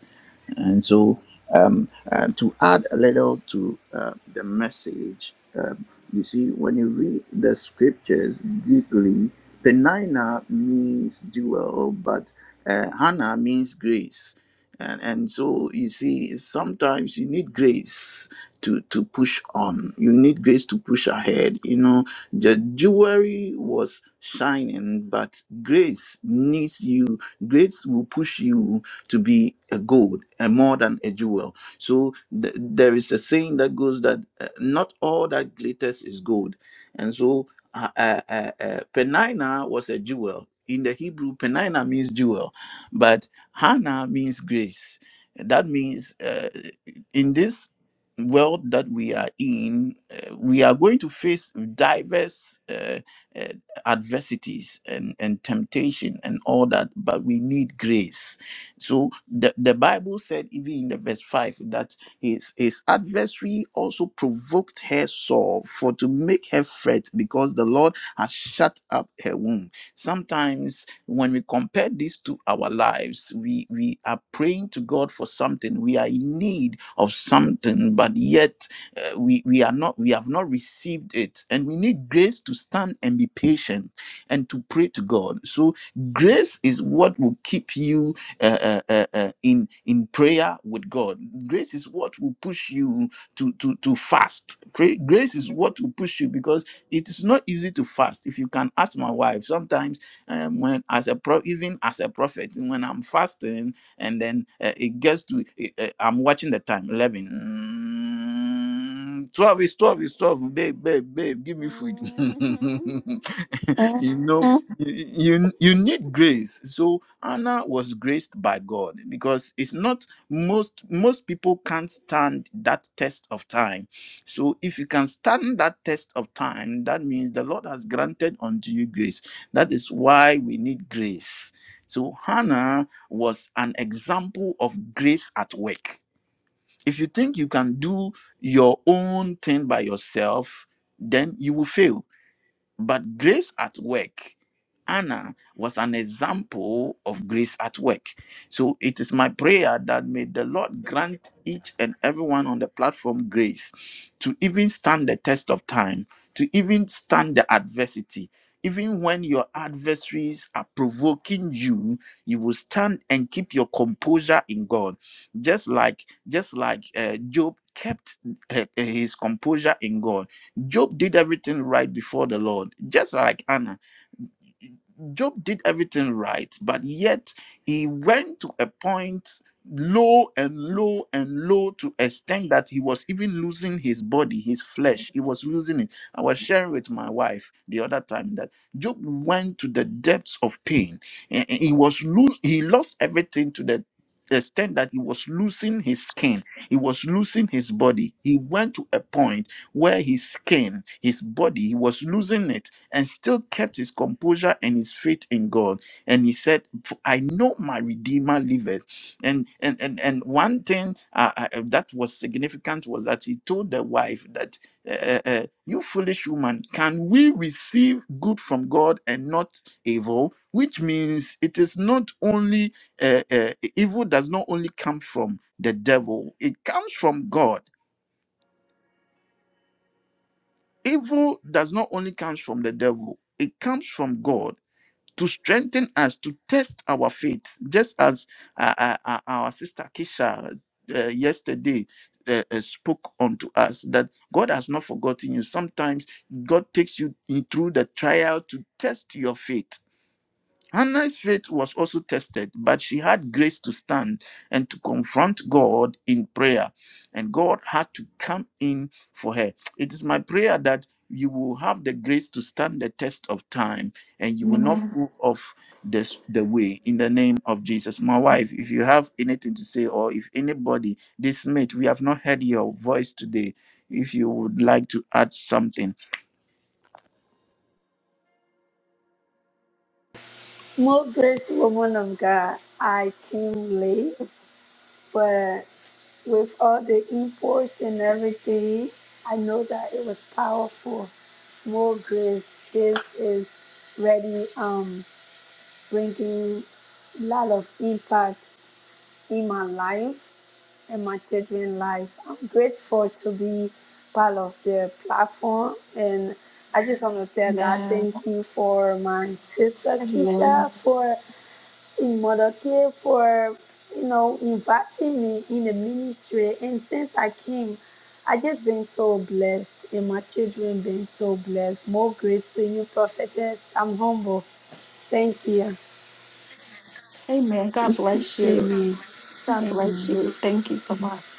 [SPEAKER 1] And
[SPEAKER 5] Amen.
[SPEAKER 1] so, um, uh, to add a little to uh, the message, um, you see, when you read the scriptures deeply, Penina means jewel, but uh, Hannah means grace. And, and so you see, sometimes you need grace to, to push on. You need grace to push ahead. You know, the jewelry was shining, but grace needs you. Grace will push you to be a gold and more than a jewel. So th- there is a saying that goes that uh, not all that glitters is gold. And so uh, uh, uh, uh, Penina was a jewel. In the Hebrew, Penina means jewel, but Hannah means grace. That means uh, in this world that we are in, uh, we are going to face diverse uh, uh, adversities and, and temptation and all that, but we need grace so the, the Bible said, even in the verse 5, that his, his adversary also provoked her sore for to make her fret because the Lord has shut up her womb. Sometimes when we compare this to our lives, we, we are praying to God for something. We are in need of something, but yet uh, we, we are not we have not received it. And we need grace to stand and be patient and to pray to God. So grace is what will keep you uh, uh, uh, uh, in in prayer with God. Grace is what will push you to to to fast. Pray, grace is what will push you because it is not easy to fast. If you can ask my wife, sometimes um, when as a pro, even as a prophet, when I'm fasting and then uh, it gets to uh, uh, I'm watching the time eleven. Mm, 12 is 12 is 12 babe babe babe give me food
[SPEAKER 3] Mhm. Mhm.
[SPEAKER 1] *laughs* you know
[SPEAKER 3] Amen.
[SPEAKER 1] you, you you need grace so anna was graced by god because it's not most most people can't stand that test of time so if you can stand that test of time that means the lord has granted unto you grace that is why we need grace so hannah was an example of grace at work if you think you can do your own thing by yourself then you will fail but grace at work, Anna was an example of grace at work. So it is my prayer that may the Lord grant each and everyone on the platform grace to even stand the test of time, to even stand the adversity. Even when your adversaries are provoking you, you will stand and keep your composure in God. Just like just like uh, Job kept uh, his composure in God Job did everything right before the Lord, just like Anna. Job did everything right, but yet he went to a point low and low and low to extent that he was even losing his body, his flesh. He was losing it. I was sharing with my wife the other time that Job went to the depths of pain. and He was lose he lost everything to the extent that he was losing his skin he was losing his body he went to a point where his skin his body he was losing it and still kept his composure and his faith in God. And he said, "For I know my Redeemer liveth. And and and, and one thing uh, uh, uh, that was significant was that he told the wife that, uh, uh, uh, "You foolish woman, can we receive good from God and not evil?" Which means it is not only uh, uh, evil does not only come from the devil; it comes from God. Evil does not only comes from the devil; it comes from God to strengthen us to test our faith, just as uh, uh, uh, our sister Kisha uh, yesterday uh, uh, spoke unto us that God has not forgotten you. Sometimes God takes you in through the trial to test your faith. Hannah's faith was also tested, but she had grace to stand and to confront God in prayer. And God had to come in for her. It is my prayer that you will have the grace to stand the test of time and you will not
[SPEAKER 3] Amen.
[SPEAKER 1] fall off this, the way in the name of Jesus. My wife, if you have anything to say, or if anybody, this mate, we have not heard your voice today. If you would like to add something,
[SPEAKER 8] More grace, woman of God. I came late, but with all the imports and everything, I know that it was powerful. More grace. This is really um bringing a lot of impact in my life and my children's life. I'm grateful to be part of the platform, and I just want to tell God thank you for my sister Keisha
[SPEAKER 3] Amen.
[SPEAKER 8] for. Mother for you know inviting me in the ministry and since I came I just been so blessed and my children been so blessed. More grace to you prophetess. I'm humble. Thank you.
[SPEAKER 3] Amen. God bless you.
[SPEAKER 8] Amen.
[SPEAKER 3] God
[SPEAKER 8] Amen.
[SPEAKER 3] bless you. Thank you so much.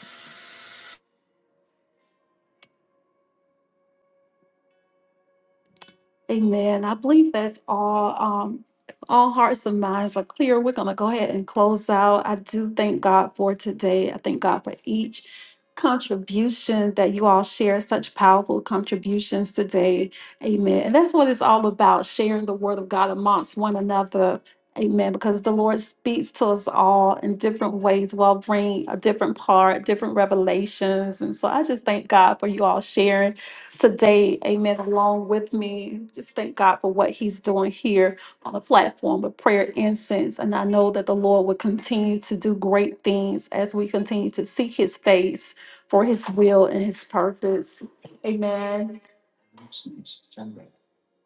[SPEAKER 3] Amen. I believe that's all. Um, all hearts and minds are clear. We're going to go ahead and close out. I do thank God for today. I thank God for each contribution that you all share, such powerful contributions today. Amen. And that's what it's all about sharing the word of God amongst one another. Amen. Because the Lord speaks to us all in different ways, while bring a different part, different revelations. And so I just thank God for you all sharing today. Amen. Along with me, just thank God for what He's doing here on the platform with prayer incense. And I know that the Lord will continue to do great things as we continue to seek His face for His will and His purpose. Amen.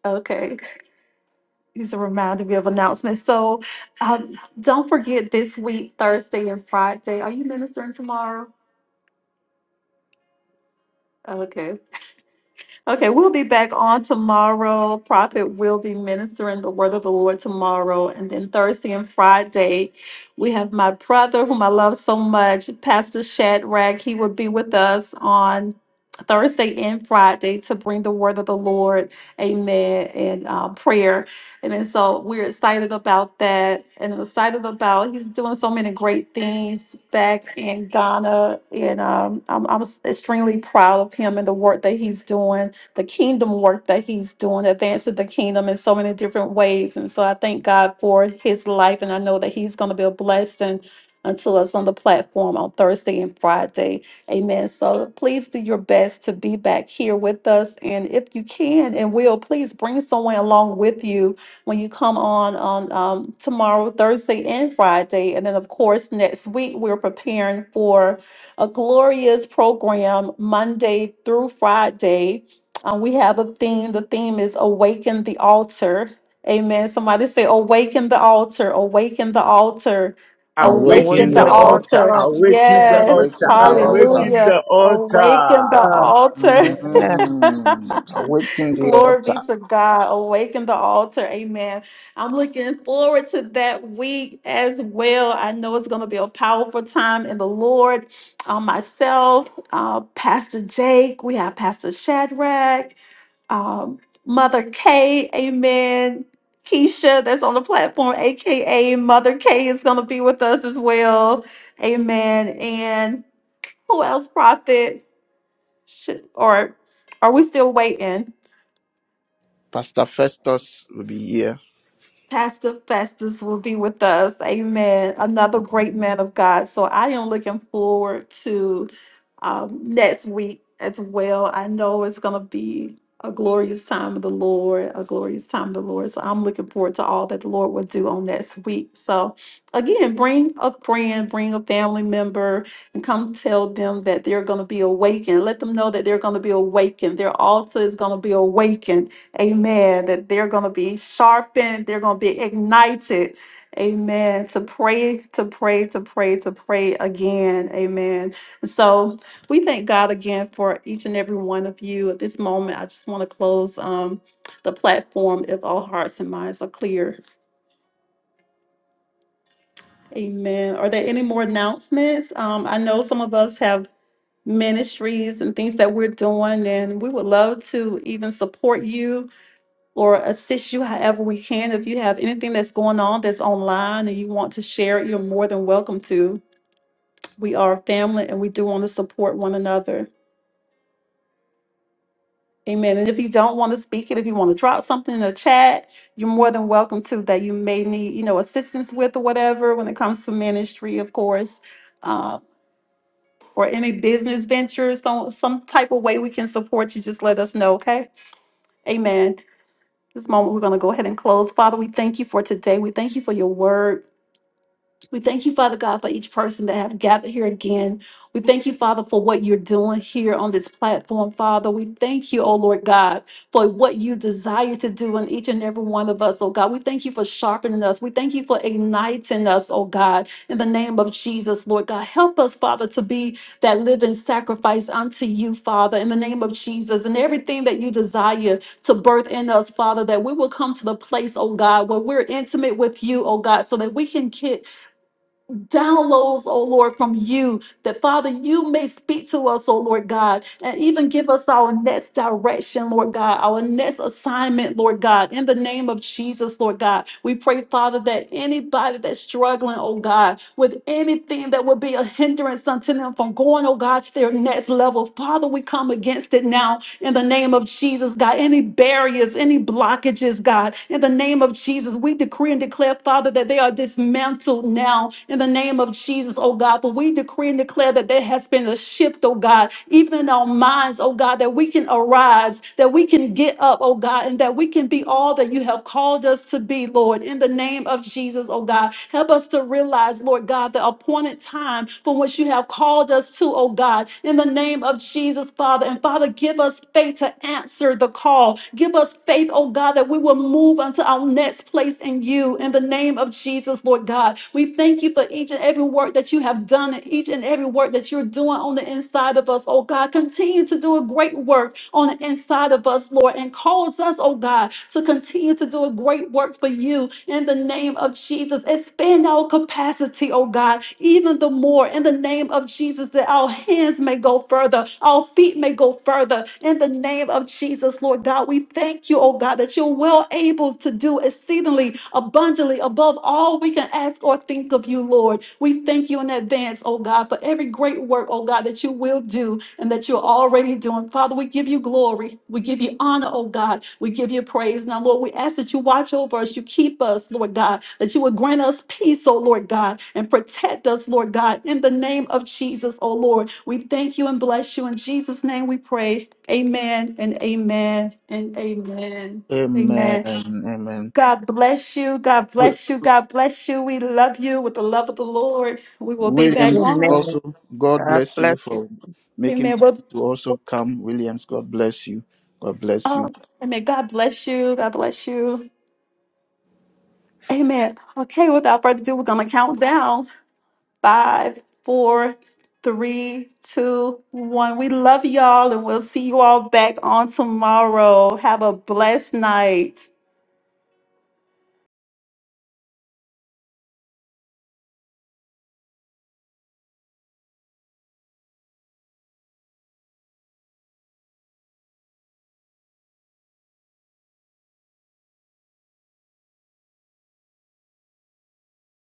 [SPEAKER 3] Okay. He's a reminder me of announcements. So um, don't forget this week, Thursday and Friday. Are you ministering tomorrow? Okay. Okay, we'll be back on tomorrow. Prophet will be ministering the word of the Lord tomorrow. And then Thursday and Friday, we have my brother, whom I love so much, Pastor Shadrach. He will be with us on Thursday and Friday to bring the word of the Lord, amen, and uh, prayer. And then so we're excited about that and excited about he's doing so many great things back in Ghana. And um, I'm, I'm extremely proud of him and the work that he's doing the kingdom work that he's doing, advancing the kingdom in so many different ways. And so I thank God for his life. And I know that he's going to be a blessing unto us on the platform on Thursday and Friday. Amen. So please do your best to be back here with us. And if you can and will, please bring someone along with you when you come on on um, tomorrow, Thursday and Friday. And then, of course, next week, we're preparing for a glorious program Monday through Friday um, we have a theme. The theme is awaken the altar. Amen. Somebody say, awaken the altar, awaken the altar,
[SPEAKER 2] They're
[SPEAKER 1] awaken
[SPEAKER 7] Awaken
[SPEAKER 3] awaken
[SPEAKER 2] working
[SPEAKER 3] the
[SPEAKER 7] the
[SPEAKER 1] the
[SPEAKER 2] the
[SPEAKER 1] altar,
[SPEAKER 7] altar.
[SPEAKER 3] altar.
[SPEAKER 2] altar. They
[SPEAKER 7] Awaken the
[SPEAKER 2] are
[SPEAKER 3] Yes.
[SPEAKER 1] awaken
[SPEAKER 7] altar.
[SPEAKER 2] working the
[SPEAKER 1] the altar.
[SPEAKER 2] altar.
[SPEAKER 7] Awaken
[SPEAKER 3] Hallelujah.
[SPEAKER 7] the
[SPEAKER 3] Awaken the
[SPEAKER 7] altar.
[SPEAKER 2] Sir.
[SPEAKER 3] altar.
[SPEAKER 2] Yeah.
[SPEAKER 3] *laughs*
[SPEAKER 1] Mhm. Awaken the
[SPEAKER 3] Glory be
[SPEAKER 1] altar.
[SPEAKER 3] to God. Awaken the altar. Amen. I'm looking forward to that week as well. I know it's going to be a powerful time in the Lord. Um, myself, uh, Pastor Jake, we have Pastor Shadrach um, Mother K, amen. Keisha, that's on the platform, aka Mother K, is going to be with us as well, amen. And who else, Prophet? Should, or are we still waiting?
[SPEAKER 1] Pastor Festus will be here.
[SPEAKER 3] Pastor Festus will be with us. Amen. Another great man of God. So I am looking forward to um, next week as well. I know it's going to be a glorious time of the Lord, a glorious time of the Lord. So I'm looking forward to all that the Lord will do on next week. So again, bring a friend, bring a family member, and come tell them that they're going to be awakened. Let them know that they're going to be awakened. Their altar is going to be awakened Amen. That they're going to be sharpened, they're going to be ignited. Amen. To pray, to pray, to pray, to pray again. Amen. And so we thank God again for each and every one of you. At this moment, I just want to close um, the platform if all hearts and minds are clear. Amen. Are there any more announcements? Um, I know some of us have ministries and things that we're doing, and we would love to even support you or assist you however we can. If you have anything that's going on that's online and you want to share it, you're more than welcome to. We are a family and we do want to support one another. Amen. And if you don't want to speak it, if you want to drop something in the chat, you're more than welcome to that you may need, you know, assistance with or whatever when it comes to ministry, of course, uh, or any business ventures, so some type of way we can support you, just let us know, okay? Amen. This moment, we're going to go ahead and close. Father, we thank you for today. We thank you for your word. We thank you, Father God, for each person that have gathered here again. We thank you, Father, for what you're doing here on this platform, Father. We thank you, oh Lord God, for what you desire to do in each and every one of us, oh God. We thank you for sharpening us. We thank you for igniting us, oh God, in the name of Jesus, Lord God. Help us, Father, to be that living sacrifice unto you, Father, in the name of Jesus, and everything that you desire to birth in us, Father, that we will come to the place, oh God, where we're intimate with you, oh God, so that we can get downloads, oh Lord, from you, that Father, you may speak to us, oh Lord God, and even give us our next direction, Lord God, our next assignment, Lord God, in the name of Jesus, Lord God. We pray, Father, that anybody that's struggling, oh God, with anything that would be a hindrance unto them from going, oh God, to their next level, Father, we come against it now in the name of Jesus, God. Any barriers, any blockages, God, in the name of Jesus, we decree and declare, Father, that they are dismantled now in the name of Jesus, oh God. But we decree and declare that there has been a shift, oh God, even in our minds, oh God, that we can arise, that we can get up, oh God, and that we can be all that you have called us to be, Lord, in the name of Jesus, oh God. Help us to realize realize, Lord God, the appointed time for which you have called us to, oh God, in the name of Jesus, Father. And Father, give us faith to answer the call. Give us faith, oh God, that we will move unto our next place in you in the name of Jesus, Lord God. We thank you for each and every work that you have done and each and every work that you're doing on the inside of us, oh God. Continue to do a great work on the inside of us, Lord. Lord, and cause us, oh God, to continue to do a great work for you in the name of Jesus. Expand our capacity, oh God, even the more in the name of Jesus, that our hands may go further, our feet may go further in the name of Jesus, Lord God. We thank you, oh God, that you're well able to do exceedingly abundantly above all we can ask or think of you, Lord. We thank you in in advance, oh God, for every great work, oh God, that you will do and that you're already doing. Father, we give you glory. We give you honor, oh God. We give you praise. Now, Lord, we ask that you watch over us, you keep us, Lord God, that you would grant us peace, oh Lord God, and protect us, Lord God, in the name of Jesus, oh Lord. We thank you and bless you. In Jesus' name we pray. Amen and amen and amen.
[SPEAKER 1] Amen.
[SPEAKER 3] Amen.
[SPEAKER 1] Amen.
[SPEAKER 3] God bless you. God bless you. God bless you. We love you with the love of the Lord. We will be back
[SPEAKER 1] Williams,
[SPEAKER 3] on.
[SPEAKER 2] Amen.
[SPEAKER 1] also, God
[SPEAKER 2] God
[SPEAKER 1] bless you
[SPEAKER 2] bless you.
[SPEAKER 1] for making
[SPEAKER 3] Amen.
[SPEAKER 1] time
[SPEAKER 3] Well,
[SPEAKER 1] to also come. Williams, God bless you. God bless you.
[SPEAKER 3] um, amen. God bless you. God bless you. Amen. Okay, without further ado, we're going to count down five, four, three, two, one. We love y'all and we'll see you all back on tomorrow. Have a blessed night.